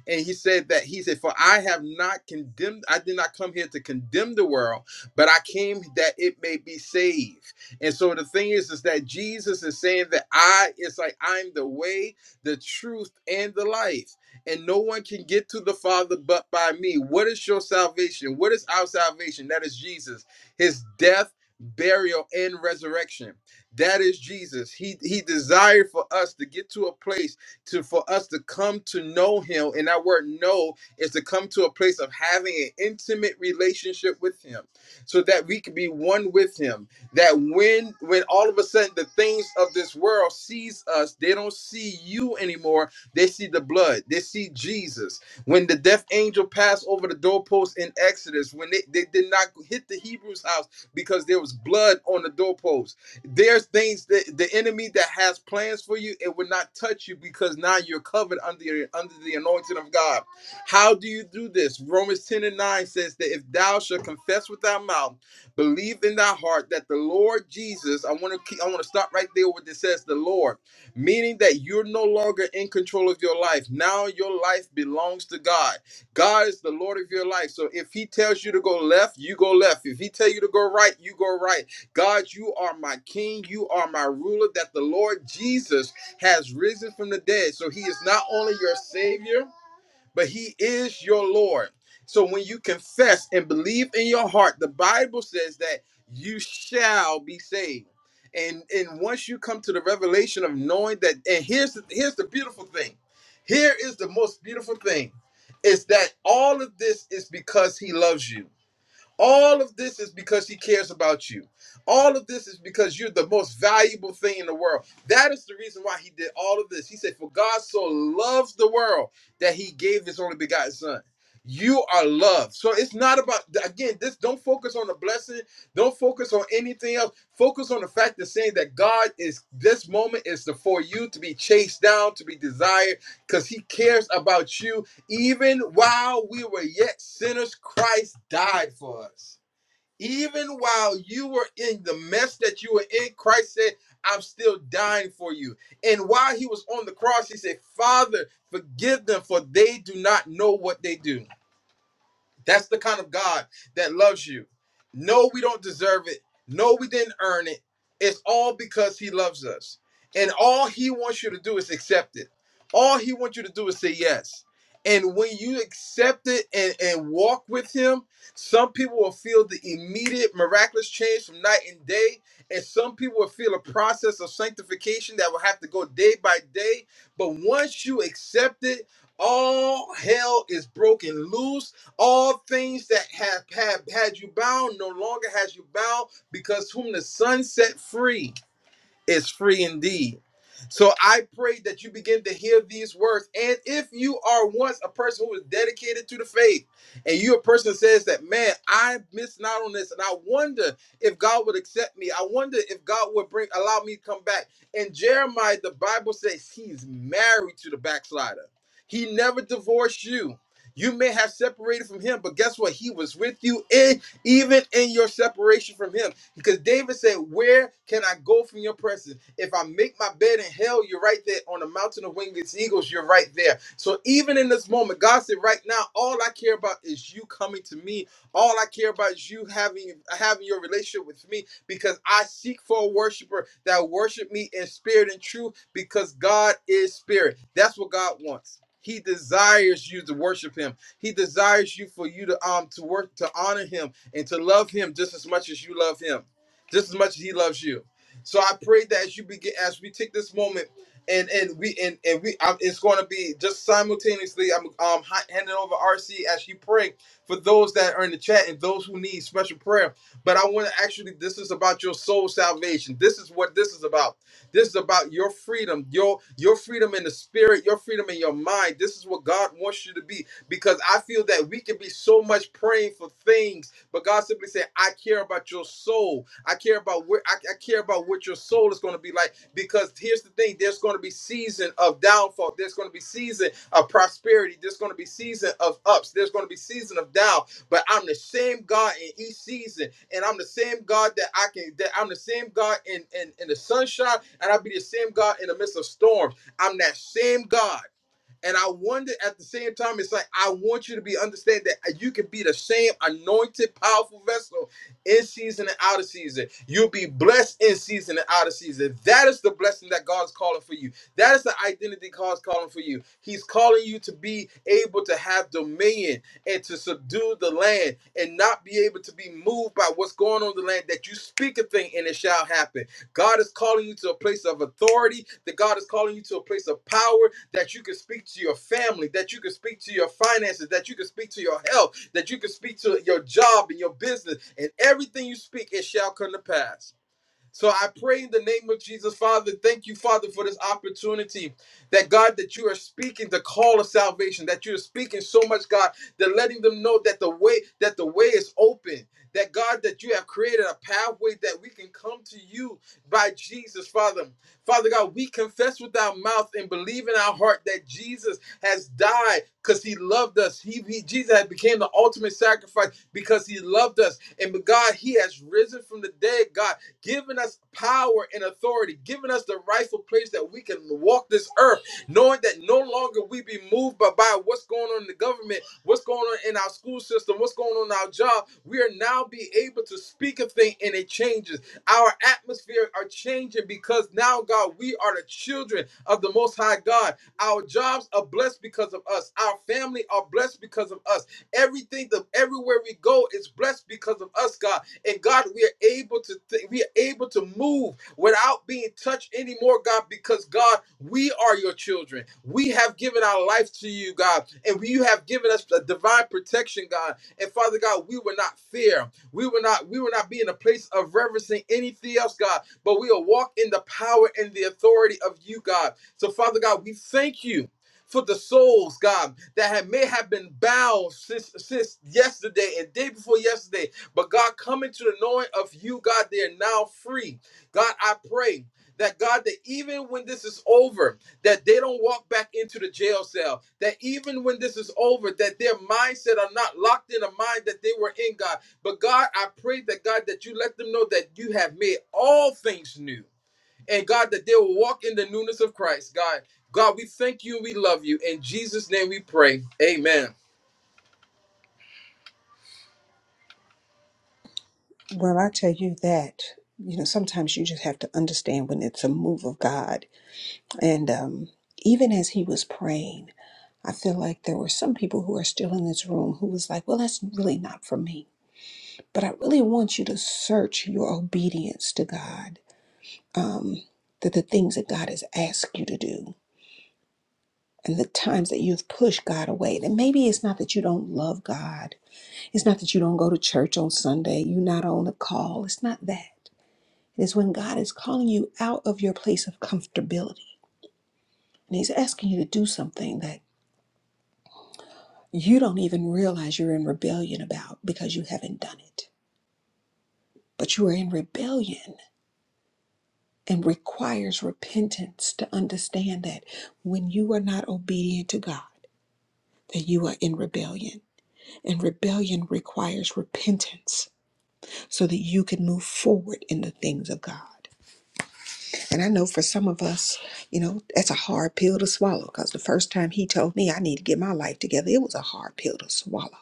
and he said that he said for i have not condemned i did not come here to condemn the world but i came that it may be saved and so the thing is is that jesus is saying that i it's like i'm the way the truth and the life and no one can get to the father but by me what is your salvation what is our salvation that is jesus his death burial and resurrection that is jesus he he desired for us to get to a place to for us to come to know him and that word know is to come to a place of having an intimate relationship with him so that we can be one with him that when when all of a sudden the things of this world sees us they don't see you anymore they see the blood they see jesus when the death angel passed over the doorpost in exodus when they, they did not hit the hebrews house because there was blood on the doorpost there's things that the enemy that has plans for you, it will not touch you because now you're covered under under the anointing of God. How do you do this? Romans 10 and 9 says that if thou shalt confess with thy mouth, believe in thy heart that the Lord Jesus, I want to keep, I want to stop right there where it says the Lord, meaning that you're no longer in control of your life. Now your life belongs to God. God is the Lord of your life. So if he tells you to go left, you go left. If he tells you to go right, you go right. God, you are my king. You are my ruler. That the Lord Jesus has risen from the dead. So he is not only your savior, but he is your Lord. So when you confess and believe in your heart, the Bible says that you shall be saved. And and once you come to the revelation of knowing that, and here's the, here's the beautiful thing. Here is the most beautiful thing is that all of this is because he loves you all of this is because he cares about you. All of this is because you're the most valuable thing in the world. That is the reason why he did all of this. He said, For God so loves the world that he gave his only begotten son. You are loved. So it's not about again, this don't focus on the blessing, don't focus on anything else. Focus on the fact of saying that God is this moment is the, for you to be chased down, to be desired, because he cares about you even while we were yet sinners, Christ died for us. Even while you were in the mess that you were in, Christ said, I'm still dying for you. And while he was on the cross, he said, Father, forgive them, for they do not know what they do. That's the kind of God that loves you. No, we don't deserve it. No, we didn't earn it. It's all because He loves us. And all He wants you to do is accept it. All He wants you to do is say yes. And when you accept it and, and walk with Him, some people will feel the immediate miraculous change from night and day. And some people will feel a process of sanctification that will have to go day by day. But once you accept it, all hell is broken loose all things that have, have had you bound no longer has you bound because whom the Son set free is free indeed. So I pray that you begin to hear these words. And if you are once a person who is dedicated to the faith, and you a person that says that, man, I missed out on this, and I wonder if God would accept me. I wonder if God would bring allow me to come back. And Jeremiah, the Bible says he's married to the backslider. He never divorced you. You may have separated from him, but guess what? He was with you in even in your separation from him. Because David said, Where can I go from your presence? If I make my bed in hell, you're right there. On the mountain of winged eagles, you're right there. So even in this moment, God said, Right now, all I care about is you coming to me. All I care about is you having having your relationship with me because I seek for a worshiper that worship me in spirit and truth because God is spirit. That's what God wants. He desires you to worship him. He desires you for you to um to work to honor him and to love him just as much as you love him, just as much as he loves you. So I pray that as you begin as we take this moment and and we and and we um, it's going to be just simultaneously I'm um hi- handing over RC as you pray for those that are in the chat and those who need special prayer. But I want to actually this is about your soul salvation. This is what this is about. This is about your freedom, your your freedom in the spirit, your freedom in your mind. This is what God wants you to be because I feel that we can be so much praying for things, but God simply said, I care about your soul. I care about where I, I care about what your soul is going to be like. Because here's the thing: there's going to be season of downfall. There's going to be season of prosperity. There's going to be season of ups. There's going to be season of down. But I'm the same God in each season, and I'm the same God that I can. That I'm the same God in in, in the sunshine, and I'll be the same God in the midst of storms. I'm that same God. And I wonder at the same time, it's like I want you to be understand that you can be the same anointed, powerful vessel in season and out of season. You'll be blessed in season and out of season. That is the blessing that God's calling for you. That is the identity God's calling for you. He's calling you to be able to have dominion and to subdue the land and not be able to be moved by what's going on in the land. That you speak a thing and it shall happen God is calling you to a place of authority, that God is calling you to a place of power, that you can speak to your family, that you can speak to your finances, that you can speak to your health, that you can speak to your job and your business, and everything you speak, it shall come to pass. So I pray in the name of Jesus, Father. Thank you, Father, for this opportunity. That God, that you are speaking the call of salvation, that you are speaking so much, God, that letting them know that the way that the way is open. That God, that you have created a pathway that we can come to you by Jesus, Father. Father God, we confess with our mouth and believe in our heart that Jesus has died because he loved us. He, he Jesus had became the ultimate sacrifice because he loved us. And God, he has risen from the dead, God giving us power and authority, giving us the rightful place that we can walk this earth, knowing that no longer we be moved by, by what's going on in the government, what's going on in our school system, what's going on in our job. We are now be able to speak a thing and it changes. Our atmosphere are changing because now, God, we are the children of the Most High God. Our jobs are blessed because of us. Our family are blessed because of us. Everything, the, everywhere we go is blessed because of us, God. And God, we are able to think, we are able to move without being touched anymore, God, because God, we are your children. We have given our life to you, God, and you have given us a divine protection, God. And Father God, we will not fear. We will not, we will not be in a place of reverencing anything else, God, but we will walk in the power and the authority of you, God. So, Father God, we thank you. For the souls, God, that have, may have been bound since since yesterday and day before yesterday, but God, coming to the knowing of you, God, they are now free. God, I pray that God, that even when this is over, that they don't walk back into the jail cell. That even when this is over, that their mindset are not locked in a mind that they were in, God. But God, I pray that God, that you let them know that you have made all things new. And God, that they will walk in the newness of Christ, God. God, we thank you and we love you. In Jesus' name we pray. Amen.
Well, I tell you that, you know, sometimes you just have to understand when it's a move of God. And um, even as he was praying, I feel like there were some people who are still in this room who was like, well, that's really not for me. But I really want you to search your obedience to God, um, that the things that God has asked you to do and the times that you've pushed God away. That maybe it's not that you don't love God. It's not that you don't go to church on Sunday. You're not on the call. It's not that. It is when God is calling you out of your place of comfortability. And He's asking you to do something that you don't even realize you're in rebellion about because you haven't done it. But you are in rebellion and requires repentance to understand that when you are not obedient to God, that you are in rebellion. And rebellion requires repentance so that you can move forward in the things of God. And I know for some of us, you know, that's a hard pill to swallow because the first time he told me I need to get my life together, it was a hard pill to swallow.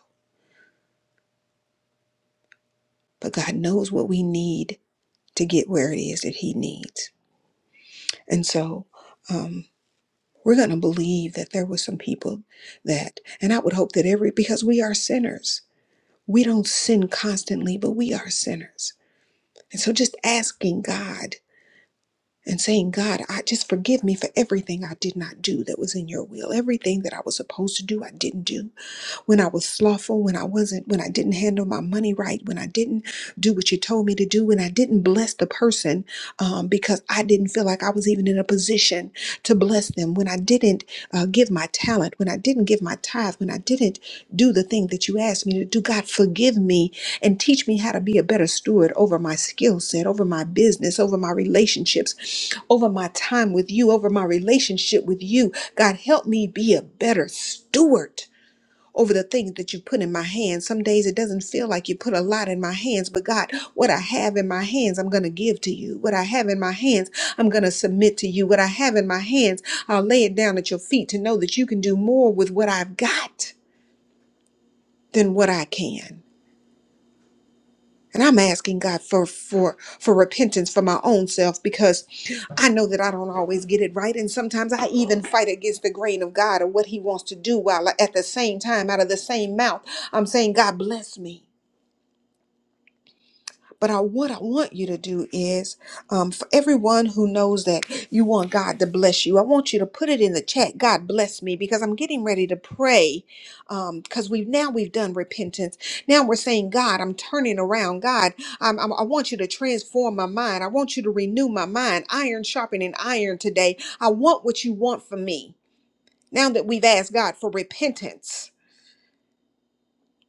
But God knows what we need to get where it is that he needs. And so um, we're going to believe that there were some people that, and I would hope that every, because we are sinners, we don't sin constantly, but we are sinners. And so just asking God and saying, God, I just forgive me for everything I did not do that was in your will. Everything that I was supposed to do, I didn't do when I was slothful, when I wasn't, when I didn't handle my money right, when I didn't do what you told me to do, when I didn't bless the person um, because I didn't feel like I was even in a position to bless them, when I didn't uh, give my talent, when I didn't give my tithe, when I didn't do the thing that you asked me to do. God, forgive me and teach me how to be a better steward over my skill set, over my business, over my relationships, over my time with you, over my relationship with you. God, help me be a better steward over the things that you put in my hands. Some days it doesn't feel like you put a lot in my hands, but God, what I have in my hands, I'm going to give to you. What I have in my hands, I'm going to submit to you. What I have in my hands, I'll lay it down at your feet to know that you can do more with what I've got than what I can. And I'm asking God for for for repentance for my own self because I know that I don't always get it right. And sometimes I even fight against the grain of God or what He wants to do while at the same time, out of the same mouth, I'm saying, God bless me. But I, what I want you to do is, um, for everyone who knows that you want God to bless you, I want you to put it in the chat. God bless me because I'm getting ready to pray. Um, Because we've now we've done repentance. Now we're saying, God, I'm turning around. God, I'm, I'm- i want you to transform my mind. I want you to renew my mind. Iron sharpening iron today. I want what you want from me. Now that we've asked God for repentance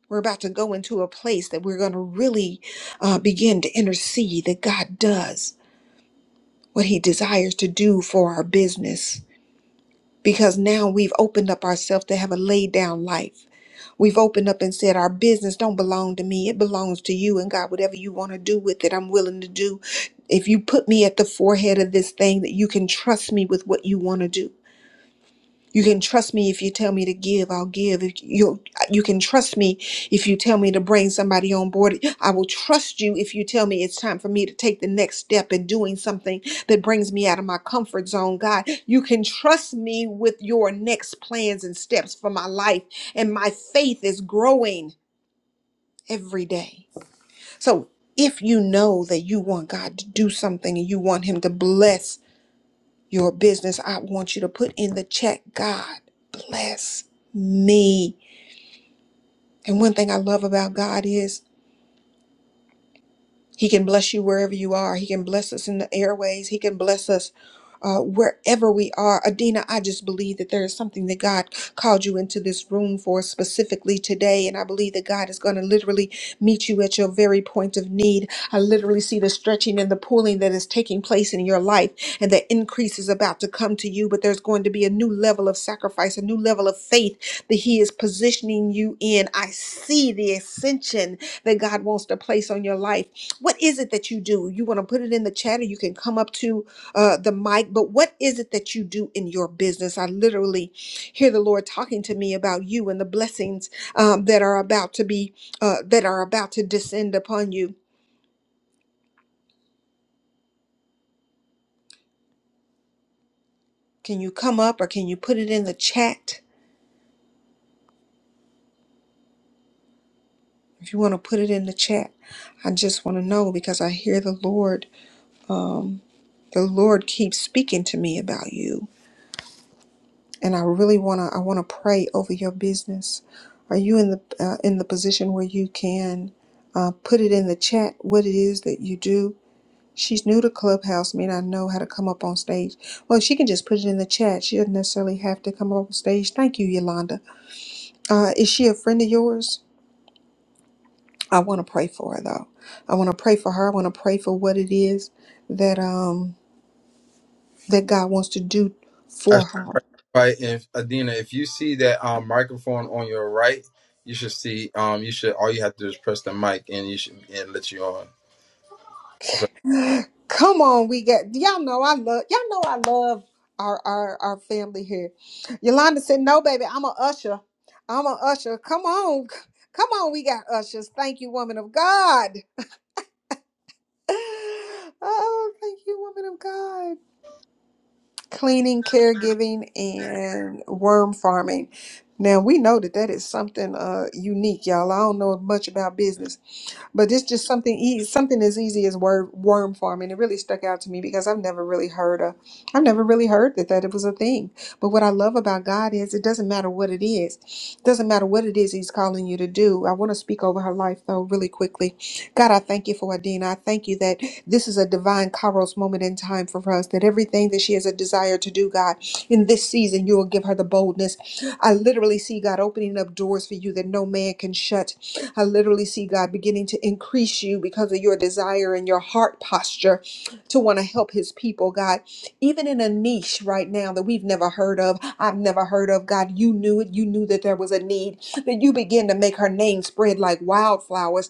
we're about to go into a place that we're going to really uh, begin to intercede that God does what He desires to do for our business. Because now we've opened up ourselves to have a laid down life. We've opened up and said, Our business don't belong to me. It belongs to you. And God, whatever you want to do with it, I'm willing to do. If you put me at the forehead of this thing, that you can trust me with what you want to do. You can trust me if you tell me to give, I'll give. If you you can trust me if you tell me to bring somebody on board. I will trust you if you tell me it's time for me to take the next step in doing something that brings me out of my comfort zone. God, you can trust me with your next plans and steps for my life and my faith is growing every day. So, if you know that you want God to do something and you want him to bless your business. I want you to put in the check, God, bless me. And one thing I love about God is He can bless you wherever you are. He can bless us in the airways. He can bless us uh, wherever we are. Adina, I just believe that there is something that God called you into this room for specifically today. And I believe that God is going to literally meet you at your very point of need. I literally see the stretching and the pulling that is taking place in your life, and the increase is about to come to you. But there's going to be a new level of sacrifice, a new level of faith that He is positioning you in. I see the ascension that God wants to place on your life what is it that you do? You want to put it in the chat or you can come up to uh, the mic, but what is it that you do in your business? I literally hear the Lord talking to me about you and the blessings um, that are about to be, uh, that are about to descend upon you. Can you come up or can you put it in the chat? If you want to put it in the chat, I just want to know because I hear the Lord. The Lord keeps speaking to me about you. and I really want to I want to pray over your business. Are you in the uh, in the position where you can uh, put it in the chat what it is that you do? She's new to Clubhouse, may not know how to come up on stage. Well, she can just put it in the chat. She doesn't necessarily have to come up on stage. Thank you, Yolanda. Uh, is she a friend of yours? I want to pray for her though. I want to pray for her. I want to pray for what it is that um that God wants to do for her.
Right, and Adina, if you see that um, microphone on your right, you should see. Um, you should all you have to do is press the mic, and you should and let you on. But
Come on, we got y'all know I love y'all know I love our our our family here. Yolanda said, "No, baby, I'm a usher. I'm a usher. Come on, come on, we got ushers. Thank you, woman of God. Oh, thank you, woman of God. Cleaning, caregiving, and worm farming. Now we know that that is something uh unique, y'all. I don't know much about business, but it's just something e- something as easy as word worm farming. It really stuck out to me because I've never really heard a, I've never really heard that that it was a thing. But what I love about God is it doesn't matter what it is, it doesn't matter what it is He's calling you to do. I want to speak over her life though really quickly. God, I thank you for Adina. I thank you that this is a divine Kairos moment in time for us. That everything that she has a desire to do, God, in this season, you will give her the boldness. I literally see God opening up doors for you that no man can shut. I literally see God beginning to increase you because of your desire and your heart posture to want to help His people, God. Even in a niche right now that we've never heard of, I've never heard of, God, you knew it. You knew that there was a need, that you begin to make her name spread like wildflowers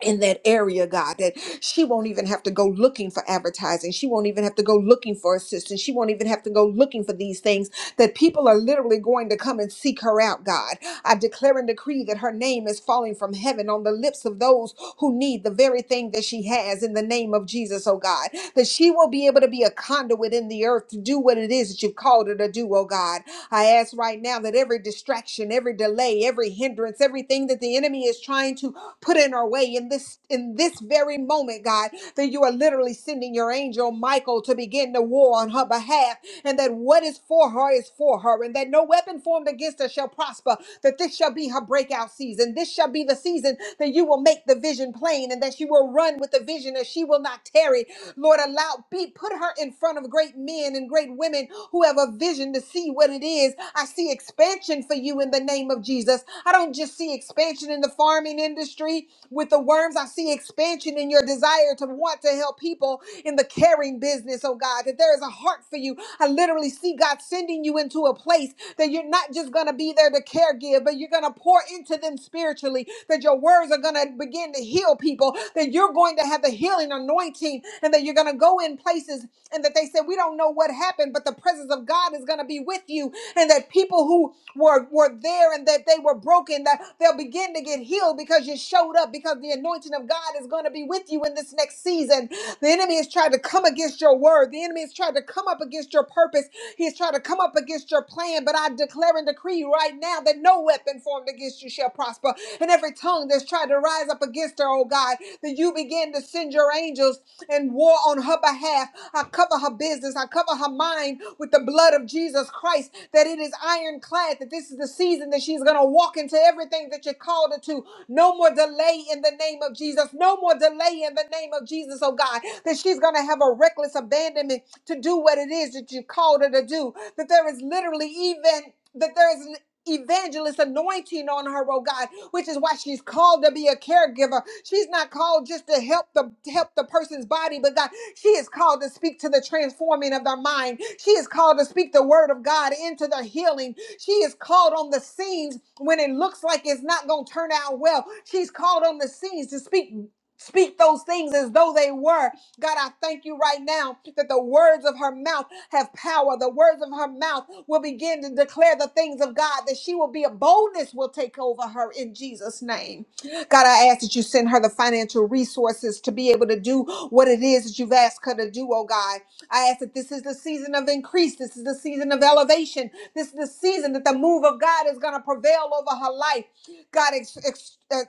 in that area, God, that she won't even have to go looking for advertising. She won't even have to go looking for assistance. She won't even have to go looking for these things, that people are literally going to come and seek her out, God. I declare and decree that her name is falling from heaven on the lips of those who need the very thing that she has in the name of Jesus, oh God, that she will be able to be a conduit in the earth to do what it is that you've called her to do, oh God. I ask right now that every distraction, every delay, every hindrance, everything that the enemy is trying to put in our way in this in this very moment, God, that you are literally sending your angel Michael to begin the war on her behalf, and that what is for her is for her, and that no weapon formed against her shall prosper, that this shall be her breakout season. This shall be the season that you will make the vision plain, and that she will run with the vision, and she will not tarry, Lord, allow, be, put her in front of great men and great women who have a vision to see what it is. I see expansion for you in the name of Jesus. I don't just see expansion in the farming industry with the worms. I see expansion in your desire to want to help people in the caring business, oh God, that there is a heart for you. I literally see God sending you into a place that you're not just going to be there to care give, but you're going to pour into them spiritually, that your words are going to begin to heal people, that you're going to have the healing anointing, and that you're going to go in places and that they said, We don't know what happened, but the presence of God is going to be with you, and that people who were, were there and that they were broken, that they'll begin to get healed because you showed up, because the anointing of God is going to be with you in this next season. The enemy has tried to come against your word. The the enemy has tried to come up against your purpose. He's tried to come up against your plan, but I declare and decree right now that no weapon formed against you shall prosper. And every tongue that's tried to rise up against her, oh God, that you begin to send your angels and war on her behalf. I cover her business. I cover her mind with the blood of Jesus Christ, that it is ironclad, that this is the season that she's going to walk into everything that you called her to. No more delay in the name of Jesus. No more delay in the name of Jesus, oh God. That she's going to have a reckless abandonment to do what it is that you called her to do. That there is literally even, that there is an evangelist anointing on her, oh God, which is why she's called to be a caregiver. She's not called just to help the help the person's body, but God, she is called to speak to the transforming of their mind. She is called to speak the word of God into their healing she is called on the scenes when it looks like it's not going to turn out well. She's called on the scenes to speak speak those things as though they were. God, I thank you right now that the words of her mouth have power. The words of her mouth will begin to declare the things of God, that she will be a boldness will take over her in Jesus' name. God, I ask that you send her the financial resources to be able to do what it is that you've asked her to do, oh God. I ask that this is the season of increase. This is the season of elevation. This is the season that the move of God is going to prevail over her life. God, ex- ex- uh,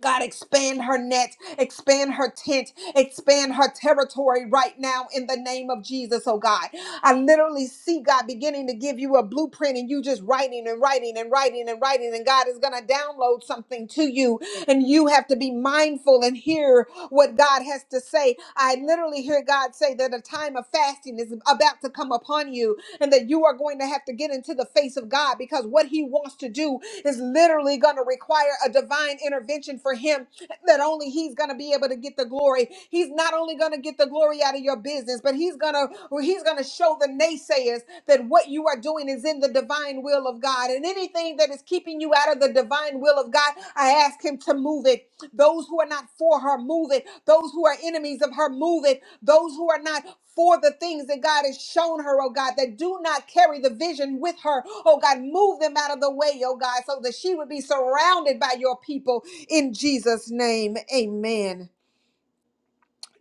God, expand her net, expand her tent, expand her territory right now in the name of Jesus, oh God. I literally see God beginning to give you a blueprint and you just writing and writing and writing and writing, and God is going to download something to you, and you have to be mindful and hear what God has to say. I literally hear God say that a time of fasting is about to come upon you and that you are going to have to get into the face of God because what He wants to do is literally going to require a divine intervention for Him that only He's going to be able to get the glory. He's not only going to get the glory out of your business, but He's going to He's going to show the naysayers that what you are doing is in the divine will of God, and anything that is keeping you out of the divine will of God, I ask Him to move it. Those who are not for her, move it. Those who are enemies of her, move it those who are not for the things that God has shown her, oh God, that do not carry the vision with her, oh God, move them out of the way, oh God, so that she would be surrounded by your people in Jesus' name. Amen.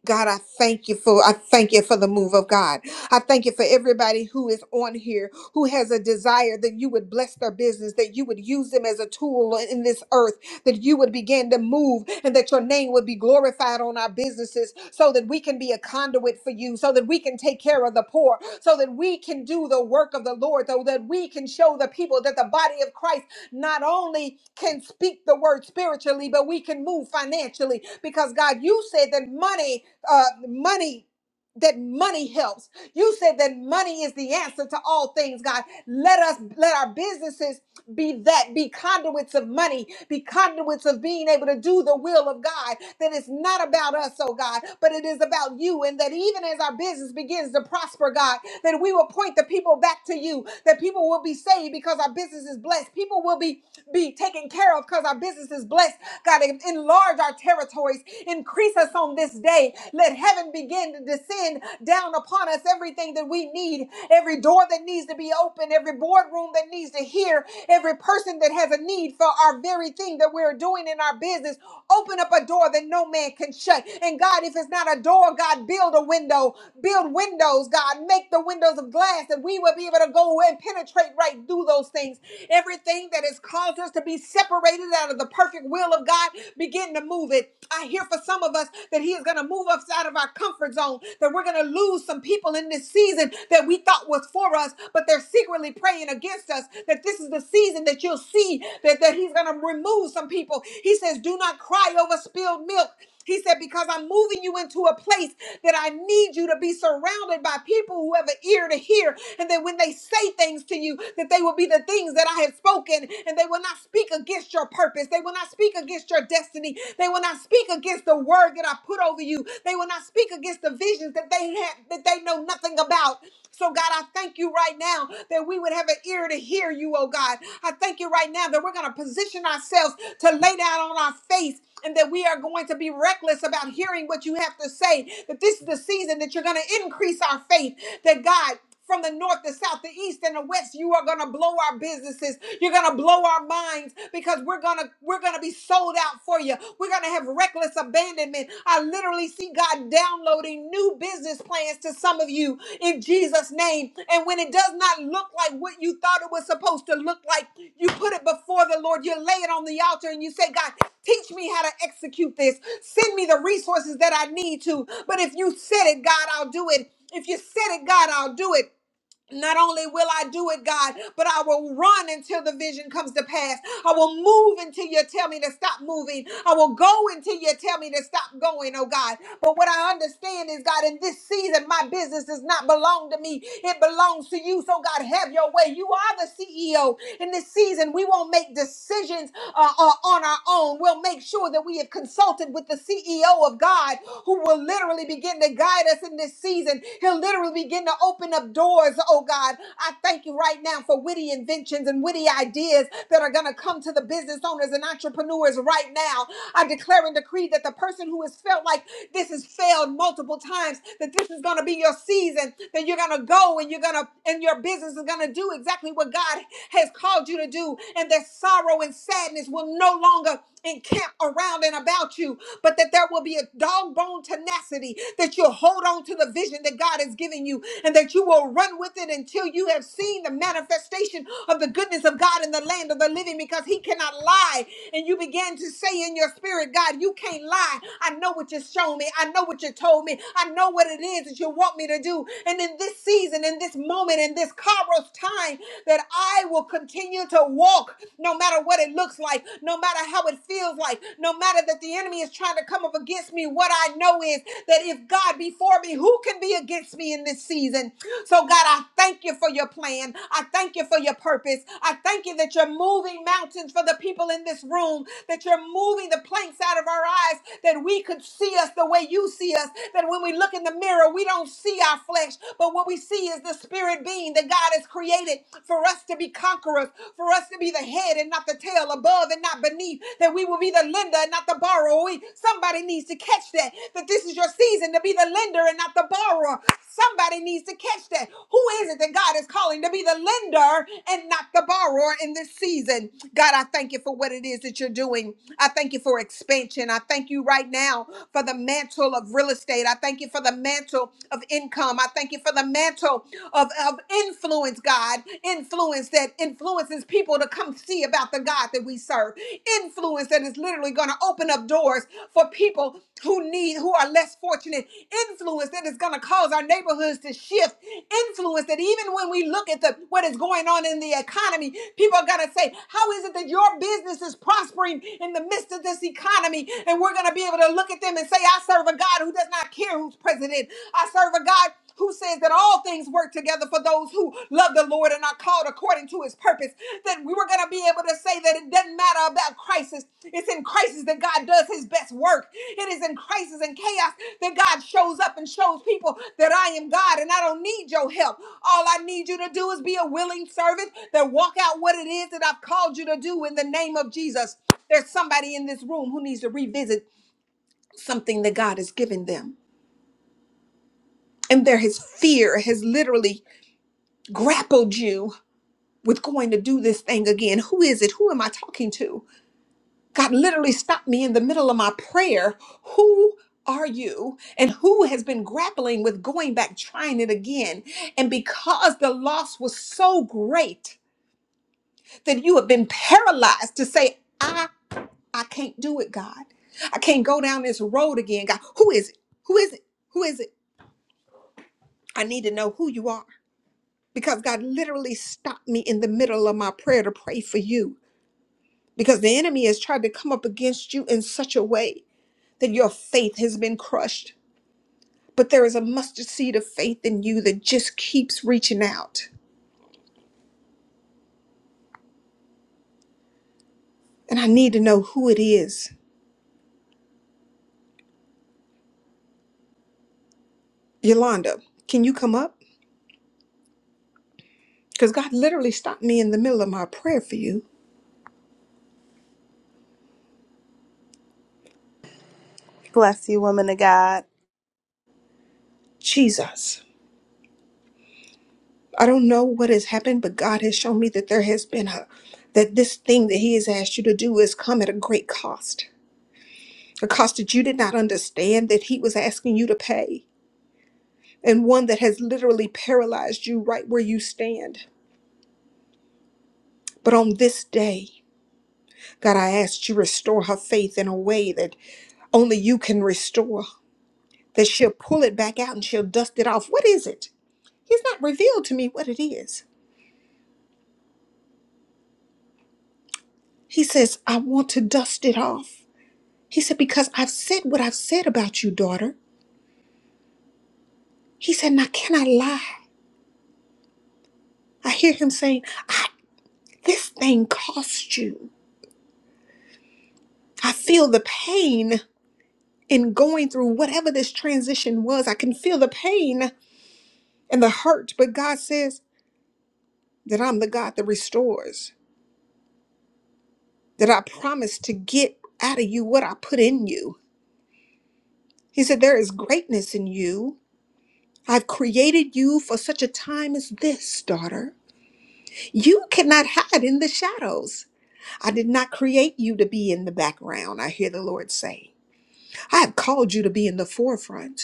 God, I thank you for I thank you for the move of God. I thank you for everybody who is on here who has a desire that you would bless their business, that you would use them as a tool in this earth, that you would begin to move and that your name would be glorified on our businesses so that we can be a conduit for you, so that we can take care of the poor, so that we can do the work of the Lord, so that we can show the people that the body of Christ not only can speak the word spiritually, but we can move financially because God, you said that money uh, money that money helps you said that money is the answer to all things god let us let our businesses be that be conduits of money be conduits of being able to do the will of god that it's not about us oh god but it is about you and that even as our business begins to prosper god that we will point the people back to you that people will be saved because our business is blessed people will be be taken care of because our business is blessed. God, enlarge our territories, increase us on this day. Let heaven begin to descend down upon us everything that we need, every door that needs to be open, every boardroom that needs to hear, every person that has a need for our very thing that we're doing in our business. Open up a door that no man can shut. And God, if it's not a door, God, build a window build windows, God. Make the windows of glass that we will be able to go and penetrate right through those things. Everything that has caused us to be separated out of the perfect will of God, begin to move it. I hear for some of us that He is going to move us out of our comfort zone, that we're going to lose some people in this season that we thought was for us, but they're secretly praying against us. That this is the season that you'll see that, that He's going to remove some people. He says, Do not cry over spilled milk. He said, Because I'm moving you into a place that I need you to be surrounded by people who have an ear to hear, and that when they say things to you, that they will be the things that I have spoken, and they will not speak against your purpose. They will not speak against your destiny. They will not speak against the word that I put over you. They will not speak against the visions that they have that they know nothing about. So God, I thank you right now now that we would have an ear to hear you, oh God. I thank you right now that we're going to position ourselves to lay down on our face and that we are going to be reckless about hearing what you have to say. That this is the season that you're going to increase our faith, that God, from the north, the south, the east, and the west, you are gonna blow our businesses. You're gonna blow our minds because we're gonna we're gonna be sold out for you. We're we're going to have reckless abandonment. I literally see God downloading new business plans to some of you in Jesus' name. And when it does not look like what you thought it was supposed to look like, you put it before the Lord. You lay it on the altar and you say, God, teach me how to execute this. Send me the resources that I need to. But if you said it, God, I'll do it. If you said it, God, I'll do it. Not only will I do it, God, but I will run until the vision comes to pass. I will move until you tell me to stop moving. I will go until you tell me to stop going, oh God. But what I understand is, God, in this season, my business does not belong to me, it belongs to you. So, God, have your way. You are the CEO. In this season, we won't make decisions uh, uh, on our own. We'll make sure that we have consulted with the CEO of God who will literally begin to guide us in in this season, he'll literally begin to open up doors, oh God. I thank you right now for witty inventions and witty ideas that are going to come to the business owners and entrepreneurs right now. I declare and decree that the person who has felt like this has failed multiple times, that this is going to be your season, that you're going to go and you're going to, and your business is going to do exactly what God has called you to do, and that sorrow and sadness will no longer encamp around and about you, but that there will be a dog bone tenacity that you'll hold on to the vision that God has given you and that you will run with it until you have seen the manifestation of the goodness of God in the land of the living because He cannot lie. And you began to say in your spirit, God, you can't lie. I know what you showed me. I know what you told me. I know what it is that you want me to do. And in this season, in this moment, in this Kairos time, that I will continue to walk walk, no matter what it looks like, no matter how it feels like, no matter that the enemy is trying to come up against me. What I know is that if God be for me, who can be against me in this season? So, God, I thank you for your plan. I thank you for your purpose. I thank you that you're moving mountains for the people in this room, that you're moving the planks out of our eyes, that we could see us the way you see us, that when we look in the mirror, we don't see our flesh, but what we see is the spirit being that God has created created for us to be conquerors, for us to be the head and not the tail, above and not beneath, that we will be the lender and not the borrower. We- Somebody needs to catch that, that this is your season to be the lender and not the borrower. Somebody needs to catch that. Who is it that God is calling to be the lender and not the borrower in this season? God, I thank you for what it is that you're doing. I thank you for expansion. I thank you right now for the mantle of real estate. I thank you for the mantle of income. I thank you for for the mantle of, of influence, God. Influence that influences people to come see about the God that we serve. Influence that is literally going to open up doors for people who need, who are less fortunate. Influence that is going to cause our neighborhoods to shift. Influence that even when we look at the what is going on in the economy, people are going to say, How is it that your business is prospering in the midst of this economy? And we're going to be able to look at them and say, I serve a God who does not care who's president. I serve a God who says that all things work together for those who love the Lord and are called according to his purpose, that we were going to be able to say that it doesn't matter about crisis. It's in crisis that God does his best work. It is in crisis and chaos that God shows up and shows people that I am God and I don't need your help. All I need you to do is be a willing servant that walk out what it is that I've called you to do in the name of Jesus. There's somebody in this room who needs to revisit something that God has given them. And there, his fear has literally grappled you with going to do this thing again. Who is it? Who am I talking to? God literally stopped me in the middle of my prayer. Who are you? And who has been grappling with going back, trying it again? And because the loss was so great that you have been paralyzed to say, I, I can't do it, God. I can't go down this road again, God. Who is it? Who is it? Who is it? I need to know who you are because God literally stopped me in the middle of my prayer to pray for you because the enemy has tried to come up against you in such a way that your faith has been crushed. But there is a mustard seed of faith in you that just keeps reaching out. And I need to know who it is. Yolanda, can you come up? Because God literally stopped me in the middle of my prayer for you.
Bless you, woman of God.
Jesus. I don't know what has happened, but God has shown me that there has been a, that this thing that He has asked you to do has come at a great cost. A cost that you did not understand that He was asking you to pay. and one that has literally paralyzed you right where you stand. But on this day, God, I ask you restore her faith in a way that only you can restore, that she'll pull it back out and she'll dust it off. What is it? He's not revealed to me what it is. He says, I want to dust it off. He said, Because I've said what I've said about you, daughter. He said, Now can I lie? I hear him saying, I, This thing cost you. I feel the pain in going through whatever this transition was. I can feel the pain and the hurt, but God says that I'm the God that restores, that I promised to get out of you what I put in you. He said, There is greatness in you. I've created you for such a time as this, daughter. You cannot hide in the shadows. I did not create you to be in the background, I hear the Lord say. I have called you to be in the forefront.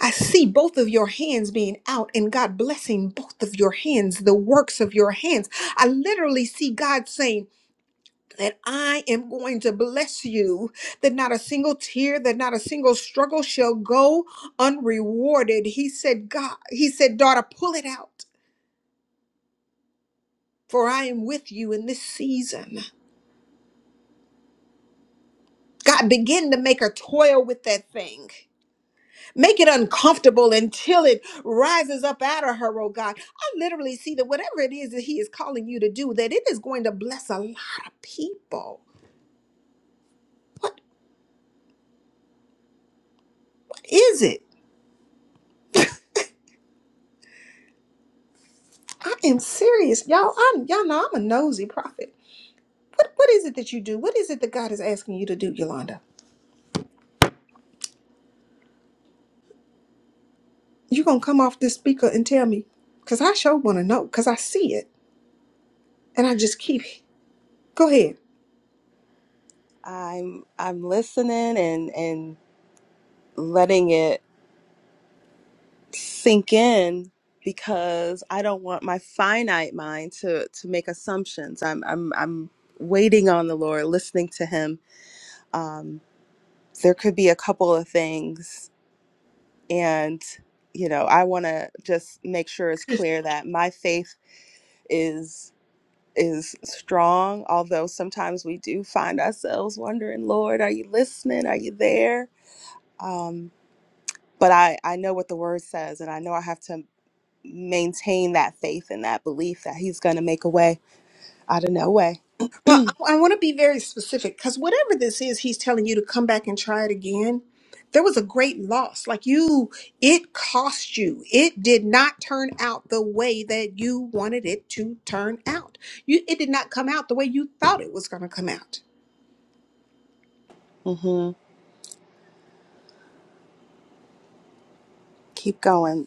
I see both of your hands being out and God blessing both of your hands, the works of your hands. I literally see God saying, that I am going to bless you, that not a single tear, that not a single struggle shall go unrewarded. He said, God, he said, daughter, pull it out, for I am with you in this season. God, begin to make a toil with that thing. Make it uncomfortable until it rises up out of her, oh God. I literally see that whatever it is that He is calling you to do, that it is going to bless a lot of people. What, what is it? I am serious, y'all. I'm y'all know I'm a nosy prophet. What what is it that you do? What is it that God is asking you to do, Yolanda? You gonna come off this speaker and tell me? Cause I sure wanna know, cause I see it. And I just keep go ahead.
I'm I'm listening and and letting it sink in because I don't want my finite mind to to make assumptions. I'm I'm I'm waiting on the Lord, listening to Him. Um, there could be a couple of things, and you know I want to just make sure it's clear that my faith. is strong, although sometimes we do find ourselves wondering, Lord, are you listening? Are you there? Um, but I, I know what the word says, and I know I have to maintain that faith and that belief that He's going to make a way out of no way.
Well, I, I want to be very specific because whatever this is, he's telling you to come back and try it again. There was a great loss. Like you, it cost you. It did not turn out the way that you wanted it to turn out. You, it did not come out the way you thought it was going to come out.
hmm Keep going.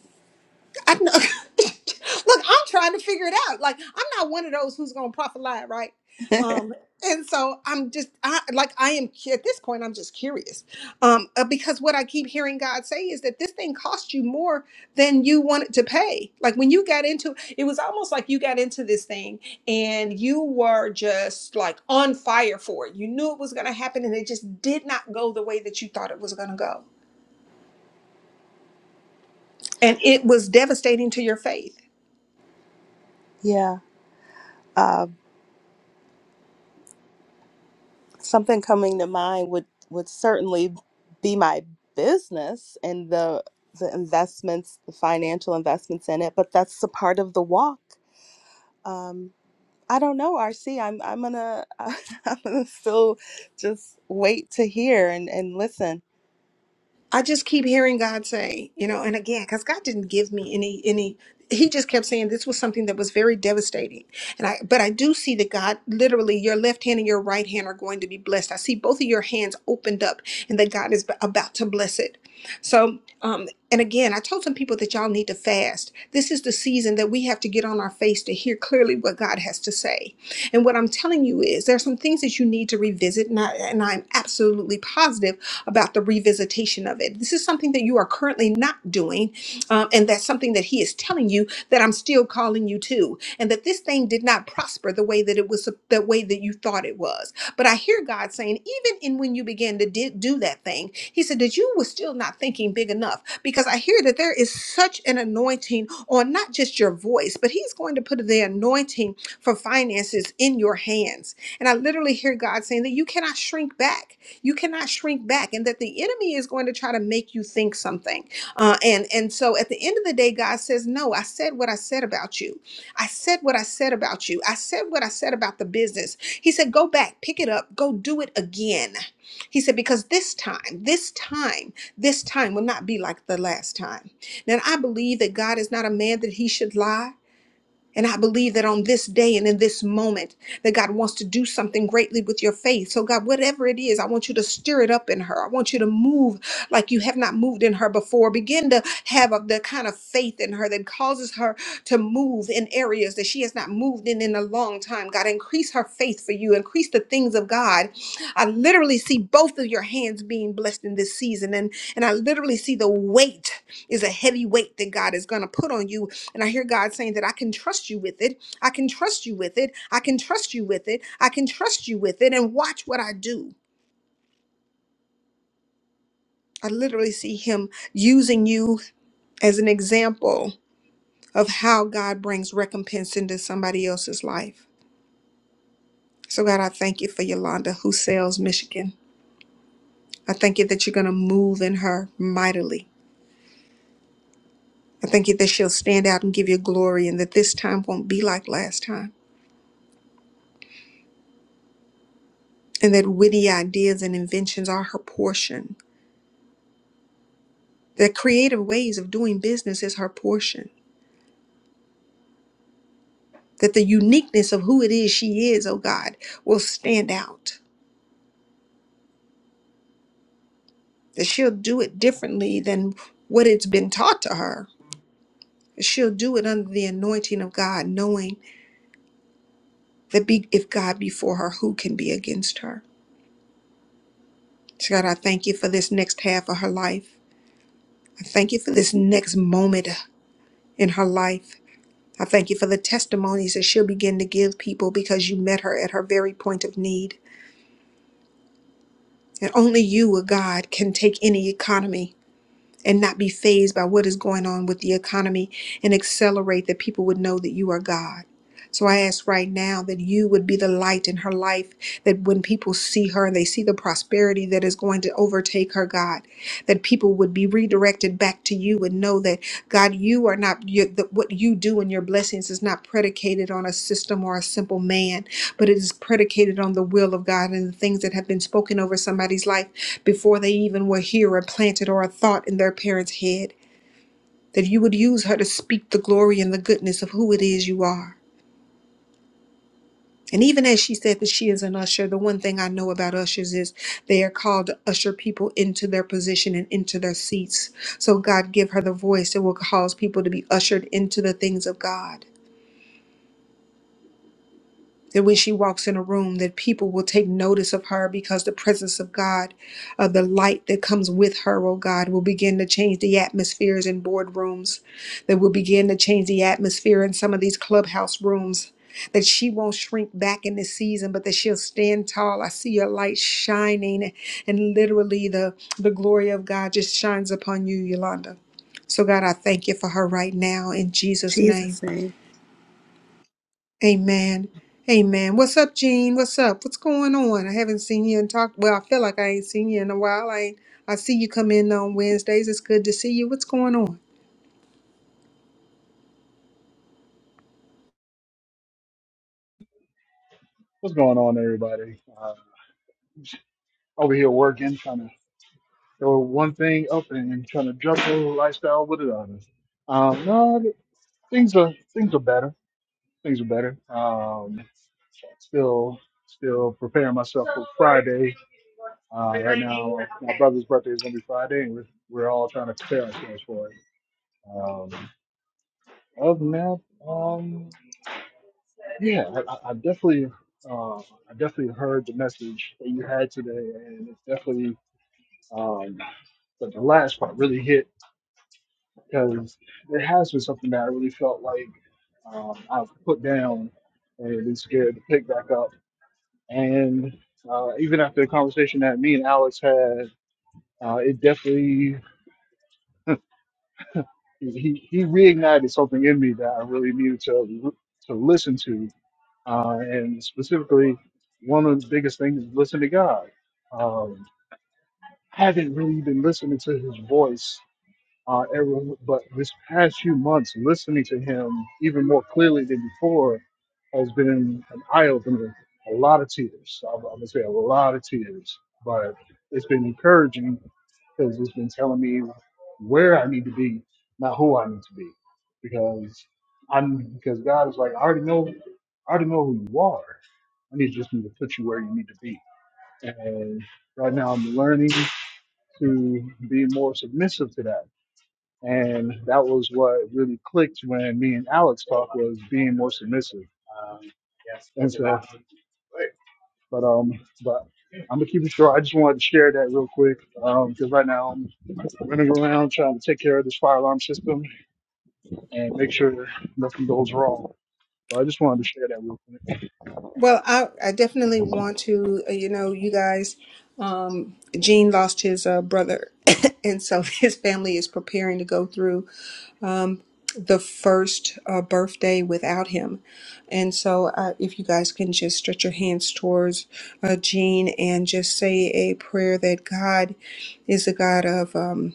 I know. Look, I'm trying to figure it out. Like, I'm not one of those who's gonna profit lie, right? Um, and so I'm just, I like, I am cu- at this point, I'm just curious, um, uh, because what I keep hearing God say is that this thing cost you more than you wanted to pay. Like when you got into, it was almost like you got into this thing and you were just like on fire for it. You knew it was gonna happen, and it just did not go the way that you thought it was gonna go, and it was devastating to your faith
Yeah. Uh, something coming to mind would, would certainly be my business and the, the investments, the financial investments in it, but that's a part of the walk. Um, I don't know, RC. I'm I'm gonna I'm gonna still just wait to hear and and listen.
I just keep hearing God say, you know, and again, because God didn't give me any any he just kept saying this was something that was very devastating. And I but I do see that God literally your left hand and your right hand are going to be blessed. I see both of your hands opened up and that God is about to bless it. So um and again, I told some people that y'all need to fast. This is the season that we have to get on our face to hear clearly what God has to say. And what I'm telling you is there are some things that you need to revisit, and, I, and I'm absolutely positive about the revisitation of it. This is something that you are currently not doing, um, and that's something that He is telling you that I'm still calling you to, and that this thing did not prosper the way that it was the way that you thought it was. But I hear God saying, even in when you began to did, do that thing, He said that you were still not thinking big enough because I hear that there is such an anointing on not just your voice, but He's going to put the anointing for finances in your hands. And I literally hear God saying that you cannot shrink back you cannot shrink back and that the enemy is going to try to make you think something uh, and and so at the end of the day god says no i said what i said about you i said what i said about you i said what i said about the business he said go back pick it up go do it again he said because this time this time this time will not be like the last time now i believe that god is not a man that he should lie and I believe that on this day and in this moment, that God wants to do something greatly with your faith. So, God, whatever it is, I want you to stir it up in her. I want you to move like you have not moved in her before. Begin to have a, the kind of faith in her that causes her to move in areas that she has not moved in in a long time. God, increase her faith for you, increase the things of God. I literally see both of your hands being blessed in this season. And, and I literally see the weight is a heavy weight that God is going to put on you and I hear God saying that I can trust you with it. I can trust you with it. I can trust you with it. I can trust you with it. And watch what I do. I literally see Him using you as an example of how God brings recompense into somebody else's life. So, God, I thank you for Yolanda, who sells Michigan. I thank you that you're going to move in her mightily. I thank you that she'll stand out and give you glory, and that this time won't be like last time, and that witty ideas and inventions are her portion The creative ways of doing business is her portion. That the uniqueness of who it is she is, oh God, will stand out. That she'll do it differently than what it's been taught to her. She'll do it under the anointing of God, knowing that be, if God be for her, who can be against her? So God, I thank you for this next half of her life. I thank you for this next moment in her life. I thank you for the testimonies that she'll begin to give people because you met her at her very point of need. And only you, a God, can take any economy and not be phased by what is going on with the economy and accelerate that people would know that you are God. So I ask right now that you would be the light in her life, that when people see her and they see the prosperity that is going to overtake her, God, that people would be redirected back to you and know that, God, you are not, you, that what you do and your blessings is not predicated on a system or a simple man, but it is predicated on the will of God and the things that have been spoken over somebody's life before they even were here or planted or a thought in their parents' head, that you would use her to speak the glory and the goodness of who it is you are. And even as she said that she is an usher, the one thing I know about ushers is they are called to usher people into their position and into their seats. So, God, give her the voice that will cause people to be ushered into the things of God. that when she walks in a room that people will take notice of her because the presence of god of the light that comes with her oh god will begin to change the atmospheres in boardrooms that will begin to change the atmosphere in some of these clubhouse rooms that she won't shrink back in this season but that she'll stand tall i see your light shining and literally the the glory of god just shines upon you yolanda so god i thank you for her right now in jesus name
Jesus name.
Amen. Amen. What's up, Gene? What's up? What's going on? I haven't seen you and talked. Well, I feel like I ain't seen you in a while. I ain't, I see you come in on Wednesdays. It's good to see you. What's going on?
What's going on, everybody? Uh, over here working, trying to throw one thing up and, and trying to juggle lifestyle with another. Um, no, th- things are things are better. Things are better. Um, still, still preparing myself for Friday. Uh, right now, my brother's birthday is gonna be Friday, and we're, we're all trying to prepare ourselves for it. Um, other than that, um, yeah, I, I I definitely, uh, I definitely heard the message that you had today, and it's definitely. Um, But the last part really hit because it has been something that I really felt like um, I've put down and been scared to pick back up. And uh, even after the conversation that me and Alex had, uh, it definitely he, he reignited something in me that I really needed to to listen to. Uh, and specifically, one of the biggest things is listen to God. Um, I haven't really been listening to His voice Uh, everyone, but this past few months, listening to him even more clearly than before has been an eye opener. A lot of tears. I'm going to say a lot of tears, but it's been encouraging because it's been telling me where I need to be, not who I need to be. Because I'm because God is like, I already know, I already know who you are. I need just need to put you where you need to be. And right now, I'm learning to be more submissive to that and that was what really clicked when me and Alex talked was being more submissive. And so, but um, but I'm gonna keep it short. I just wanted to share that real quick because right now I'm running around trying to take care of this fire alarm system and make sure nothing goes wrong. But I just wanted to share that real quick.
Well, I, I definitely want to, uh, you know, you guys, um, Gene lost his uh, brother, and so his family is preparing to go through. um, the first uh, birthday without him. And so, uh, if you guys can just stretch your hands towards uh, Jean and just say a prayer that God is a God of. Um,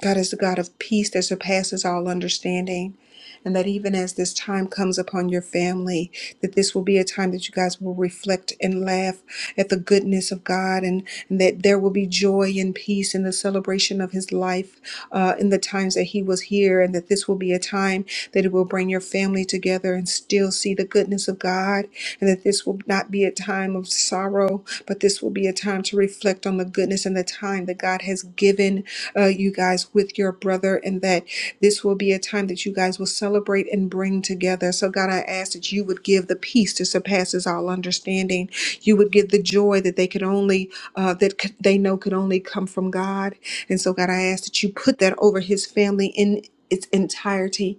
God is the God of peace that surpasses all understanding. And that even as this time comes upon your family, that this will be a time that you guys will reflect and laugh at the goodness of God, and, and that there will be joy and peace in the celebration of His life uh, in the times that He was here, and that this will be a time that it will bring your family together and still see the goodness of God, and that this will not be a time of sorrow, but this will be a time to reflect on the goodness and the time that God has given uh, you guys, with your brother, and that this will be a time that you guys will celebrate and bring together. So, God, I ask that you would give the peace that surpasses all understanding. You would give the joy that they could only, uh, that could, they know could only come from God. And so, God, I ask that you put that over his family in its entirety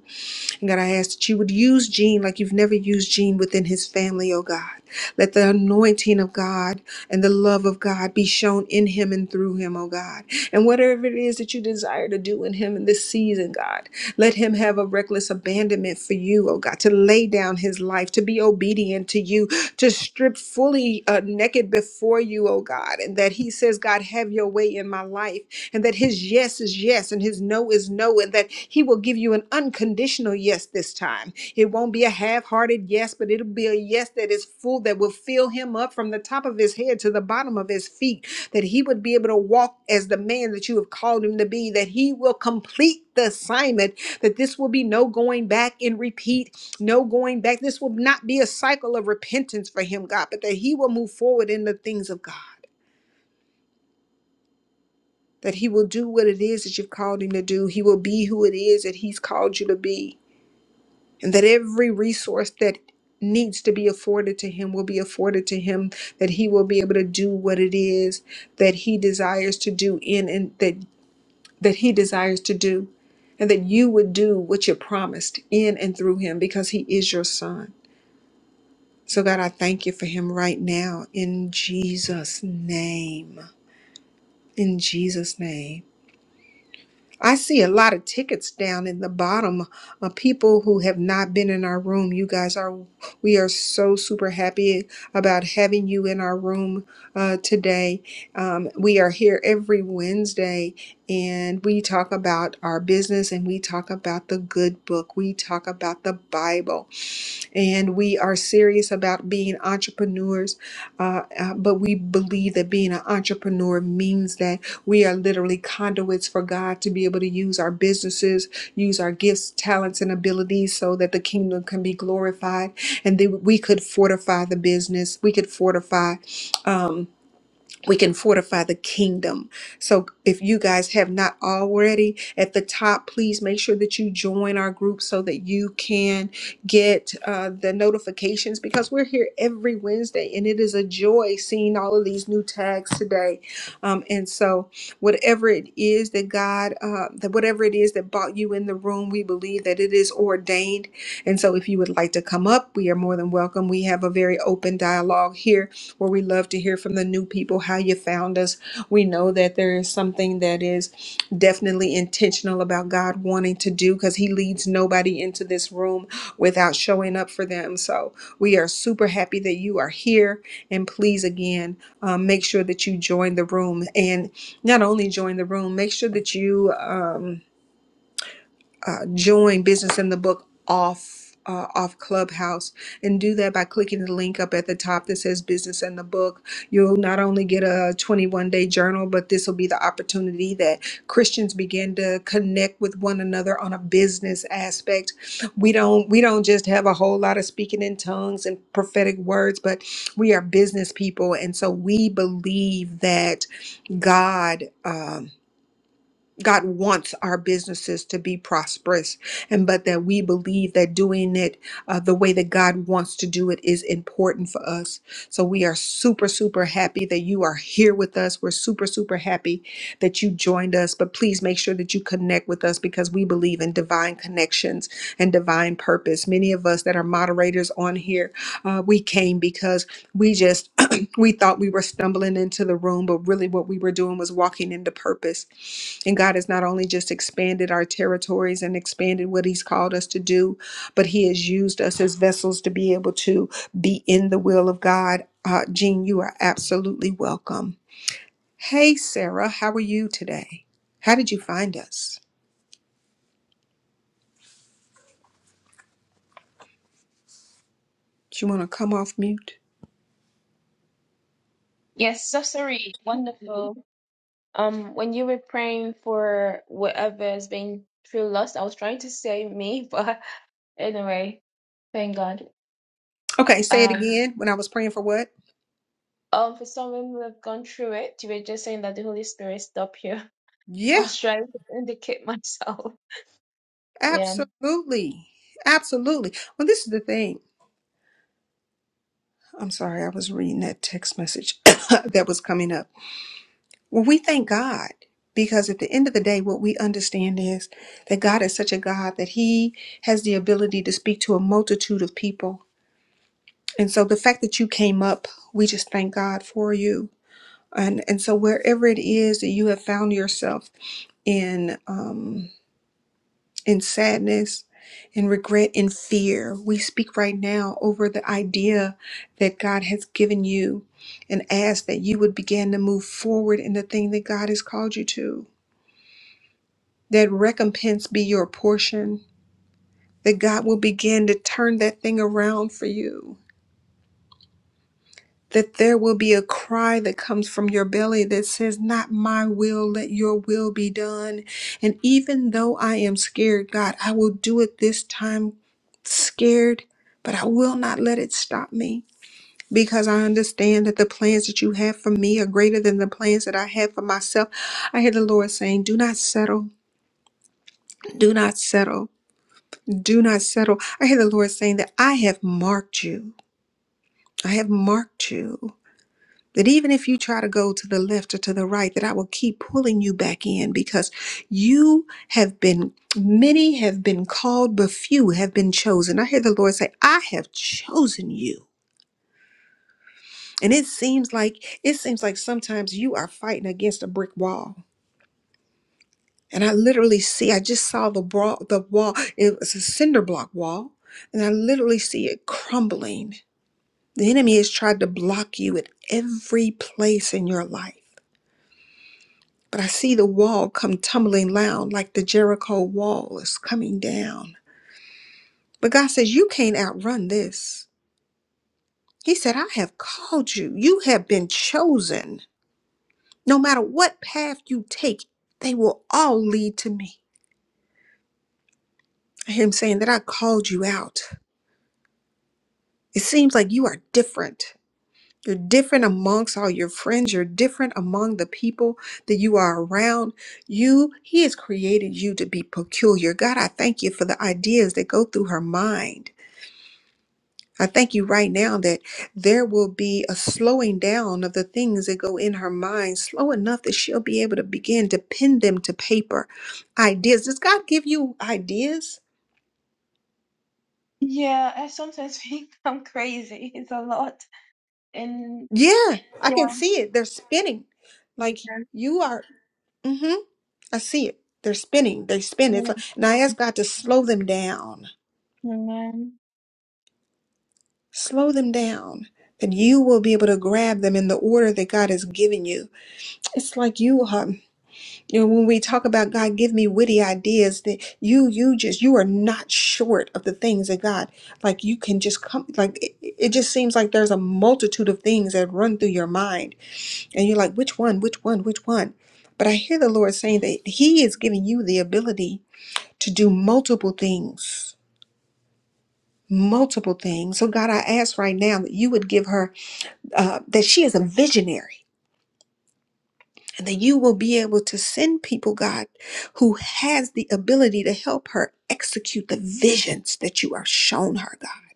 and God, I ask that you would use Gene like you've never used Gene within his family, oh God. Let the anointing of God and the love of God be shown in him and through him, oh God. And whatever it is that you desire to do in him in this season, God, let him have a reckless abandonment for you, oh God, to lay down his life, to be obedient to you, to strip fully uh, naked before you, oh God. And that he says, God, have your way in my life and and that his yes is yes and his no is no, and that he will give you an unconditional yes this time. It won't be a half hearted yes, but it'll be a yes that is full, that will fill him up from the top of his head to the bottom of his feet, that he would be able to walk as the man that you have called him to be, that he will complete the assignment, that this will be no going back and repeat no going back. This will not be a cycle of repentance for him, God, but that he will move forward in the things of God that he will do what it is that you've called him to do. He will be who it is that he's called you to be. And that every resource that needs to be afforded to him will be afforded to him, that he will be able to do what it is that he desires to do in and that that he desires to do. And that you would do what you promised in and through him because he is your son. So God, I thank you for him right now in Jesus' name. In Jesus' name. I see a lot of tickets down in the bottom of people who have not been in our room. You guys are, we are so super happy about having you in our room uh, today. Um, we are here every Wednesday and we talk about our business and we talk about the good book. We talk about the Bible and we are serious about being entrepreneurs. Uh, uh, but we believe that being an entrepreneur means that we are literally conduits for God to be able to use our businesses, use our gifts, talents, and abilities so that the kingdom can be glorified, and then we could fortify the business. We could fortify. Um, we can fortify the kingdom. So if you guys have not already at the top, please make sure that you join our group so that you can get uh, the notifications because we're here every Wednesday and it is a joy seeing all of these new tags today. Um, and so whatever it is that God, uh, that whatever it is that brought you in the room, we believe that it is ordained. And so if you would like to come up, we are more than welcome. We have a very open dialogue here where we love to hear from the new people how you found us. We know that there is something that is definitely intentional about God wanting to do because He leads nobody into this room without showing up for them. So we are super happy that you are here. And please, again, um, make sure that you join the room and not only join the room, make sure that you. Um, uh, join Business in the Book off uh, off Clubhouse and do that by clicking the link up at the top that says Business in the Book. You'll not only get a 21 day journal, but this will be the opportunity that Christians begin to connect with one another on a business aspect. We don't we don't just have a whole lot of speaking in tongues and prophetic words, but we are business people, and so we believe that God. Um, God wants our businesses to be prosperous, and but that we believe that doing it uh, the way that God wants to do it is important for us. So we are super, super happy that you are here with us. We're super, super happy that you joined us. But please make sure that you connect with us because we believe in divine connections and divine purpose. Many of us that are moderators on here, uh, we came because we just we thought we were stumbling into the room, but really what we were doing was walking into purpose. And God has not only just expanded our territories and expanded what He's called us to do, but He has used us as vessels to be able to be in the will of God. Uh, Jean, you are absolutely welcome. Hey, Sarah, how are you today? How did you find us? Do you want to come off mute?
Yes, sorcery, wonderful. Um, when you were praying for whatever is being through lost, I was trying to say me, but anyway, thank God.
Okay, say it
Um,
again when I was praying for what?
um, for someone who have gone through it, you were just saying that the Holy Spirit stopped you. I
Yeah,
was trying to indicate myself. Yeah.
absolutely. Absolutely. Well, this is the thing. I'm sorry, I was reading that text message that was coming up. Well, we thank God because at the end of the day, what we understand is that God is such a God that He has the ability to speak to a multitude of people. And so the fact that you came up, we just thank God for you. And, and so wherever it is that you have found yourself in, um, in sadness, in regret, in fear. We speak right now over the idea that God has given you and ask that you would begin to move forward in the thing that God has called you to. That recompense be your portion, that God will begin to turn that thing around for you. that there will be a cry that comes from your belly that says, Not my will, let your will be done. And even though I am scared, God, I will do it this time scared, but I will not let it stop me. Because I understand that the plans that you have for me are greater than the plans that I have for myself. I hear the Lord saying, Do not settle, do not settle, do not settle. I hear the Lord saying that I have marked you. I have marked you. That even if you try to go to the left or to the right, that I will keep pulling you back in because you have been, many have been called, but few have been chosen. I hear the Lord say, I have chosen you. And it seems like, it seems like sometimes you are fighting against a brick wall. And I literally see, I just saw the wall, the wall, it was a cinder block wall. And I literally see it crumbling. The enemy has tried to block you in every place in your life. But I see the wall come tumbling down like the Jericho wall is coming down. But God says, You can't outrun this. He said, I have called you. You have been chosen. No matter what path you take, they will all lead to me. I hear him saying that I called you out. It seems like you are different. You're different amongst all your friends. You're different among the people that you are around. You, He has created you to be peculiar. God, I thank you for the ideas that go through her mind. I thank you right now that there will be a slowing down of the things that go in her mind, slow enough that she'll be able to begin to pin them to paper. Ideas. Does God give you ideas?
Yeah, I sometimes think I'm crazy. It's a lot. And
Yeah, I
yeah,
can see it. They're spinning. Like
amen.
you are. mm-hmm. I see it. They're spinning. They spin. It's like, and I ask God to slow them down.
Amen.
Slow them down. That you will be able to grab them in the order that God has given you. It's like you, um, you know, when we talk about God, give me witty ideas. That you, you just, you are not short of the things that God. Like you can just come. Like it, it just seems like there's a multitude of things that run through your mind, and you're like, which one, which one, which one. But I hear the Lord saying that He is giving you the ability to do multiple things multiple things. So, God, I ask right now that you would give her, uh, that she is a visionary. And that you will be able to send people, God, who has the ability to help her execute the visions that you are shown her, God.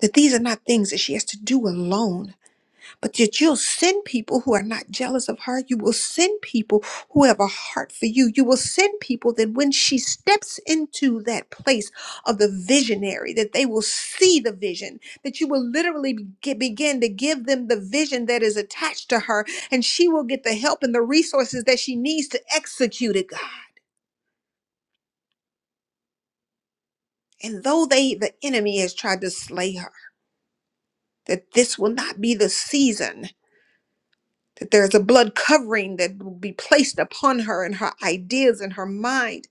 That these are not things that she has to do alone, but that you'll send people who are not jealous of her. You will send people who have a heart for you. You will send people that when she steps into that place of the visionary, that they will see the vision, that you will literally be- begin to give them the vision that is attached to her, and she will get the help and the resources that she needs to execute it, God. And though they, the enemy has tried to slay her, that this will not be the season that there's a blood covering that will be placed upon her and her ideas and her mind.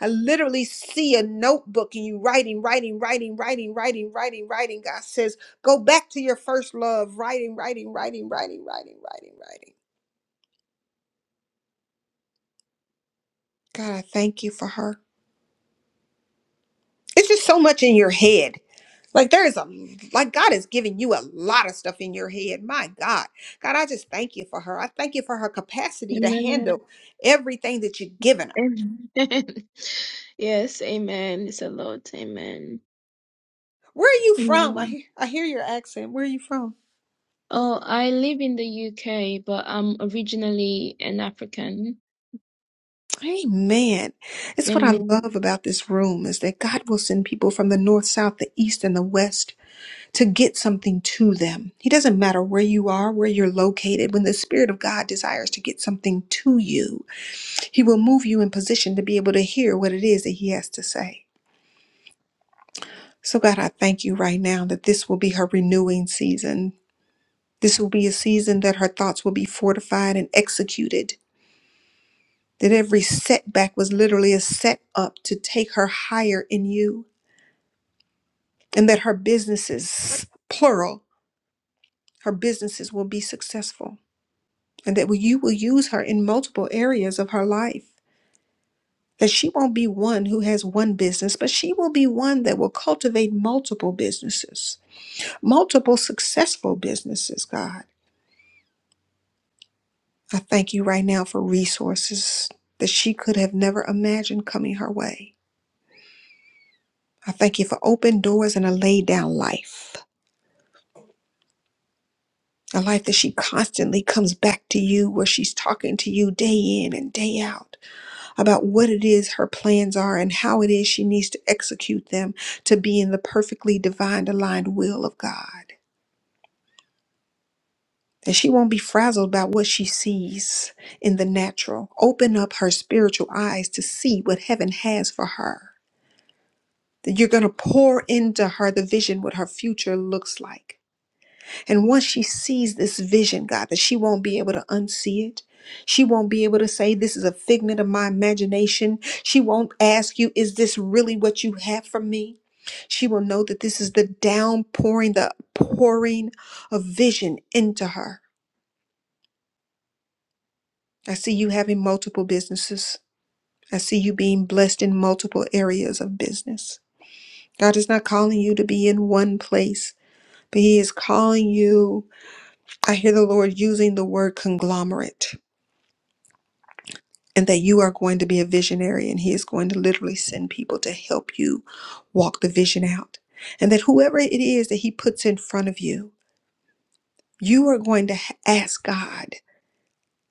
I literally see a notebook and you writing, writing, writing, writing, writing, writing, writing. God says, go back to your first love, writing, writing, writing, writing, writing, writing, writing. God, I thank you for her. It's just so much in your head. Like there is a like God is giving you a lot of stuff in your head. My God. God, I just thank you for her. I thank you for her capacity to
Amen.
handle everything that you've given her.
Amen. Yes, amen. It's a lot. Amen.
Where are you from? I
Amen.
hear, I hear your accent. Where are you from?
Oh, I live in the UK, but I'm originally an African.
Amen. It's what I love
Amen.
about this room is that God will send people from the north, south, the east, and the west to get something to them. He doesn't matter where you are, where you're located. When the Spirit of God desires to get something to you, He will move you in position to be able to hear what it is that He has to say. So, God, I thank you right now that this will be her renewing season. This will be a season that her thoughts will be fortified and executed that every setback was literally a set up to take her higher in you, and that her businesses, plural, her businesses will be successful, and that you will use her in multiple areas of her life. That she won't be one who has one business, but she will be one that will cultivate multiple businesses, multiple successful businesses, God. I thank you right now for resources that she could have never imagined coming her way. I thank you for open doors and a laid down life. A life that she constantly comes back to you, where she's talking to you day in and day out about what it is her plans are and how it is she needs to execute them to be in the perfectly divine, aligned will of God. And she won't be frazzled by what she sees in the natural. Open up her spiritual eyes to see what heaven has for her. That you're going to pour into her the vision, what her future looks like And once she sees this vision, God, that she won't be able to unsee it. She won't be able to say, This is a figment of my imagination. She won't ask you, Is this really what you have for me? She will know that this is the downpouring, the pouring of vision into her. I see you having multiple businesses. I see you being blessed in multiple areas of business. God is not calling you to be in one place, but He is calling you. I hear the Lord using the word conglomerate and that you are going to be a visionary and he is going to literally send people to help you walk the vision out and that whoever it is that he puts in front of you you are going to h- ask god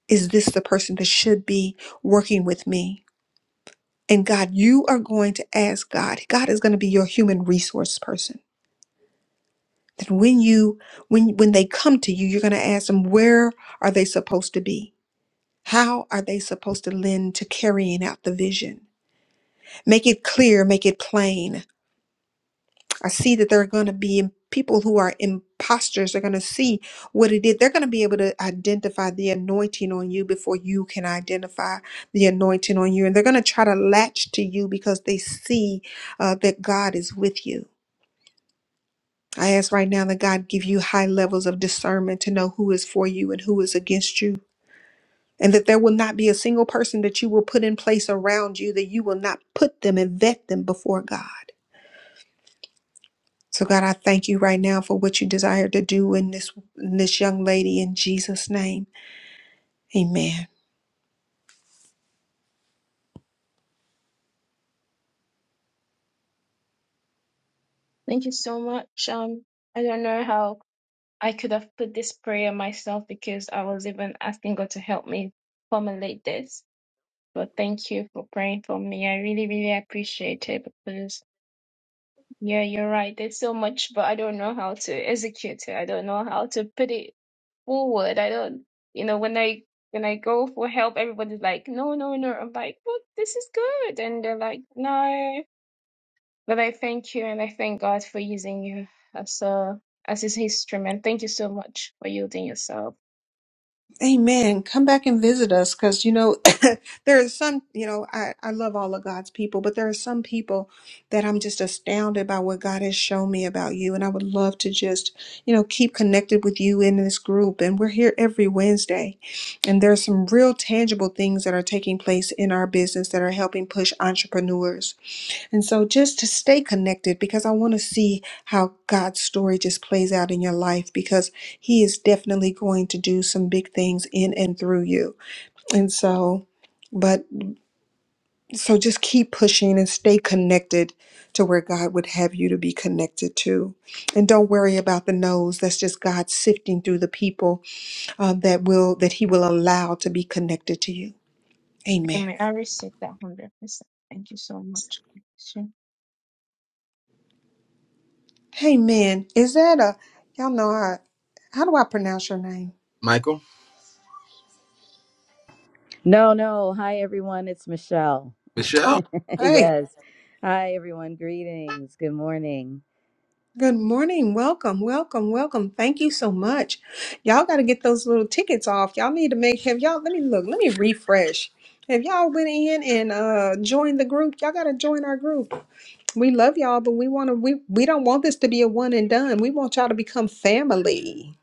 is this the person that should be working with me and god you are going to ask god god is going to be your human resource person that when you when when they come to you you're going to ask them where are they supposed to be how are they supposed to lend to carrying out the vision make it clear make it plain I see that there are going to be people who are imposters. They're going to see what it is. They're going to be able to identify the anointing on you before you can identify the anointing on you. And they're going to try to latch to you because they see uh, that God is with you. I ask right now that God give you high levels of discernment to know who is for you and who is against you. And that there will not be a single person that you will put in place around you, that you will not put them and vet them before God So God, I thank you right now for what you desire to do in this in this young lady in Jesus' name. Amen.
Thank you so much. Um, I don't know how I could have put this prayer myself because I was even asking God to help me formulate this. But thank you for praying for me. I really, really appreciate it because Yeah, you're right. There's so much, but I don't know how to execute it. I don't know how to put it forward. I don't, you know, when I when I go for help, everybody's like, no, no, no. I'm like, but this is good, and they're like, no. But I thank you, and I thank God for using you as a as His instrument. Thank you so much for yielding yourself.
Amen. Come back and visit us because, you know, there are some, you know, I, I love all of God's people, but there are some people that I'm just astounded by what God has shown me about you. And I would love to just, you know, keep connected with you in this group. And we're here every Wednesday. And there are some real tangible things that are taking place in our business that are helping push entrepreneurs. And so just to stay connected because I want to see how God's story just plays out in your life because He is definitely going to do some big things in and through you. And so, but so just keep pushing and stay connected to where God would have you to be connected to. And don't worry about the no's. That's just God sifting through the people uh, that will, that He will allow to be connected to you. Amen.
Amen. I receive that hundred percent. Thank you so much. God bless you.
Amen. Is that a, y'all know, I, how do I pronounce your name?
Michael,
No, no. Hi, everyone. It's Michelle.
Michelle.
Oh, hey.
yes. Hi, everyone. Greetings. Good morning.
Good morning. Welcome, welcome, welcome. Thank you so much. Y'all got to get those little tickets off. Y'all need to make, have y'all, let me look, let me refresh. Have y'all went in and uh joined the group? Y'all got to join our group. We love y'all, but we want to, we, we don't want this to be a one and done. We want y'all to become family.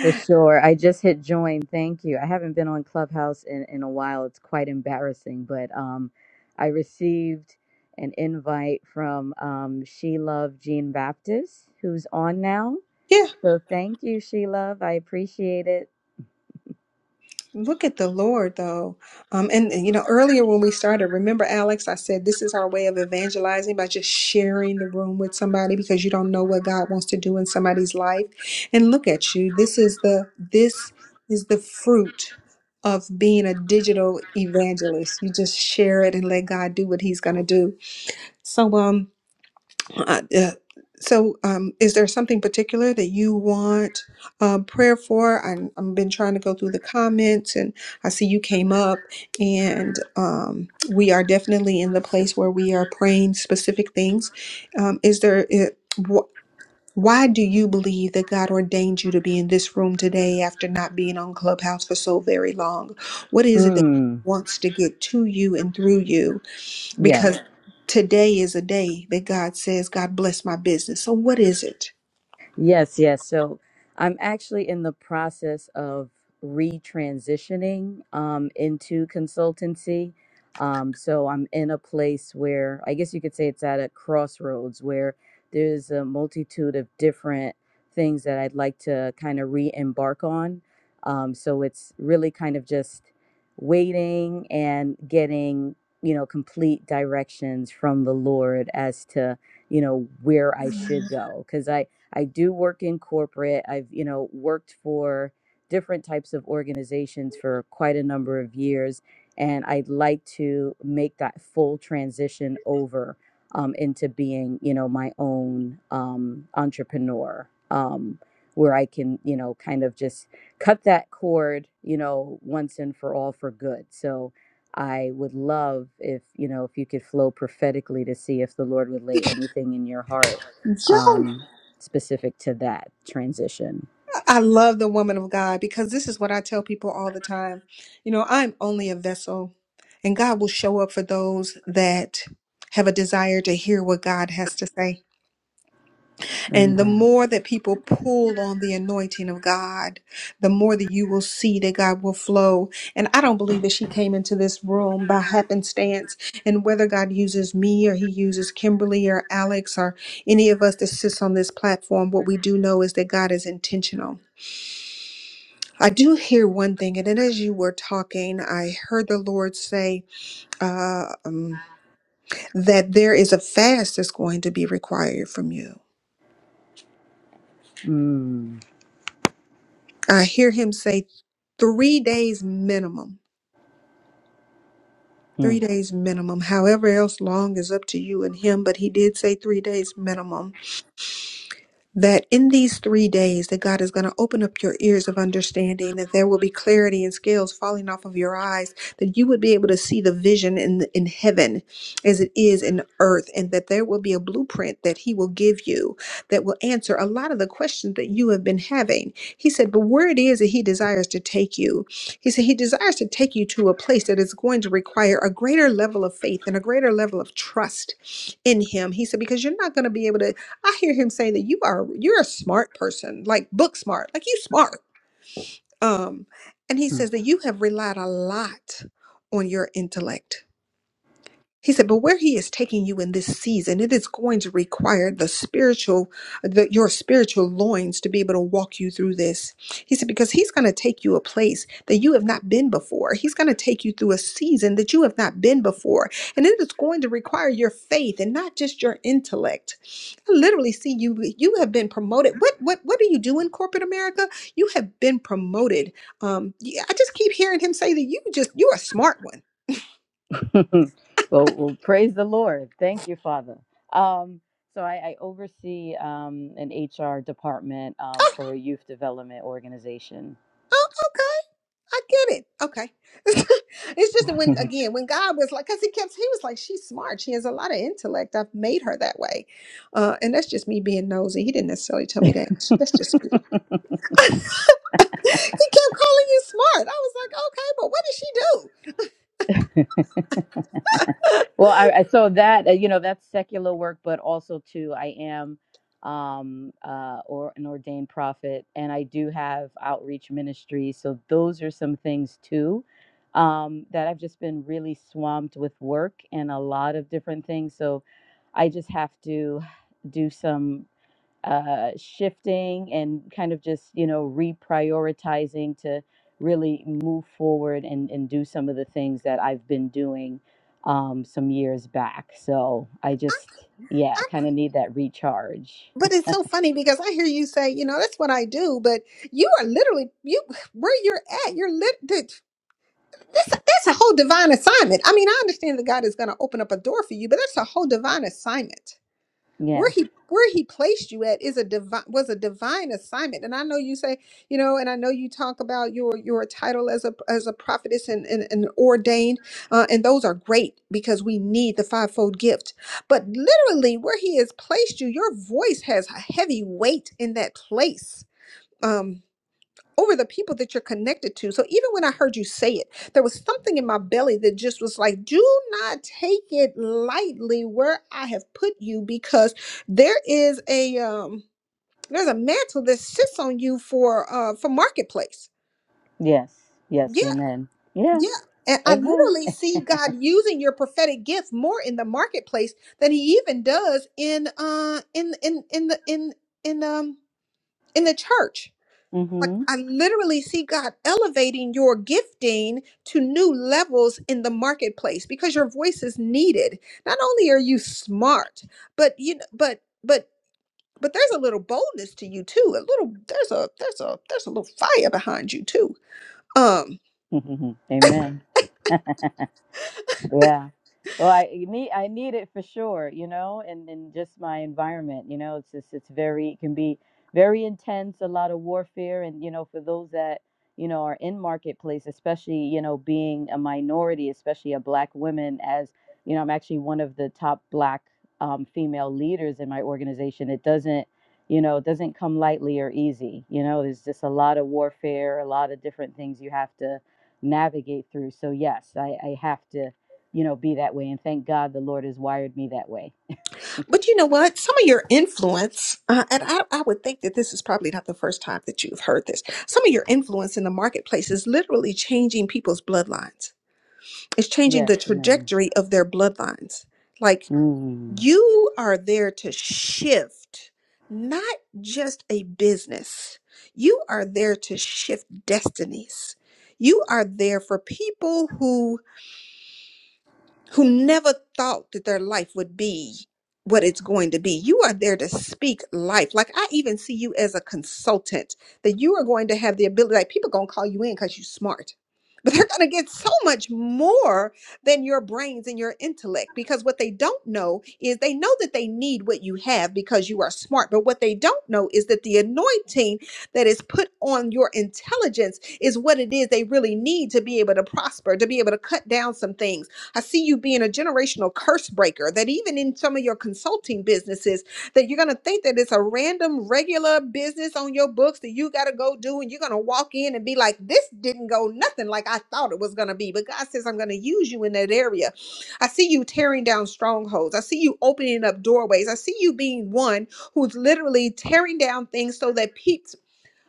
For sure. I just hit join. Thank you. I haven't been on Clubhouse in, in a while. It's quite embarrassing, but um, I received an invite from um, She Love Jean Baptist, who's on now.
Yeah.
So thank you, She Love. I appreciate it.
Look at the Lord, though. Um, and, and, you know, earlier when we started, remember, Alex, I said this is our way of evangelizing by just sharing the room with somebody because you don't know what God wants to do in somebody's life. And look at you. This is the this is the fruit of being a digital evangelist. You just share it and let God do what He's going to do. So, um. Uh, uh, so, um, is there something particular that you want um, prayer for? I'm, I've been trying to go through the comments, and I see you came up, and um, we are definitely in the place where we are praying specific things. Um, is there? It, wh- why do you believe that God ordained you to be in this room today after not being on Clubhouse for so very long? What is it that
Mm.
wants to get to you and through you? because today is a day that God says, God bless my business. So what is it?
Yes, yes. So I'm actually in the process of retransitioning um, into consultancy. Um, so I'm in a place where I guess you could say it's at a crossroads where there's a multitude of different things that I'd like to kind of re embark on. Um, so it's really kind of just waiting and getting, you know, complete directions from the Lord as to, you know, where I should go. Because I, I do work in corporate. I've, you know, worked for different types of organizations for quite a number of years. And I'd like to make that full transition over um, into being, you know, my own um, entrepreneur, um, where I can, you know, kind of just cut that cord, you know, once and for all for good. So I would love if, you know, if you could flow prophetically to see if the Lord would lay anything in your heart
Yo,
um, specific to that transition.
I love the woman of God because this is what I tell people all the time. You know, I'm only a vessel and God will show up for those that have a desire to hear what God has to say. And the
Amen.
more that people pull on the anointing of God, the more that you will see that God will flow. And I don't believe that she came into this room by happenstance. And whether God uses me or he uses Kimberly or Alex or any of us that sits on this platform, what we do know is that God is intentional. I do hear one thing, and then as you were talking, I heard the Lord say uh, um, that there is a fast that's going to be required from you
Mm.
I hear him say three days minimum. Three
Mm.
days minimum. However else long is up to you and him, but he did say three days minimum. that in these three days that god is going to open up your ears of understanding that there will be clarity and scales falling off of your eyes that you would be able to see the vision in in heaven as it is in earth and that there will be a blueprint that he will give you that will answer a lot of the questions that you have been having he said but where it is that he desires to take you he said he desires to take you to a place that is going to require a greater level of faith and a greater level of trust in him he said because you're not going to be able to I hear him say that you are you're a smart person, like book smart, like you smart. Um, and he
Mm.
says that you have relied a lot on your intellect he said, but where he is taking you in this season, it is going to require the spiritual, the, your spiritual loins to be able to walk you through this. He said, because he's going to take you a place that you have not been before. He's going to take you through a season that you have not been before. And it is going to require your faith and not just your intellect. I literally see you, you have been promoted. What, what, what do you do in corporate America? You have been promoted. Um, yeah, I just keep hearing him say that you just, you're a smart one.
well, well, praise the Lord. Thank you, Father. Um, so I, I oversee um, an HR department um, for a youth development organization.
Oh, okay. I get it. Okay. it's just that when again, when God was like, because he kept he was like, She's smart. She has a lot of intellect. I've made her that way. Uh, and that's just me being nosy. He didn't necessarily tell me that. That's just me. he kept calling you smart. I was like, okay, but what did she do?
Well, I, I so that uh, you know that's secular work, but also too, I am um uh or an ordained prophet, and I do have outreach ministry. So those are some things too um, that I've just been really swamped with work and a lot of different things. So I just have to do some uh, shifting and kind of just you know reprioritizing to really move forward and, and do some of the things that I've been doing um, some years back. So I just yeah
I,
kind of need that recharge.
but it's so funny because I hear you say, you know, that's what I do, but you are literally you where you're at. You're lit. Dude, that's that's a whole divine assignment. I mean, I understand that God is going to open up a door for you, but that's a whole divine assignment. where
Yes,
he where he placed you at is a divine was a divine assignment and i know you say you know and i know you talk about your your title as a as a prophetess and and, and ordained uh, and those are great because we need the fivefold gift but literally where he has placed you your voice has a heavy weight in that place Um, over the people that you're connected to. So even when I heard you say it, there was something in my belly that just was like, do not take it lightly where I have put you because there is a um there's a mantle that sits on you for uh for marketplace.
yes, yes.
Yeah,
Amen. Yeah.
yeah. And I
Amen.
literally see God using your prophetic gift more in the marketplace than he even does in uh in in in the in in um in the church Like
Mm-hmm.
I literally see God elevating your gifting to new levels in the marketplace because your voice is needed. Not only are you smart, but you know, but but but there's a little boldness to you too. A little there's a there's a there's a little fire behind you too. Um
amen. Yeah. Well, I need I need it for sure, you know, and and just my environment, you know, it's just it's very it can be very intense, a lot of warfare, and you know, for those that you know are in marketplace, especially you know being a minority, especially a black woman, as you know, I'm actually one of the top black um, female leaders in my organization. It doesn't you know it doesn't come lightly or easy you know there's just a lot of warfare a lot of different things you have to navigate through so yes i, I have to you know, be that way. And thank God the Lord has wired me that way.
But you know what? Some of your influence, uh, and I, I would think that this is probably not the first time that you've heard this. Some of your influence in the marketplace is literally changing people's bloodlines. It's changing
Yes,
the
amen.
trajectory of their bloodlines. Like
Mm.
you are there to shift not just a business, you are there to shift destinies. You are there for people who never thought that their life would be what it's going to be. You are there to speak life. Like I even see you as a consultant that you are going to have the ability like people going to call you in cuz you're smart. But they're going to get so much more than your brains and your intellect because what they don't know is they know that they need what you have because you are smart. But what they don't know is that the anointing that is put on your intelligence is what it is they really need to be able to prosper, to be able to cut down some things I see you being a generational curse breaker, that even in some of your consulting businesses, that you're going to think that it's a random, regular business on your books that you got to go do. And you're going to walk in and be like, this didn't go nothing like I thought it was going to be. But God says, I'm going to use you in that area. I see you tearing down strongholds. I see you opening up doorways. I see you being one who's literally tearing down things so that people.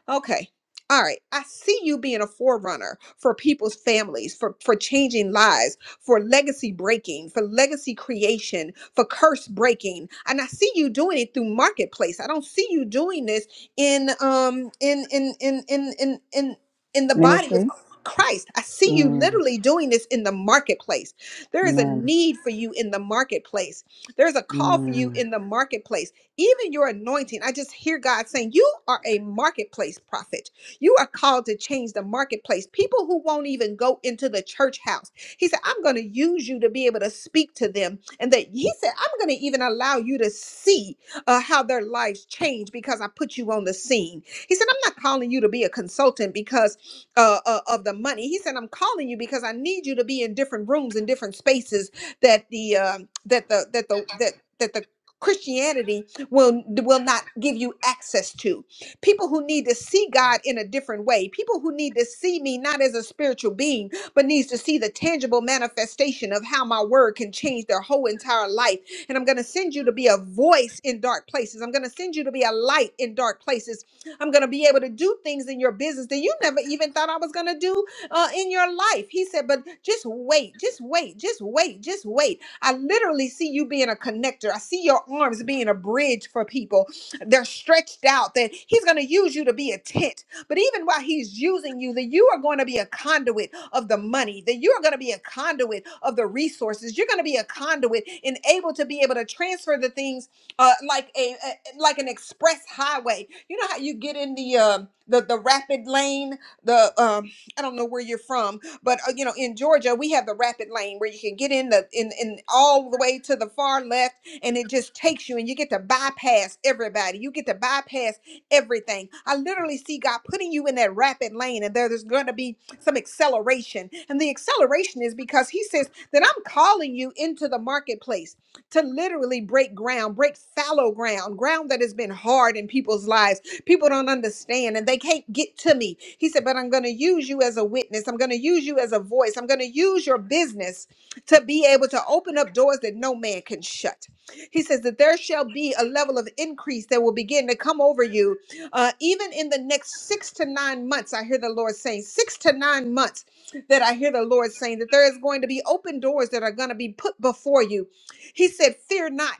Okay. All right. I see you being a forerunner for people's families, for, for changing lives, for legacy breaking, for legacy creation, for curse breaking. And I see you doing it through marketplace. I don't see you doing this in um in in in in in in, in the body of
Ministry?
Christ. I see you
Mm.
literally doing this in the marketplace. There is a
Amen.
need for you in the marketplace. There's a call for you
Mm.
in the marketplace even your anointing. I just hear God saying, You are a marketplace prophet. You are called to change the marketplace. People who won't even go into the church house. He said, I'm going to use you to be able to speak to them. And that He said, I'm going to even allow you to see uh, how their lives change because I put you on the scene. He said, I'm not calling you to be a consultant because uh, uh, of the money. He said, I'm calling you because I need you to be in different rooms and different spaces that the um that the that the that that the Christianity will will not give you access to people who need to see god in a different way people who need to see me not as a spiritual being but needs to see the tangible manifestation of how my word can change their whole entire life and i'm going to send you to be a voice in dark places i'm going to send you to be a light in dark places i'm going to be able to do things in your business that you never even thought i was going to do uh, in your life. He said, but just wait, just wait, just wait, just wait. I literally see you being a connector. I see your arms being a bridge for people. They're stretched out, that He's going to use you to be a tent. But even while He's using you, that you are going to be a conduit of the money, that you are going to be a conduit of the resources. You're going to be a conduit and able to be able to transfer the things uh, like a, a like an express highway. You know how you get in the um, the the rapid lane. The um, I don't know where you're from but uh, you know, in Georgia, we have the rapid lane where you can get in the in in all the way to the far left, and it just takes you, and you get to bypass everybody. You get to bypass everything. I literally see God putting you in that rapid lane, and there- there's going to be some acceleration, and the acceleration is because He says that I'm calling you into the marketplace to literally break ground, break fallow ground, ground that has been hard in people's lives People don't understand and they can't get to me. He said, But I'm going to use you as a witness. I'm going to use you as a voice. I'm going to use your business to be able to open up doors that no man can shut. He says that there shall be a level of increase that will begin to come over you. Uh, even in the next six to nine months, I hear the Lord saying, six to nine months that I hear the Lord saying that there is going to be open doors that are going to be put before you. He said, Fear not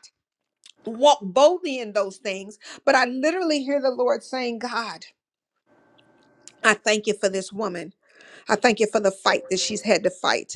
walk boldly in those things. But I literally hear the Lord saying, God, I thank you for this woman. I thank you for the fight that she's had to fight.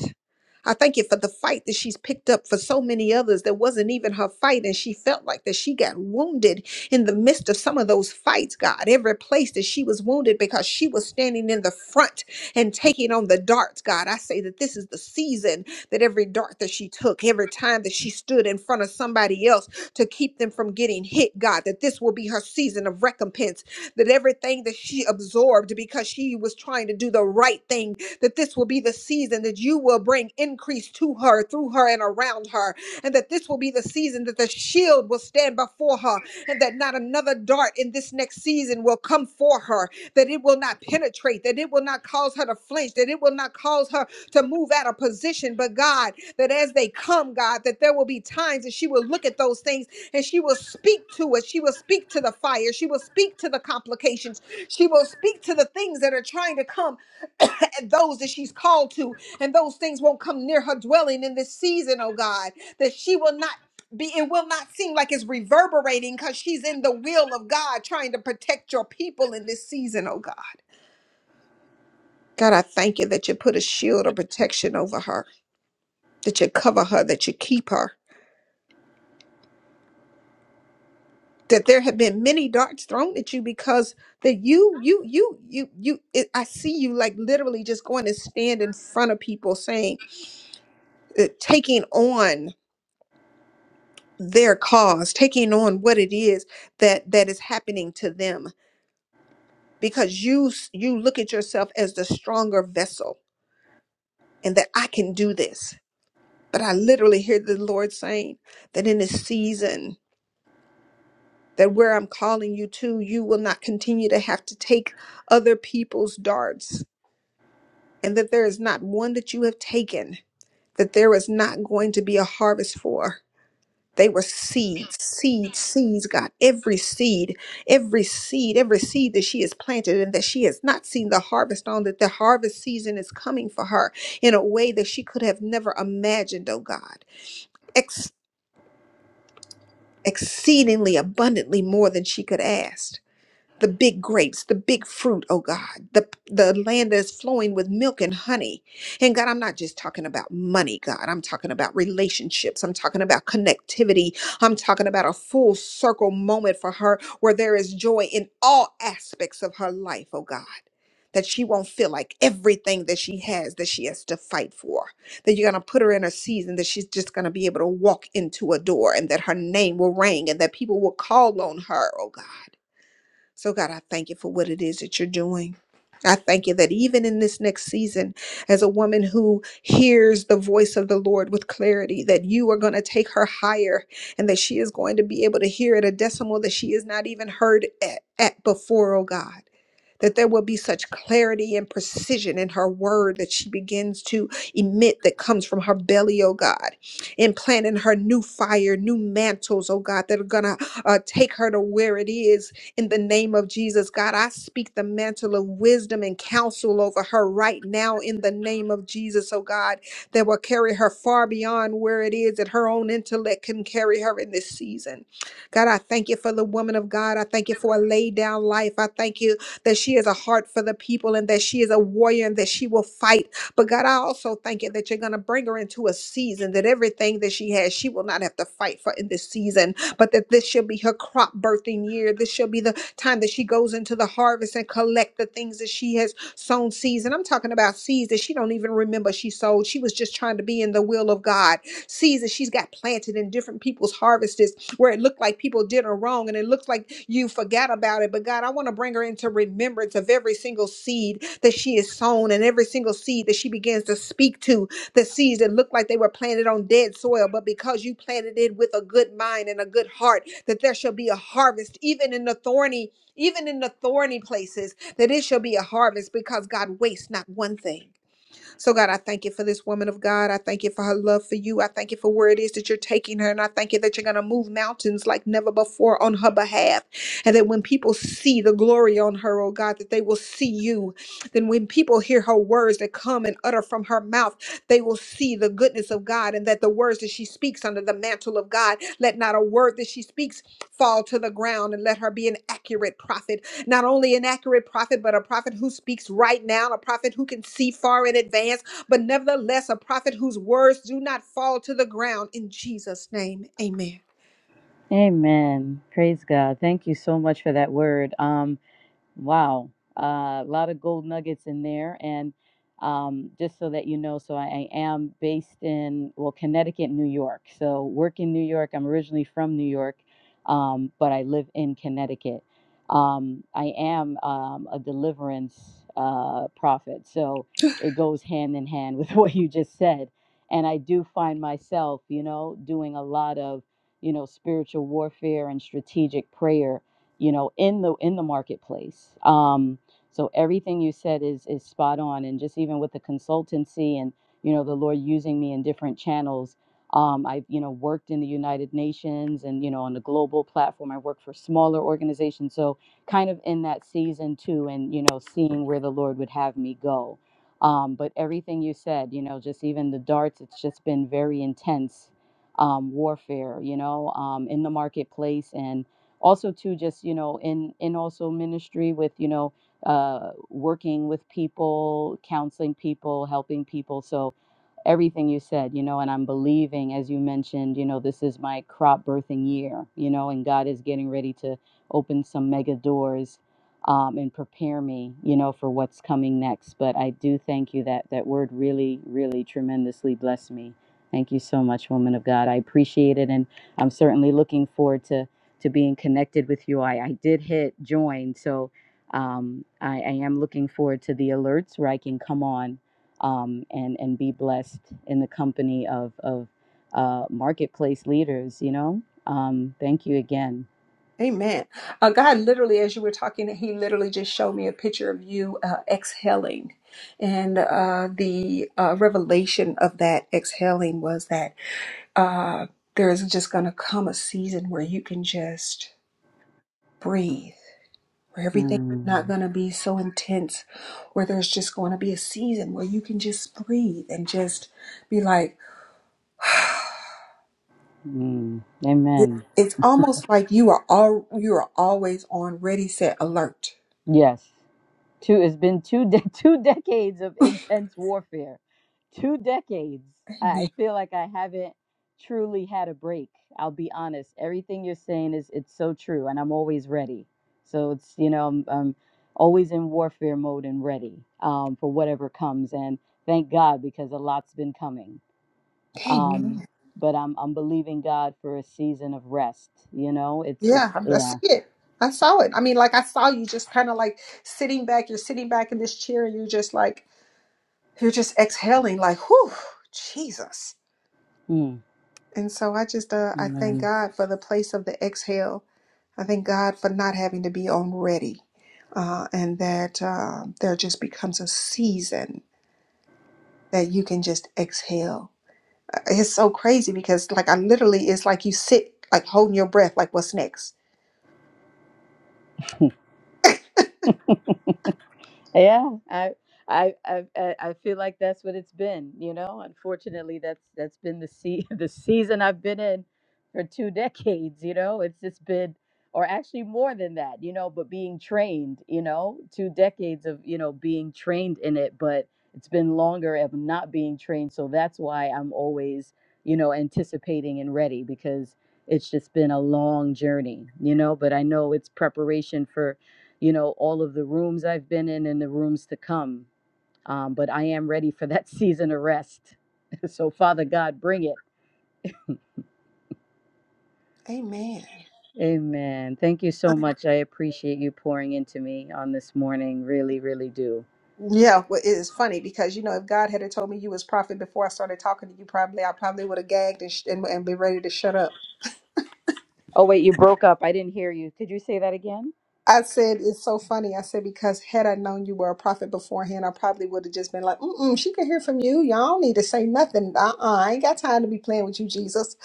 I thank you for the fight that she's picked up for so many others that wasn't even her fight. And she felt like that she got wounded in the midst of some of those fights, God. Every place that she was wounded because she was standing in the front and taking on the darts, God. I say that this is the season that every dart that she took, every time that she stood in front of somebody else to keep them from getting hit, God, that this will be her season of recompense that everything that she absorbed because she was trying to do the right thing, that this will be the season that you will bring increase to her, through her, and around her, and that this will be the season that the shield will stand before her, and that not another dart in this next season will come for her, that it will not penetrate, that it will not cause her to flinch, that it will not cause her to move out of position. But God, that as they come, God, that there will be times that she will look at those things and she will speak to it. She will speak to the fire. She will speak to the complications. She will speak to the things that are trying to come and those that she's called to. And those things won't come near her dwelling in this season, oh God, that she will not. Be, it will not seem like it's reverberating because she's in the will of God trying to protect your people in this season, oh God. God, I thank you that you put a shield of protection over her, that you cover her, that you keep her. that there have been many darts thrown at you because that you you you you you it, i see you like literally just going to stand in front of people saying uh, taking on their cause taking on what it is that that is happening to them because you s- you look at yourself as the stronger vessel and that i can do this but i literally hear the lord saying that in this season that where i'm calling you to you will not continue to have to take other people's darts and that there is not one that you have taken that there is not going to be a harvest for. They were seeds, seeds, seeds, God. Every seed, every seed, every seed that she has planted and that she has not seen the harvest on, that the harvest season is coming for her in a way that she could have never imagined, oh God. Ex- exceedingly abundantly more than she could ask. the big grapes, the big fruit, oh God, the the land that's flowing with milk and honey. And God, I'm not just talking about money, God. I'm talking about relationships. I'm talking about connectivity. I'm talking about a full circle moment for her where there is joy in all aspects of her life, oh God. That she won't feel like everything that she has that she has to fight for. That you're gonna put her in a season that she's just gonna be able to walk into a door and that her name will ring and that people will call on her, oh God so, God, I thank you for what it is that you're doing. I thank you that even in this next season, as a woman who hears the voice of the Lord with clarity, that you are going to take her higher and that she is going to be able to hear at a decimal that she has not even heard at, at before, oh God that there will be such clarity and precision in her word that she begins to emit that comes from her belly, oh God. Implant in her new fire, new mantles, oh God, that are going to uh, take her to where it is in the name of Jesus. God, I speak the mantle of wisdom and counsel over her right now in the name of Jesus, oh God, that will carry her far beyond where it is that her own intellect can carry her in this season. God, I thank you for the woman of God. I thank you for a laid down life. I thank you that she has a heart for the people and that she is a warrior and that she will fight. But God, I also thank you that you're going to bring her into a season that everything that she has, she will not have to fight for in this season, but that this shall be her crop birthing year. This shall be the time that she goes into the harvest and collect the things that she has sown seeds. And I'm talking about seeds that she don't even remember she sowed. She was just trying to be in the will of God. Seeds that she's got planted in different people's harvests where it looked like people did her wrong and it looks like you forgot about it. But God, I want to bring her into remembrance of every single seed that she has sown and every single seed that she begins to speak to. The seeds that looked like they were planted on dead soil, but because you planted it with a good mind and a good heart, that there shall be a harvest, even in the thorny, even in the thorny places, that it shall be a harvest because God wastes not one thing. So, God, I thank you for this woman of God. I thank you for her love for you. I thank you for where it is that you're taking her. And I thank you that you're going to move mountains like never before on her behalf. And that when people see the glory on her, oh God, that they will see you. Then when people hear her words that come and utter from her mouth, they will see the goodness of God and that the words that she speaks under the mantle of God, let not a word that she speaks fall to the ground and let her be an accurate prophet not only an accurate prophet, but a prophet who speaks right now, a prophet who can see far in advance, but nevertheless, a prophet whose words do not fall to the ground. In Jesus' name, amen.
Amen. Praise God. Thank you so much for that word. Um, Wow, Uh, a lot of gold nuggets in there. And um, just so that you know, so I, I am based in, well, Connecticut, New York. So work in New York. I'm originally from New York, um, but I live in Connecticut. Um, I am um, a deliverance uh, prophet. So it goes hand in hand with what you just said. And I do find myself, you know, doing a lot of, you know, spiritual warfare and strategic prayer you know, in the in the marketplace. Um, so everything you said is is spot on, and just even with the consultancy and you know the Lord using me in different channels. Um, I've you know worked in the United Nations and you know on the global platform. I work for smaller organizations, so kind of in that season too, and you know seeing where the Lord would have me go. Um, but everything you said, you know, just even the darts, it's just been very intense um, warfare, you know, um, in the marketplace and also too just you know in in also ministry with you know uh working with people counseling people helping people so everything you said, you know, and I'm believing, as you mentioned, you know, this is my crop birthing year, you know, and God is getting ready to open some mega doors um, and prepare me, you know, for what's coming next. But I do thank you that that word really, really tremendously blessed me. Thank you so much, woman of God. I appreciate it. And I'm certainly looking forward to to being connected with you. I, I did hit join. So um, I, I am looking forward to the alerts where I can come on um, and and be blessed in the company of of uh, marketplace leaders. You know, um, thank you again.
Amen. Uh, literally, as you were talking, he literally just showed me a picture of you uh, exhaling. And uh, the uh, revelation of that exhaling was that uh, there is just going to come a season where you can just breathe. Everything's
Mm,
not going to be so intense where there's just going to be a season where you can just breathe and just be like,
mm, amen.
it's almost like you are all you are always on ready set alert
Yes. Two, it's been two de- two decades of intense warfare. Two decades.
amen
I feel like I haven't truly had a break. I'll be honest. Everything you're saying is it's so true, and I'm always ready. So it's you know I'm, I'm always in warfare mode and ready um, for whatever comes. And thank God because a lot's been coming. Um,
amen
but I'm I'm believing God for a season of rest. You know, it's it's
Yeah, I see
yeah.
it. I saw it. I mean, like I saw you just kind of like sitting back. You're sitting back in this chair, and you're just like you're just exhaling, like whew, Jesus.
Mm.
And so I just uh, I thank God for the place of the exhale I thank God for not having to be on ready, uh, and that uh, there just becomes a season that you can just exhale. Uh, It's so crazy because, like, I literally, it's like you sit, like, holding your breath, like, what's next?
Yeah, I, I, I, I I feel like that's what it's been. You know, unfortunately, that's that's been the sea the season I've been in for two decades. You know, it's just been, or actually more than that. You know, but being trained. You know, two decades of you know being trained in it, but it's been longer of not being trained. So that's why I'm always you know anticipating and ready because it's just been a long journey. You know, but I know it's preparation for you know, all of the rooms I've been in and the rooms to come. Um, but I am ready for that season of rest. so, Father God, bring it. Amen. Thank you so much. I appreciate you pouring into me on this morning. Really, really do.
Yeah, well, it is funny because you know if God had have told me you was prophet before I started talking to you, probably I probably would have gagged and, sh- and and be ready to shut up.
Oh, wait, you broke up. I didn't hear you. Could you say that again?
I said it's so funny. I said because had I known you were a prophet beforehand, I probably would have just been like, "Mm, she can hear from you. Y'all don't need to say nothing. Uh, uh I ain't got time to be playing with you, Jesus."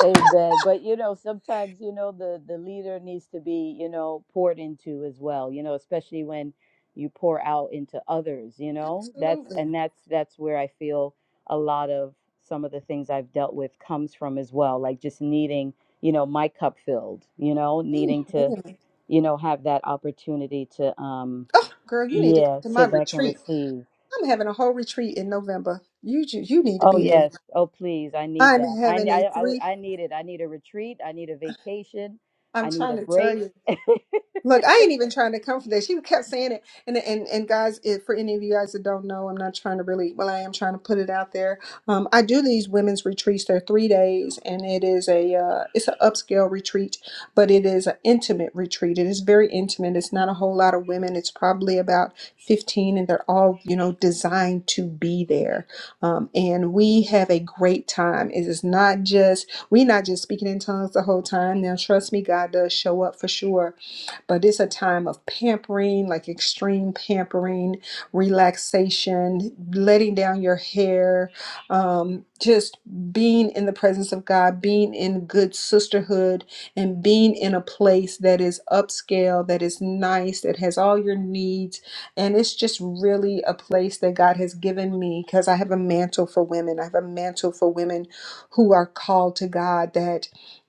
Amen. But you know, sometimes you know the the leader needs to be you know poured into as well. You know, especially when you pour out into others. You know, that's
Absolutely.
and that's that's where I feel a lot of some of the things I've dealt with comes from as well. Like just needing you know my cup filled. You know, needing to
Amen.
you know have that opportunity to um
Oh, girl, you need to come
yeah
to my
sit back and
retreat.
receive.
I'm having a whole retreat in November. You ju- you need to
Oh
be there.
yes. Oh please, I need
I'm
that. I
having
I
a
I, would-
three.
I need it. I need a retreat. I need a vacation.
I'm
I need
trying
a
to tell
break.
you. Look, I ain't even trying to come for that. She kept saying it, and and and guys, if for any of you guys that don't know, I'm not trying to really. Well, I am trying to put it out there. Um, I do these women's retreats. They're three days, and it is a uh, it's an upscale retreat, but it is an intimate retreat. It is very intimate. It's not a whole lot of women. It's probably about 15, and they're all you know designed to be there. Um, and we have a great time. It is not just we not just speaking in tongues the whole time. Now, trust me, God does show up for sure but it's a time of pampering, like extreme pampering, relaxation, letting down your hair, um, just being in the presence of God, being in good sisterhood, and being in a place that is upscale, that is nice, that has all your needs. And it's just really a place that God has given me because I have a mantle for women. I have a mantle for women who are called to God that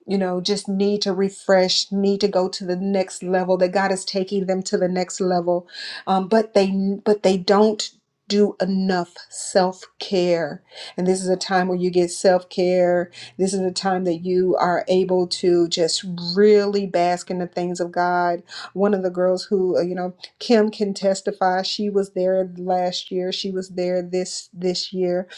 you know, just need to refresh, need to go to the next level. That God is taking them to the next level, um, but they but they don't do enough self care. And this is a time where you get self care. This is a time that you are able to just really bask in the things of God. One of the girls who uh, you know Kim can testify. She was there last year. She was there this this year,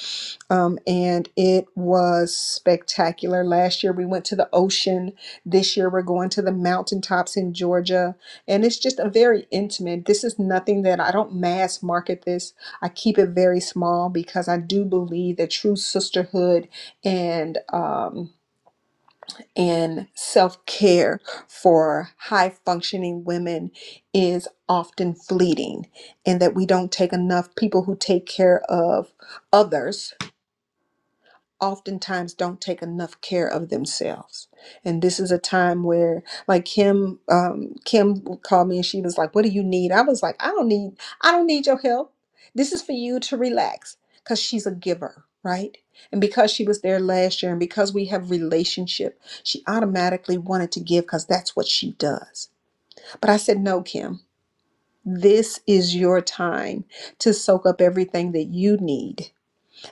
um, and it was spectacular. Last year we went to the ocean. This year we're going to the mountaintops in Georgia, and it's just a very intimate. This is nothing that I don't mass market. This I keep it very small because I do believe that true sisterhood and um, and self care for high functioning women is often fleeting, and that we don't take enough people who take care of others oftentimes don't take enough care of themselves. And this is a time where, like Kim, um, Kim called me and she was like, "What do you need?" I was like, "I don't need, I don't need your help. This is for you to relax," because she's a giver, right? And because she was there last year, and because we have relationship, she automatically wanted to give because that's what she does. But I said, "No, Kim." This is your time to soak up everything that you need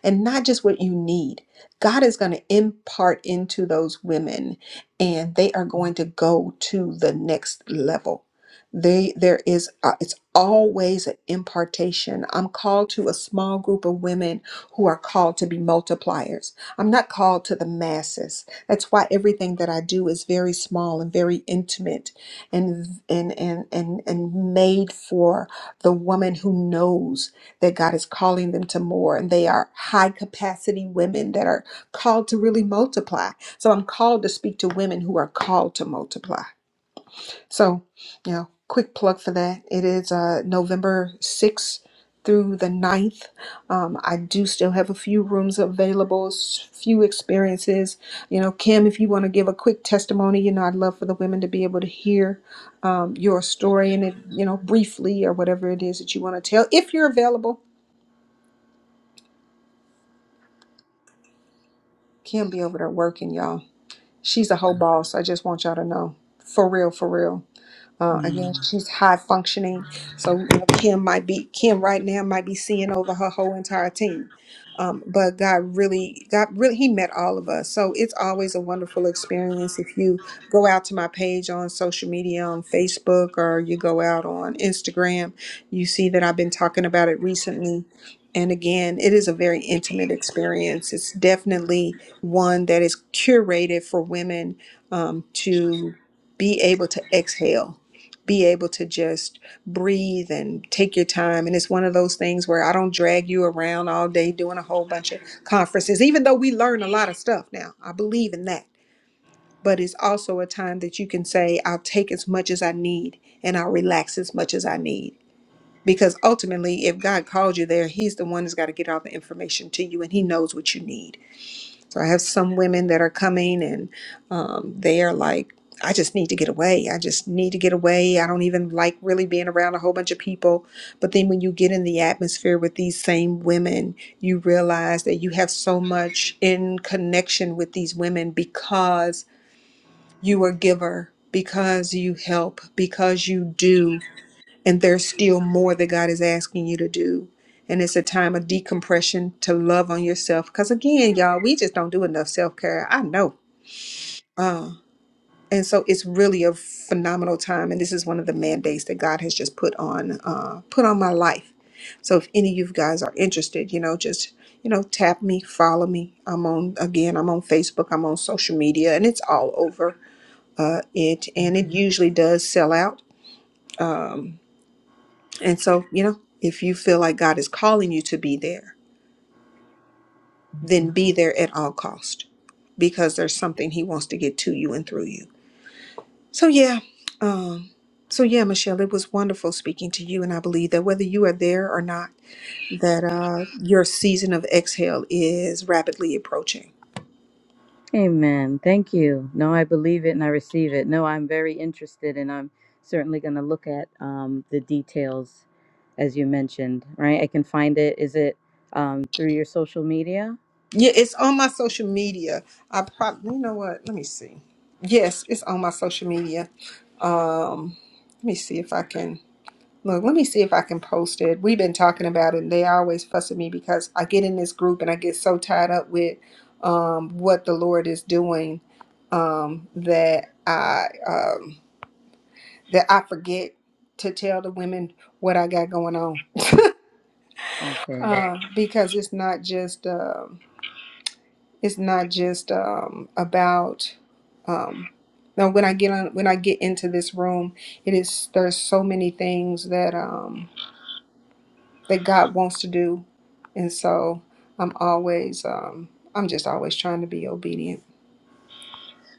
and not just what you need. God is going to impart into those women and they are going to go to the next level. They there is uh, it's always an impartation. I'm called to a small group of women who are called to be multipliers. I'm not called to the masses. That's why everything that I do is very small and very intimate and and and and, and made for the woman who knows that God is calling them to more. And they are high capacity women that are called to really multiply. So I'm called to speak to women who are called to multiply. So, you know, quick plug for that. It is uh, November 6th through the ninth. Um, I do still have a few rooms available, s- few experiences. You know, Kim, if you want to give a quick testimony, you know, I'd love for the women to be able to hear um, your story and it, you know, briefly or whatever it is that you want to tell, if you're available Kim be over there working, y'all. She's a whole boss. I just want y'all to know. For real, for real. Uh, again,
Mm.
she's high functioning, so you know, Kim might be Kim right now might be seeing over her whole entire team. Um, but God really, God really, He met all of us. So it's always a wonderful experience if you go out to my page on social media, on Facebook, or you go out on Instagram. You see that I've been talking about it recently. And again, it is a very intimate experience. It's definitely one that is curated for women um, to be able to exhale be able to just breathe and take your time. And it's one of those things where I don't drag you around all day doing a whole bunch of conferences, even though we learn a lot of stuff now. I believe in that. But it's also a time that you can say, I'll take as much as I need and I'll relax as much as I need. Because ultimately, if God called you there, He's the one that's got to get all the information to you and He knows what you need. So I have some women that are coming and um, they are like, I just need to get away. I just need to get away. I don't even like really being around a whole bunch of people. But then when you get in the atmosphere with these same women, you realize that you have so much in connection with these women because you are a giver, because you help, because you do. And there's still more that God is asking you to do. And it's a time of decompression to love on yourself. Because again, y'all, we just don't do enough self care. I know. Uh, and so it's really a phenomenal time. And this is one of the mandates that God has just put on, uh, put on my life. So if any of you guys are interested, you know, just, you know, tap me, follow me. I'm on, again, I'm on Facebook, I'm on social media, and it's all over uh, it. And it usually does sell out. Um, And so, you know, if you feel like God is calling you to be there, then be there at all cost because there's something he wants to get to you and through you. So yeah, um so yeah, Michelle, it was wonderful speaking to you and I believe that whether you are there or not, that uh your season of exhale is rapidly approaching.
Amen. Thank you. No, I believe it and I receive it. No, I'm very interested and I'm certainly going to look at um, the details as you mentioned, right? I can find it. Is it um, through your social media?
Yeah, it's on my social media. I probably you know what? Let me see. Yes, it's on my social media. Um let me see if I can Look, let me see if I can post it. We've been talking about it, and they always fuss at me because I get in this group and I get so tied up with um, what the Lord is doing um, that I um, that I forget to tell the women what I got going on
Okay.
uh, because it's not just um it's not just um, about. Um, now, when I get on, when I get into this room, it is there's so many things that. um, that God wants to do. And so I'm always, um, I'm just always trying to be obedient.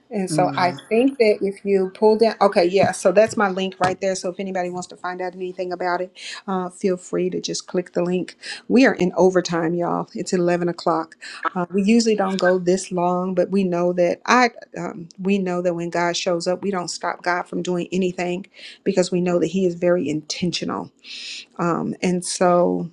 And so I think that if you pull down, okay, yeah, so that's my link right there. So if anybody wants to find out anything about it, uh, feel free to just click the link. We are in overtime, y'all. It's 11 o'clock. Uh, we usually don't go this long, but we know that I, um, we know that when God shows up, we don't stop God from doing anything because we know that He is very intentional. Um, and so,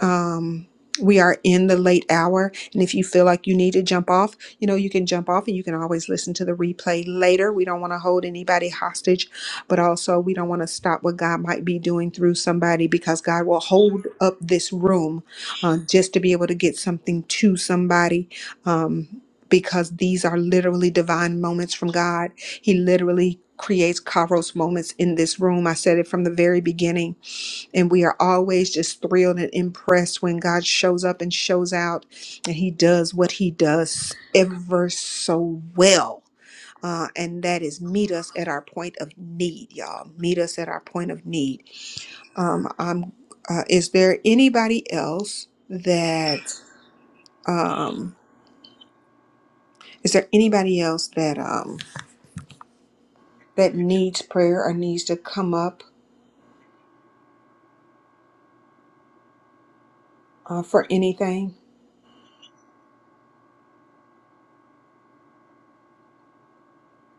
um we are in the late hour and if you feel like you need to jump off you know you can jump off and you can always listen to the replay later we don't want to hold anybody hostage but also we don't want to stop what god might be doing through somebody because god will hold up this room uh, just to be able to get something to somebody um, because these are literally divine moments from god he literally creates kairos moments in this room i said it from the very beginning and we are always just thrilled and impressed when God shows up and shows out and He does what He does ever so well. Uh, and that is meet us at our point of need, y'all. Meet us at our point of need. Um, I'm, uh, is there anybody else that um, is there anybody else that um, that needs prayer or needs to come up uh, for anything?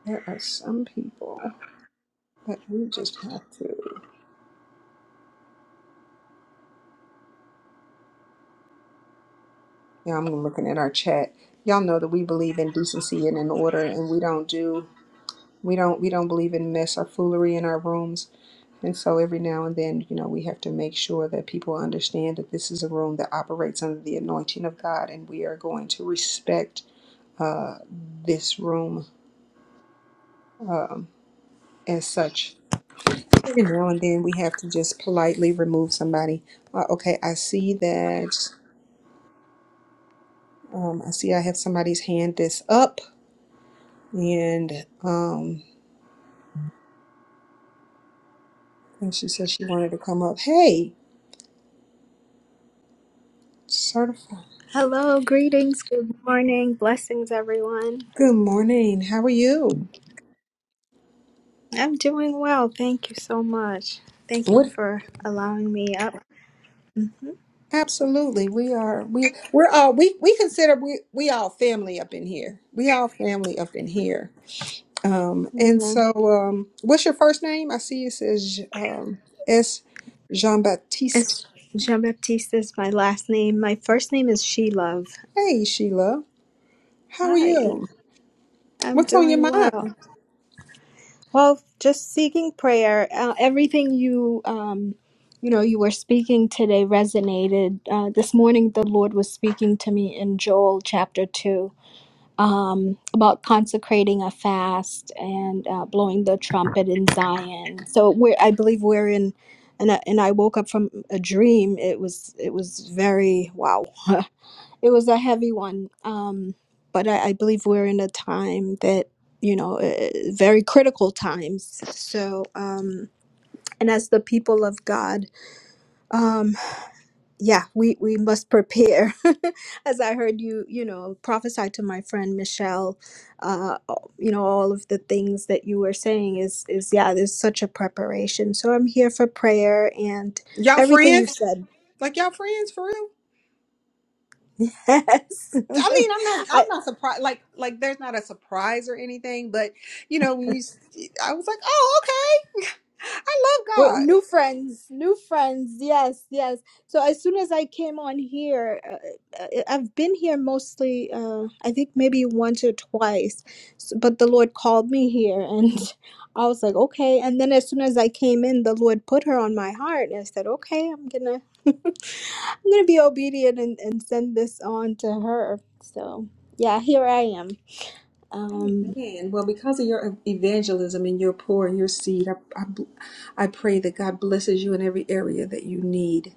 There are some people that we just have to. Yeah, I'm looking at our chat. Y'all know that we believe in decency and in order, and we don't do we don't we don't believe in mess or foolery in our rooms. And so every now and then, you know, we have to make sure that people understand that this is a room that operates under the anointing of God, and we are going to respect uh, this room um, as such. Every now and then, we have to just politely remove somebody. Uh, okay, I see that. Um, I see I have somebody's hand that's up, and um, And she said she wanted to come up. Hey, certified.
Hello, greetings, good morning, blessings, everyone.
Good morning. How are you?
I'm doing well. Thank you so much. Thank you
What?
for allowing me up. Mhm.
Absolutely. We are we we're all we we consider we we all family up in here. We all family up in here. Um and
Amen.
so um what's your first name? I see it says um S Jean-Baptiste.
It's Jean Baptiste is my last name. My first name is She Love.
Hey Sheila. How are
Hi,
you?
I'm
What's on your
doing
mind?
well. Well, just seeking prayer. Uh, everything you, um, you know, you were speaking today resonated. Uh, this morning, the Lord was speaking to me in Joel chapter two um, about consecrating a fast and uh, blowing the trumpet in Zion. So we're, I believe we're in, and I, and I woke up from a dream. It was it was very wow. it was a heavy one. Um, but I, I believe we're in a time that you know uh, very critical times. So um, and as the people of God. um, yeah we we must prepare as i heard you you know prophesy to my friend michelle uh you know all of the things that you were saying is is yeah there's such a preparation so i'm here for prayer and
Y'all
everything you
friends?
said
Like y'all friends for real?
yes
I mean, I'm not,
I
I'm not surprised. Like, like there's not a surprise or anything, but you know, when you, s- I was like, oh, okay, I
We're
love God.
new friends, new friends. Yes, yes. So as soon as I came on here, uh, uh, uh, I've been here mostly. Uh, I think maybe once or twice, S- but the Lord called me here, and I was like, okay. And then as soon as I came in, the Lord put her on my heart, and I said, okay, I'm gonna, I'm gonna be obedient and and send this on to her. So yeah, here I am.
Amen. Well, because of your evangelism and your pour and your seed, I, I, bl- I pray that God blesses you in every area that you need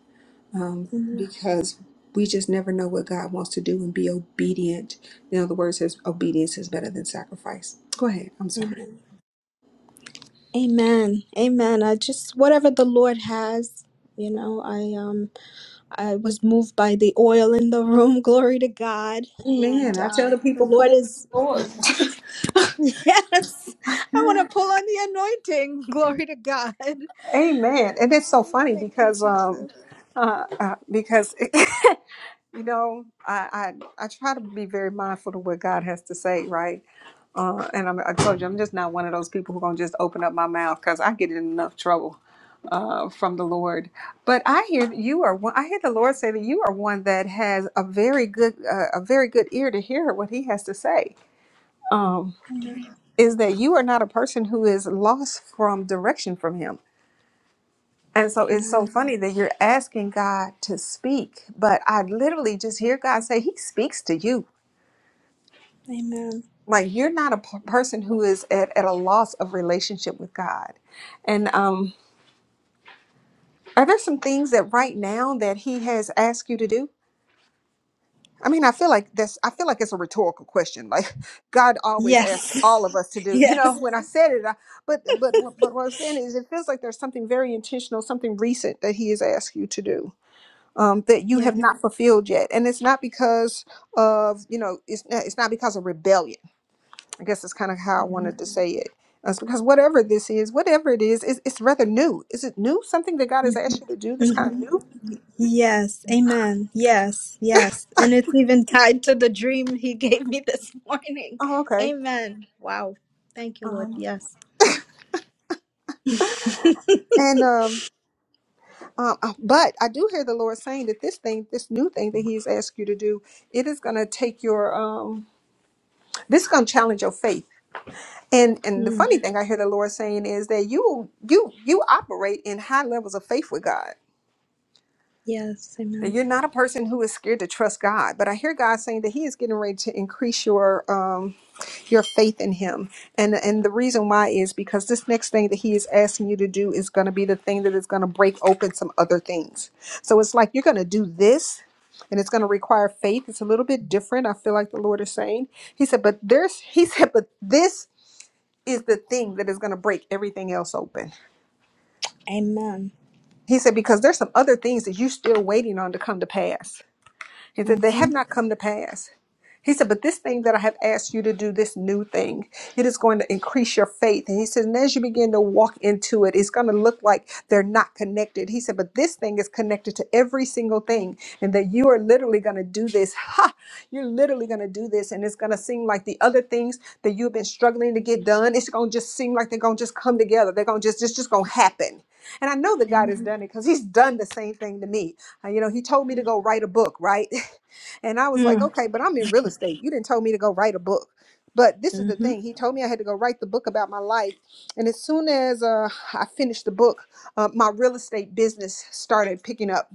um,
Um,
because we just never know what God wants to do and be obedient. You know, the word says obedience is better than sacrifice. Go ahead. I'm sorry.
Amen. Amen. I just whatever the Lord has, you know, I um I was moved by the oil in the room. Glory to God.
Amen.
And
I tell the
um the
people,
Lord
pull.
is yes. Yes. I want to pull on the anointing. Glory to God.
Amen. And it's so
Oh,
funny
thank you,
because um
Jesus.
uh, uh because you know I, I I try to be very mindful of what God has to say, right? Uh, and I'm, I told you I'm just not one of those people who gonna just open up my mouth because I get in enough trouble uh, from the Lord. But I hear that you are one. I hear the Lord say that you are one that has a very good uh, a very good ear to hear what He has to say. Um,
Amen.
is that you are not a person who is lost from direction from Him and so it's so
Amen.
funny that you're asking God to speak, but I literally just hear God say, He speaks to you.
Amen.
Like you're not a p- person who is at, at a loss of relationship with God. And um, are there some things that right now that He has asked you to do? I mean, I feel like this, I feel like it's a rhetorical question. Like God always
Yes.
asks all of us to do, you
Yes.
know, when I said it, I, but, but, but what I'm saying is it feels like there's something very intentional, something recent that he has asked you to do. um, that you
Yes.
have not fulfilled yet, and it's not because of you know it's not, it's not because of rebellion. I guess that's kind of how I wanted to say it. That's because whatever this is, whatever it is, it's, it's rather new. Is it new? Something that God has asked you to do that's
Mhm.
kind of new?
Yes, amen. Yes, yes. And it's even tied to the dream he gave me this morning.
Oh, okay.
Amen. Wow. Thank you, Lord.
Um,
Yes.
and um, um, uh, but I do hear the Lord saying that this thing, this new thing that He's asked you to do, it is going to take your um, this is going to challenge your faith. And and the
Mm,
funny thing I hear the Lord saying is that you you you operate in high levels of faith with God.
Yes,
Now,
amen.
you're not a person who is scared to trust God, but I hear God saying that He is getting ready to increase your um, your faith in Him, and and the reason why is because this next thing that He is asking you to do is going to be the thing that is going to break open some other things. So it's like you're going to do this. And it's going to require faith. It's a little bit different. I feel like the Lord is saying. He said, but there's, he said, but this is the thing that is going to break everything else open.
Amen.
He said, because there's some other things that you're still waiting on to come to pass He said, They
Mm-hmm.
have not come to pass. He said, But this thing that I have asked you to do, this new thing, it is going to increase your faith. And he said, And as you begin to walk into it, it's going to look like they're not connected. He said, But this thing is connected to every single thing, and that you are literally going to do this. Ha! You're literally going to do this. And it's going to seem like the other things that you've been struggling to get done, it's going to just seem like they're going to just come together. They're going to just, it's just going to happen. And I know that God has
Amen.
done it because He's done the same thing to me. Uh, You know, he told me to
Mm.
go write a book, right? And I was like,
Mm-hmm.
okay, but I'm in real estate. You didn't tell me to go write a book. But this is the
Mm-hmm.
thing. He told me I had to go write the book about my life. And as soon as uh, I finished the book, uh, my real estate business started picking up.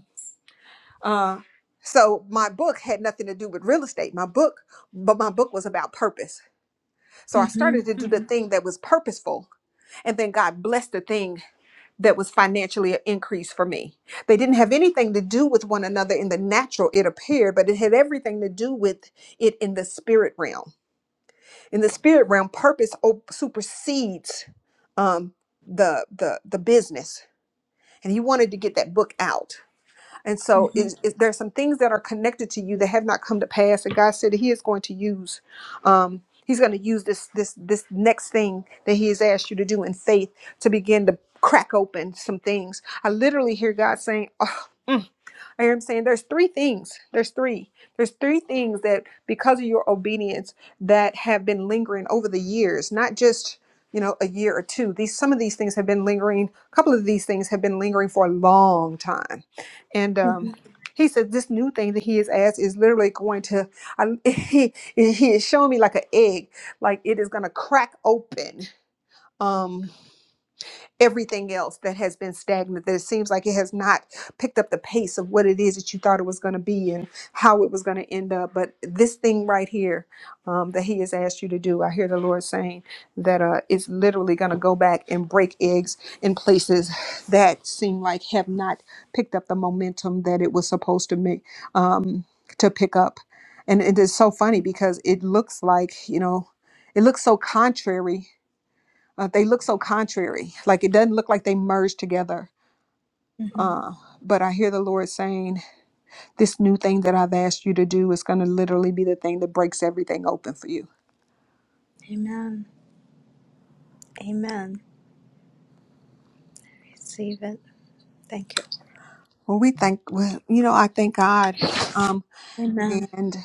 Uh, so my book had nothing to do with real estate. My book, but my book was about purpose. So I started to do the
Mm-hmm.
thing that was purposeful. And then God blessed the thing that was financially an increase for me. They didn't have anything to do with one another in the natural, it appeared, but it had everything to do with it in the spirit realm. In the spirit realm, purpose o- supersedes um, the the the business. And he wanted to get that book out. And so
Mm-hmm.
is, is there's some things that are connected to you that have not come to pass. And God said that He is going to use um He's going to use this this this next thing that He has asked you to do in faith to begin to crack open some things. I literally hear God saying I am saying there's three things. There's three. There's three things that because of your obedience that have been lingering over the years, not just, you know, a year or two. These some of these things have been lingering, a couple of these things have been lingering for a long time. And
Mm-hmm.
um he said this new thing that he has asked is literally going to I, he he is showing me like an egg, like it is going to crack open. Um everything else that has been stagnant that it seems like it has not picked up the pace of what it is that you thought it was going to be and how it was going to end up but this thing right here um, that he has asked you to do i hear the lord saying that uh, it's literally going to go back and break eggs in places that seem like have not picked up the momentum that it was supposed to make um, to pick up and it is so funny because it looks like you know it looks so contrary uh, they look so contrary. Like it doesn't look like they merge together.
Mm-hmm.
Uh, but I hear the Lord saying, This new thing that I've asked you to do is going to literally be the thing that breaks everything open for you.
Amen. Amen. Receive it. Thank you.
Well, we thank, well, you know, I thank God. Um,
Amen.
and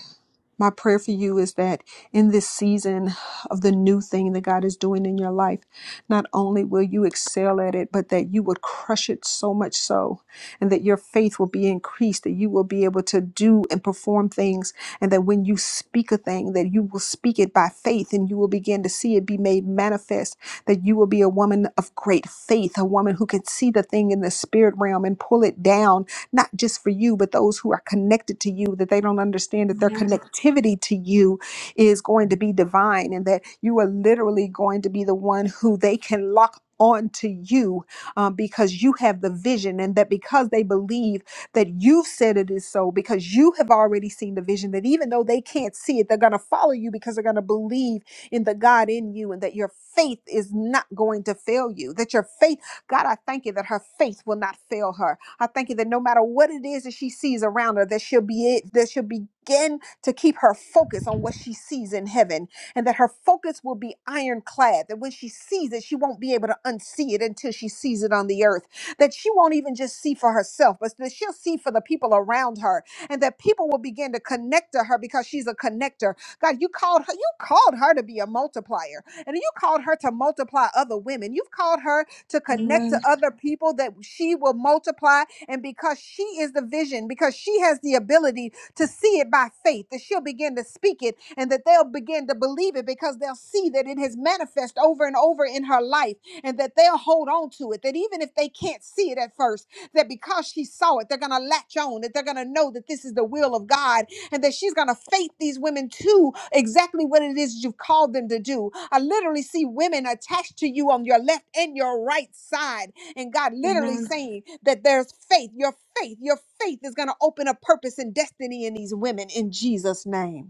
My prayer for you is that in this season of the new thing that God is doing in your life, not only will you excel at it, but that you would crush it so much so, and that your faith will be increased, that you will be able to do and perform things, and that when you speak a thing, that you will speak it by faith and you will begin to see it be made manifest, that you will be a woman of great faith, a woman who can see the thing in the spirit realm and pull it down not just for you, but those who are connected to you, that they don't understand that their
Amen.
connectivity to you is going to be divine and that you are literally going to be the one who they can lock onto you um, because you have the vision and that because they believe that you've said it is so because you have already seen the vision that even though they can't see it they're going to follow you because they're going to believe in the god in you and that your faith is not going to fail you that your faith god i thank you that her faith will not fail her I thank you that no matter what it is that she sees around her, that she'll be it, that she'll begin to keep her focus on what she sees in heaven, and that her focus will be ironclad. That when she sees it, she won't be able to unsee it until she sees it on the earth. That she won't even just see for herself, but that she'll see for the people around her, and that people will begin to connect to her because she's a connector. God, you called her, you called her to be a multiplier, and you called her to multiply other women. You've called her to connect to
Amen.
other people that she will multiply and because she is the vision, because she has the ability to see it by faith, that she'll begin to speak it and that they'll begin to believe it because they'll see that it has manifest over and over in her life and that they'll hold on to it. That even if they can't see it at first, that because she saw it, they're going to latch on, that they're going to know that this is the will of God and that she's going to faith these women to exactly what it is you've called them to do. I literally see women attached to you on your left and your right side. And God literally
Amen.
saying that there's faith. Your faith, your faith is going to open a purpose and destiny in these women in Jesus' name.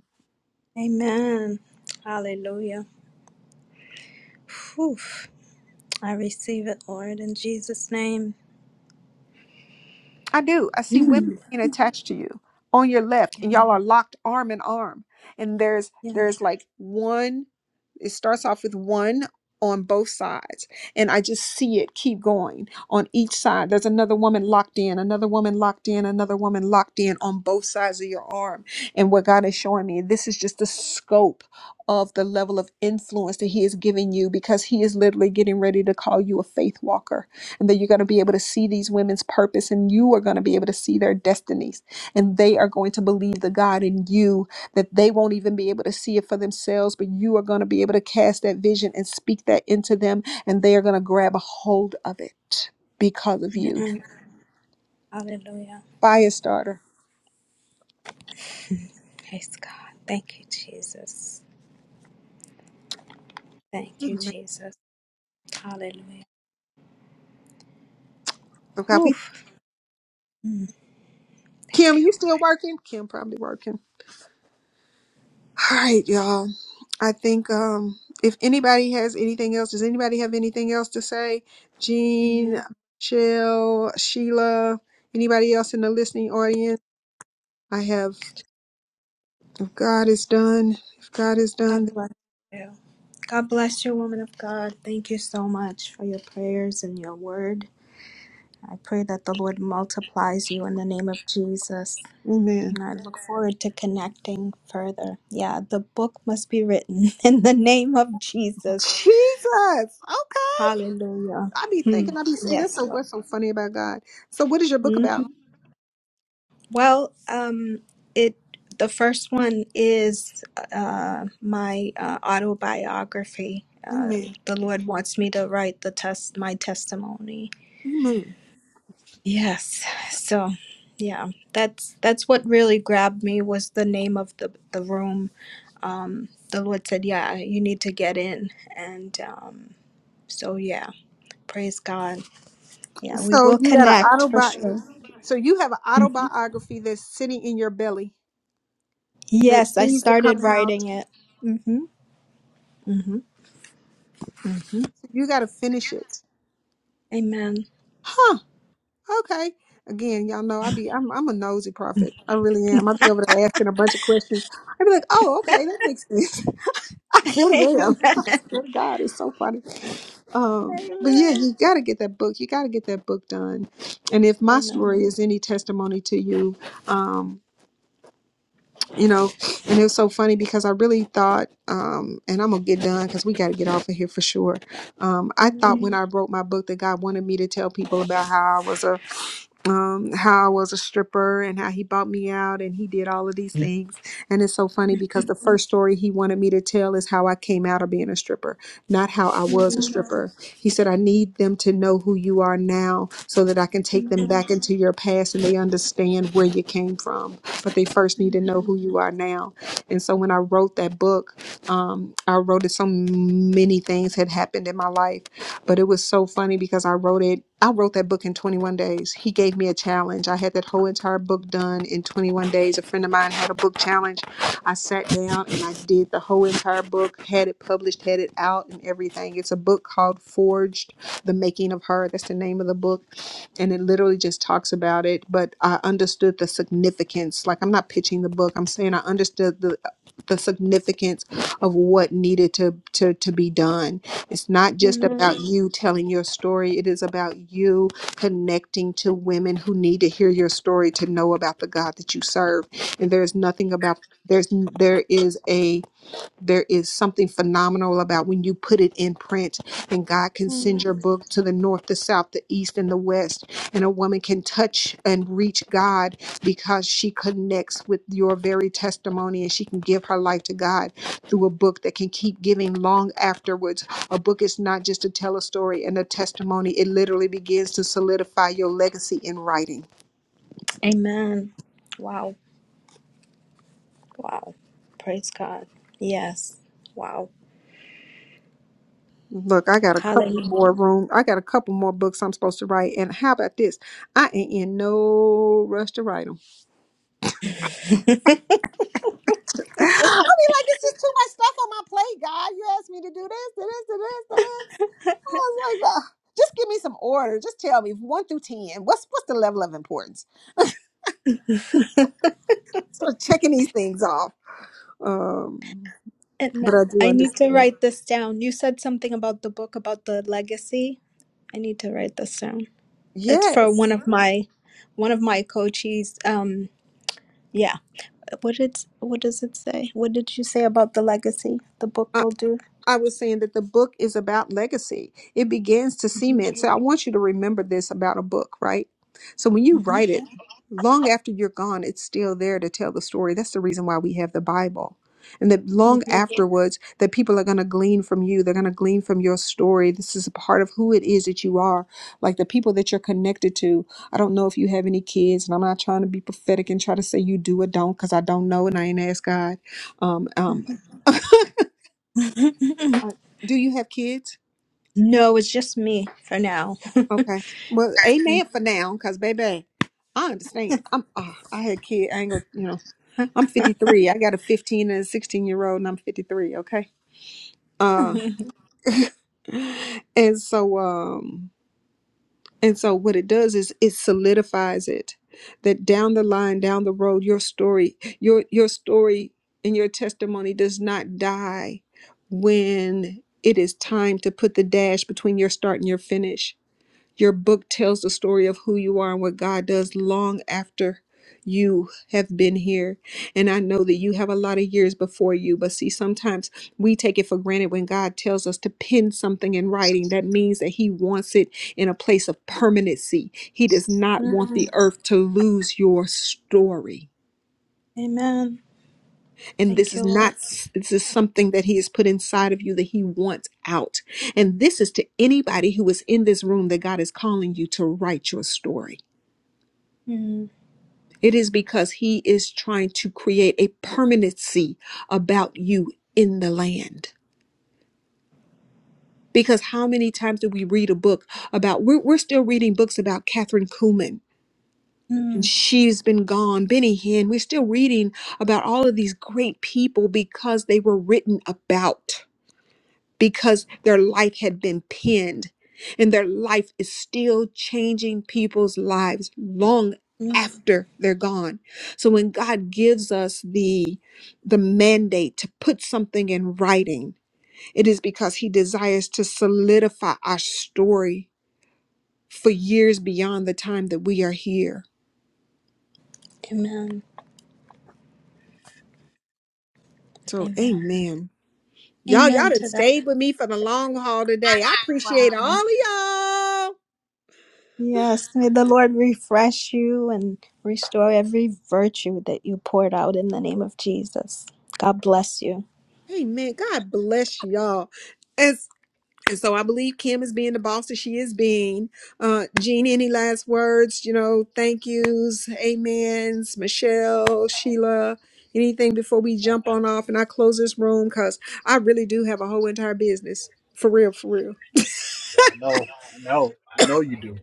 Amen. Hallelujah. Whew. I receive it, Lord, in Jesus' name.
I do. I see women
Mm.
being attached to you on your left, and y'all are locked arm in arm. And there's
Yes.
there's like one. It starts off with one on both sides, and I just see it keep going on each side. There's another woman locked in, another woman locked in, another woman locked in on both sides of your arm. And what God is showing me, this is just the scope of the level of influence that He is giving you because He is literally getting ready to call you a faith walker and that you're going to be able to see these women's purpose and you are going to be able to see their destinies and they are going to believe the god in you that they won't even be able to see it for themselves but you are going to be able to cast that vision and speak that into them and they are going to grab a hold of it because of you
Amen. Hallelujah.
fire starter
Praise God. Thank you, Jesus. Thank you,
Mhm.
Jesus. Hallelujah.
so god
Whew.
we
Mm,
kim
thank you.
you still working kim probably working all right y'all I think um, if anybody has anything else, does anybody have anything else to say? Jean,
Amen.
Shell, Sheila, anybody else in the listening audience? I have, if God is done, if God is
God
done,
bless you. God bless you, woman of God. Thank you so much for your prayers and your word. I pray that the Lord multiplies you in the name of Jesus.
amen.
And I look forward to connecting further. Yeah, the book must be written in the name of Jesus.
Jesus, okay.
Hallelujah.
I be
Hmm.
thinking, I be saying, that's
Yes,
so,
Lord.
what's so funny about God. So what is your book
hmm
about?
Well, um, it the first one is uh, my uh, autobiography. Uh,
Amen.
the Lord wants me to write the test, my testimony.
Amen.
Yes. So, yeah, that's that's what really grabbed me was the name of the the room. Um, the Lord said, "Yeah, you need to get in," and um, so yeah, praise God. Yeah, we
So
will
you got an
connect for
autobiography.
sure.
So you have an autobiography that's sitting in your belly that
Yes, I
needs to come
started
out.
writing it. Mm-hmm. Mm-hmm.
So, You got to finish it
Amen.
Huh. Okay. Again, y'all know I be I'm I'm a nosy prophet. I really am. I be over there asking a bunch of questions. I be like, oh, okay, that makes sense. I really am.
Amen.
Swear to God, it's so funny. Um, but yeah,
Amen.
you gotta get that book. You gotta get that book done. And if my
Amen.
story is any testimony to you, um, you know, and it was so funny because I really thought, um, and I'm gonna get done because we gotta get off of here for sure. Um, I
Amen.
thought when I wrote my book that God wanted me to tell people about how I was a um, how I was a stripper and how he bought me out and he did all of these things. And it's so funny because the first story he wanted me to tell is how I came out of being a stripper, not how I was a
Mhm.
stripper. He said, I need them to know who you are now so that I can take them
Amen.
back into your past and they understand where you came from. But they first need to know
Amen.
who you are now. And so when I wrote that book, um, I wrote it so many things had happened in my life but it was so funny because I wrote it, I wrote that book in 21 days. He gave me a challenge. I had that whole entire book done in 21 days. A friend of mine had a book challenge. I sat down and I did the whole entire book, had it published, had it out, and everything. It's a book called Forged The Making of Her. That's the name of the book and it literally just talks about it but i understood the significance like i'm not pitching the book i'm saying i understood the the significance of what needed to to to be done it's not just about you telling your story, it is about you connecting to women who need to hear your story to know about the God that you serve. And there's nothing about there's there is a there is something phenomenal about when you put it in print, and God can
Amen.
send your book to the north, the south, the east, and the west. And a woman can touch and reach God because she connects with your very testimony and she can give her life to God through a book that can keep giving long afterwards. A book is not just to tell a story and a testimony, it literally begins to solidify your legacy in writing.
Amen. Wow. Wow. Praise God. Yes. Wow.
Look, I got a couple of
Hallelujah.
more room. I got a couple more books I'm supposed to write. And how about this? I ain't in no rush to write them. I mean, like, it's just too much stuff on my plate, God. You asked me to do this, to this, to this, to this. I was like, "Ugh, just give me some order. Just tell me one through ten. What's what's the level of importance? So checking these things off. Um,
And
but I do
I need to
understand.
write this down. You said something about the book about the legacy. I need to write this down. It's for one
Yes.
of my one of my coaches. Um yeah. what did what does it say? What did you say about the legacy the book will do?
I was saying that the book is about legacy. It begins to
Mhm,
cement. So I want you to remember this about a book, right? So when you
hmm
write it, long after you're gone, it's still there to tell the story. That's the reason why we have the Bible. And that long afterwards, that people are going to glean from you. They're going to glean from your story. This is a part of who it is that you are, like the people that you're connected to. I don't know if you have any kids, and I'm not trying to be prophetic and try to say you do or don't, because I don't know, and I ain't asked God. Um,
mhm.
um,
mhm.
do you have kids?
no, it's just me for now.
Okay. Well, amen for now, because baby, I understand. I'm ah, I had kid. I ain't gonna you know, I'm fifty three. I got a fifteen and a sixteen year old and I'm fifty three, okay? Uh and so um and so what it does is it solidifies it that down the line, down the road, your story, your your story and your testimony does not die when it is time to put the dash between your start and your finish Your book tells the story of who you are and what God does long after you have been here. And I know that you have a lot of years before you, but see, sometimes we take it for granted when God tells us to pin something in writing. That means that He wants it in a place of permanency. He does not want
Mm.
the earth to lose your story.
Amen.
And this
Thank
is
you, Lord.
not, this is something that He has put inside of you that He wants out. And this is to anybody who is in this room that God is calling you to write your story
Mm.
It is because he is trying to create a permanency about you in the land. Because how many times do we read a book about, we're, we're still reading books about Catherine Kuhlman and
Mm.
she's been gone, Benny Hinn. We're still reading about all of these great people because they were written about. because their life had been pinned and their life is still changing people's lives long
Mm.
after they're gone. So when God gives us the the mandate to put something in writing, it is because he desires to solidify our story for years beyond the time that we are here.
Amen.
So
Amen.
amen. Y'all y'all
Amen
done
to that.
stayed with me for the long haul today. I
Wow.
appreciate all of y'all.
Yes, may the Lord refresh you and restore every virtue that you poured out in the name of Jesus. God bless you.
Amen. God bless y'all. And And so I believe Kim is being the boss that she is being. Uh, Jean, any last words? You know, thank yous, amens, Michelle, Sheila, anything before we jump on off and I close this room because I really do have a whole entire business. For real, for real.
Yeah, I know, I know, I know you do.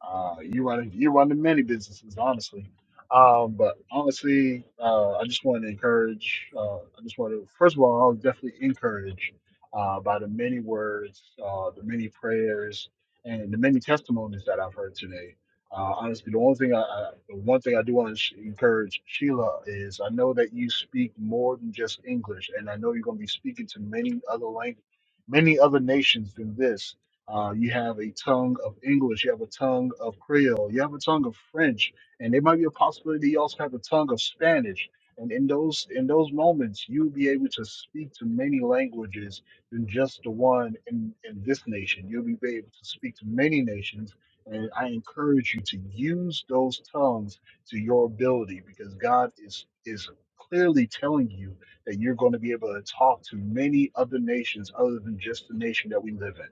Uh, you run you run the many businesses, honestly. Um, but honestly, uh, I just want to encourage. Uh, I just want to first of all, I was definitely encouraged uh, by the many words, uh, the many prayers, and the many testimonies that I've heard today. Uh, honestly, the only thing I, I the one thing I do want to sh- encourage Sheila is I know that you speak more than just English, and I know you're going to be speaking to many other languages, many other nations than this uh, you have a tongue of English. You have a tongue of Creole. You have a tongue of French, and there might be a possibility you also have a tongue of Spanish. And in those in those moments, you'll be able to speak to many languages than just the one in, in this nation. You'll be able to speak to many nations. And I encourage you to use those tongues to your ability because God is is clearly telling you that you're going to be able to talk to many other nations other than just the nation that we live in.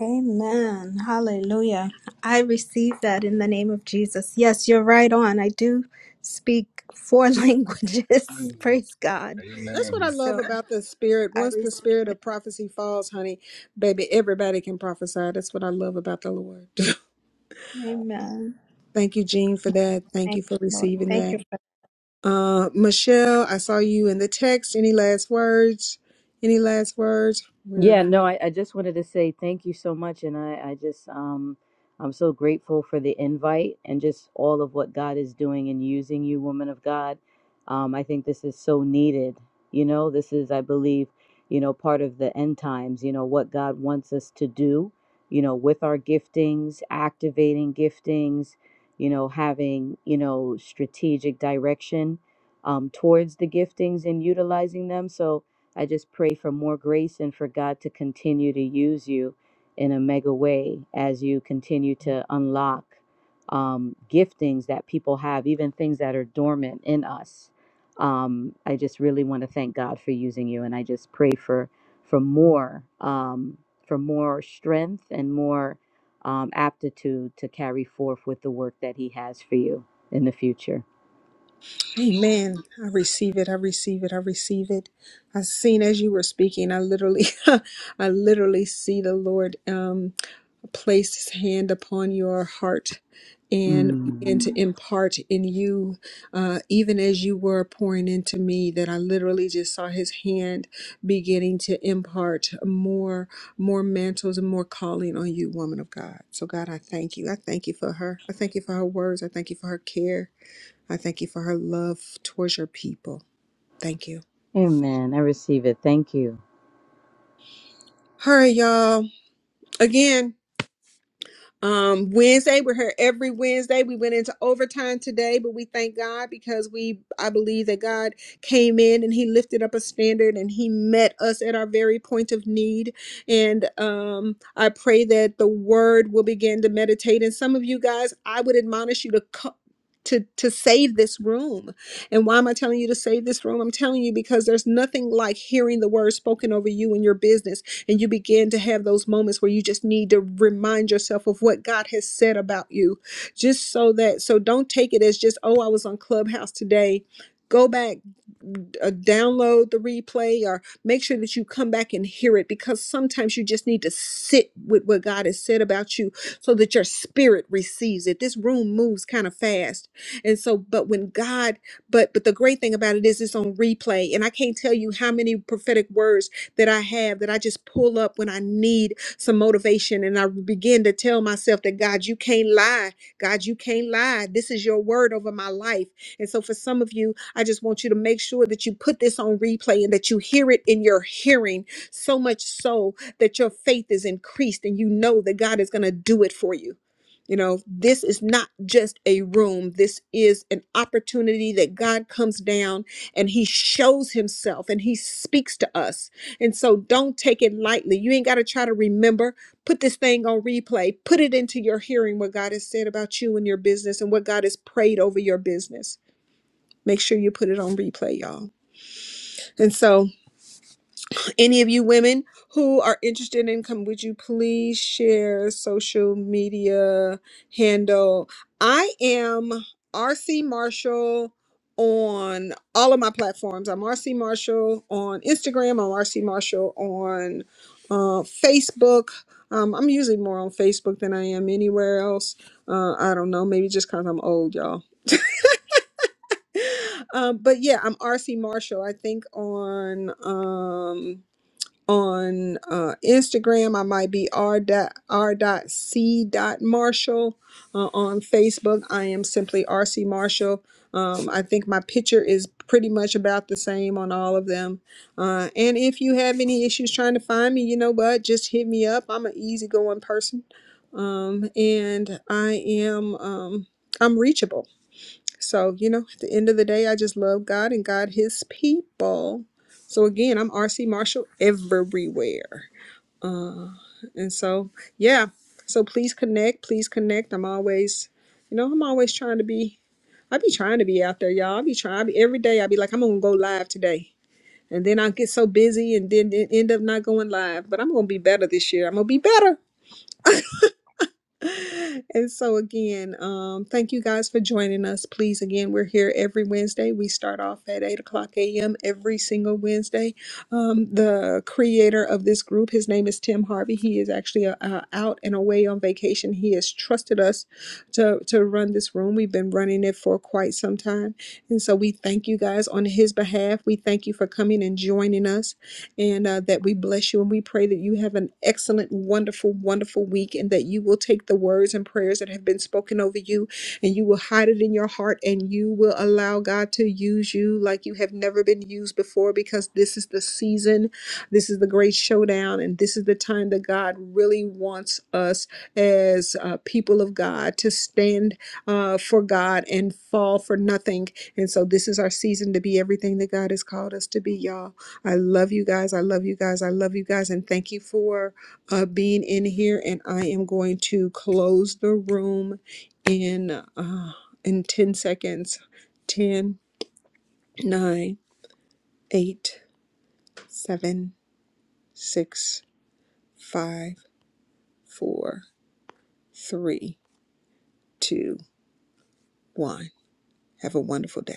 Amen. Hallelujah. I receive that in the name of Jesus. Yes, you're right on. I do speak four languages.
Mm.
Praise God.
That's what
Amen.
I
So
love about the spirit.
I
Once the spirit
receive it.
of prophecy falls, honey, baby, everybody can prophesy. That's what I love about the Lord.
Amen.
Thank you, Jean, for that. Thank
Thank
you
you,
for
Lord.
receiving
Thank
that.
you. for
Uh, Michelle, I saw you in the text. Any last words? Any last words? We're
Yeah, no, I, I just wanted to say thank you so much, and I, I just um I'm so grateful for the invite and just all of what God is doing and using you, woman of God. Um, I think this is so needed. You know, this is, I believe, you know, part of the end times. You know what God wants us to do. You know, with our giftings, activating giftings. You know, having you know strategic direction um, towards the giftings and utilizing them. So I just pray for more grace and for God to continue to use you in a mega way as you continue to unlock um, giftings that people have, even things that are dormant in us. Um, I just really want to thank God for using you, and I just pray for for more um, for more strength and more um, aptitude to carry forth with the work that He has for you in the future.
Amen. I receive it. I receive it. I receive it. I seen as you were speaking, I literally, I literally see the Lord um, place his hand upon your heart and
Mm.
begin to impart in you, uh, even as you were pouring into me, that I literally just saw his hand beginning to impart more, more mantles and more calling on you, woman of God. So God, I thank you. I thank you for her. I thank you for her words. I thank you for her care. I thank you for her love towards your people. Thank you.
Amen. I receive it. Thank you.
All right, y'all. Again, Um, Wednesday, we're here every Wednesday. We went into overtime today, but we thank God because we, I believe that God came in and He lifted up a standard and He met us at our very point of need. And um, I pray that the Word will begin to meditate. And some of you guys, I would admonish you to. Co- to, to save this room. And why am I telling you to save this room? I'm telling you because there's nothing like hearing the word spoken over you and your business and you begin to have those moments where you just need to remind yourself of what God has said about you, just so that, so don't take it as just, oh, I was on Clubhouse today. Go back, uh, download the replay or make sure that you come back and hear it because sometimes you just need to sit with what God has said about you so that your spirit receives it. This room moves kind of fast. And so but when God but but the great thing about it is it's on replay and I can't tell you how many prophetic words that I have that I just pull up when I need some motivation. And I begin to tell myself that, God, you can't lie. God, you can't lie. This is your word over my life. And so for some of you, I just want you to make sure that you put this on replay and that you hear it in your hearing so much so that your faith is increased and you know that God is going to do it for you. You know, this is not just a room. This is an opportunity that God comes down and he shows himself and he speaks to us and so don't take it lightly. You ain't got to try to remember. Put this thing on replay. Put it into your hearing what God has said about you and your business and what God has prayed over your business. Make sure you put it on replay, y'all. And so any of you women who are interested in come would you please share social media handle i am rc marshall on all of my platforms i'm rc marshall on instagram i'm rc marshall on uh, facebook um, i'm usually more on facebook than i am anywhere else uh, i don't know maybe just because i'm old y'all um, but yeah i'm rc marshall i think on um, on uh, Instagram. I might be r dot r dot c dot Marshall. Uh, on Facebook, I am simply RC Marshall. Um, I think my picture is pretty much about the same on all of them. Uh, and if you have any issues trying to find me, you know what? Just hit me up. I'm an easygoing person, um, and I am um, I'm reachable. So, you know, at the end of the day, I just love God and God his people. So again, I'm RC Marshall everywhere. And so, yeah. So please connect, please connect. I'm always, you know, I'm always trying to be I be trying to be out there, y'all. I be trying I be, every day I be like I'm going to go live today. And then I get so busy and then it end up not going live, but I'm going to be better this year. I'm going to be better. And so, again, um, thank you guys for joining us. Please, again, we're here every Wednesday. We start off at 8 o'clock a.m. every single Wednesday. Um, the creator of this group, his name is Tim Harvey. He is actually uh, uh, out and away on vacation. He has trusted us to, to run this room. We've been running it for quite some time. And so, we thank you guys on his behalf. We thank you for coming and joining us and uh, that we bless you and we pray that you have an excellent, wonderful, wonderful week and that you will take the words and prayers that have been spoken over you and you will hide it in your heart and you will allow God to use you like you have never been used before because this is the season, this is the great showdown, and this is the time that God really wants us as uh, people of God to stand uh, for God and fall for nothing. And so this is our season to be everything that God has called us to be, y'all. I love you guys. I love you guys. I love you guys. And thank you for uh, being in here. And I am going to close the room in uh, in 10 seconds. Ten, nine, eight, seven, six, five, four, three, two, one. Have a wonderful day.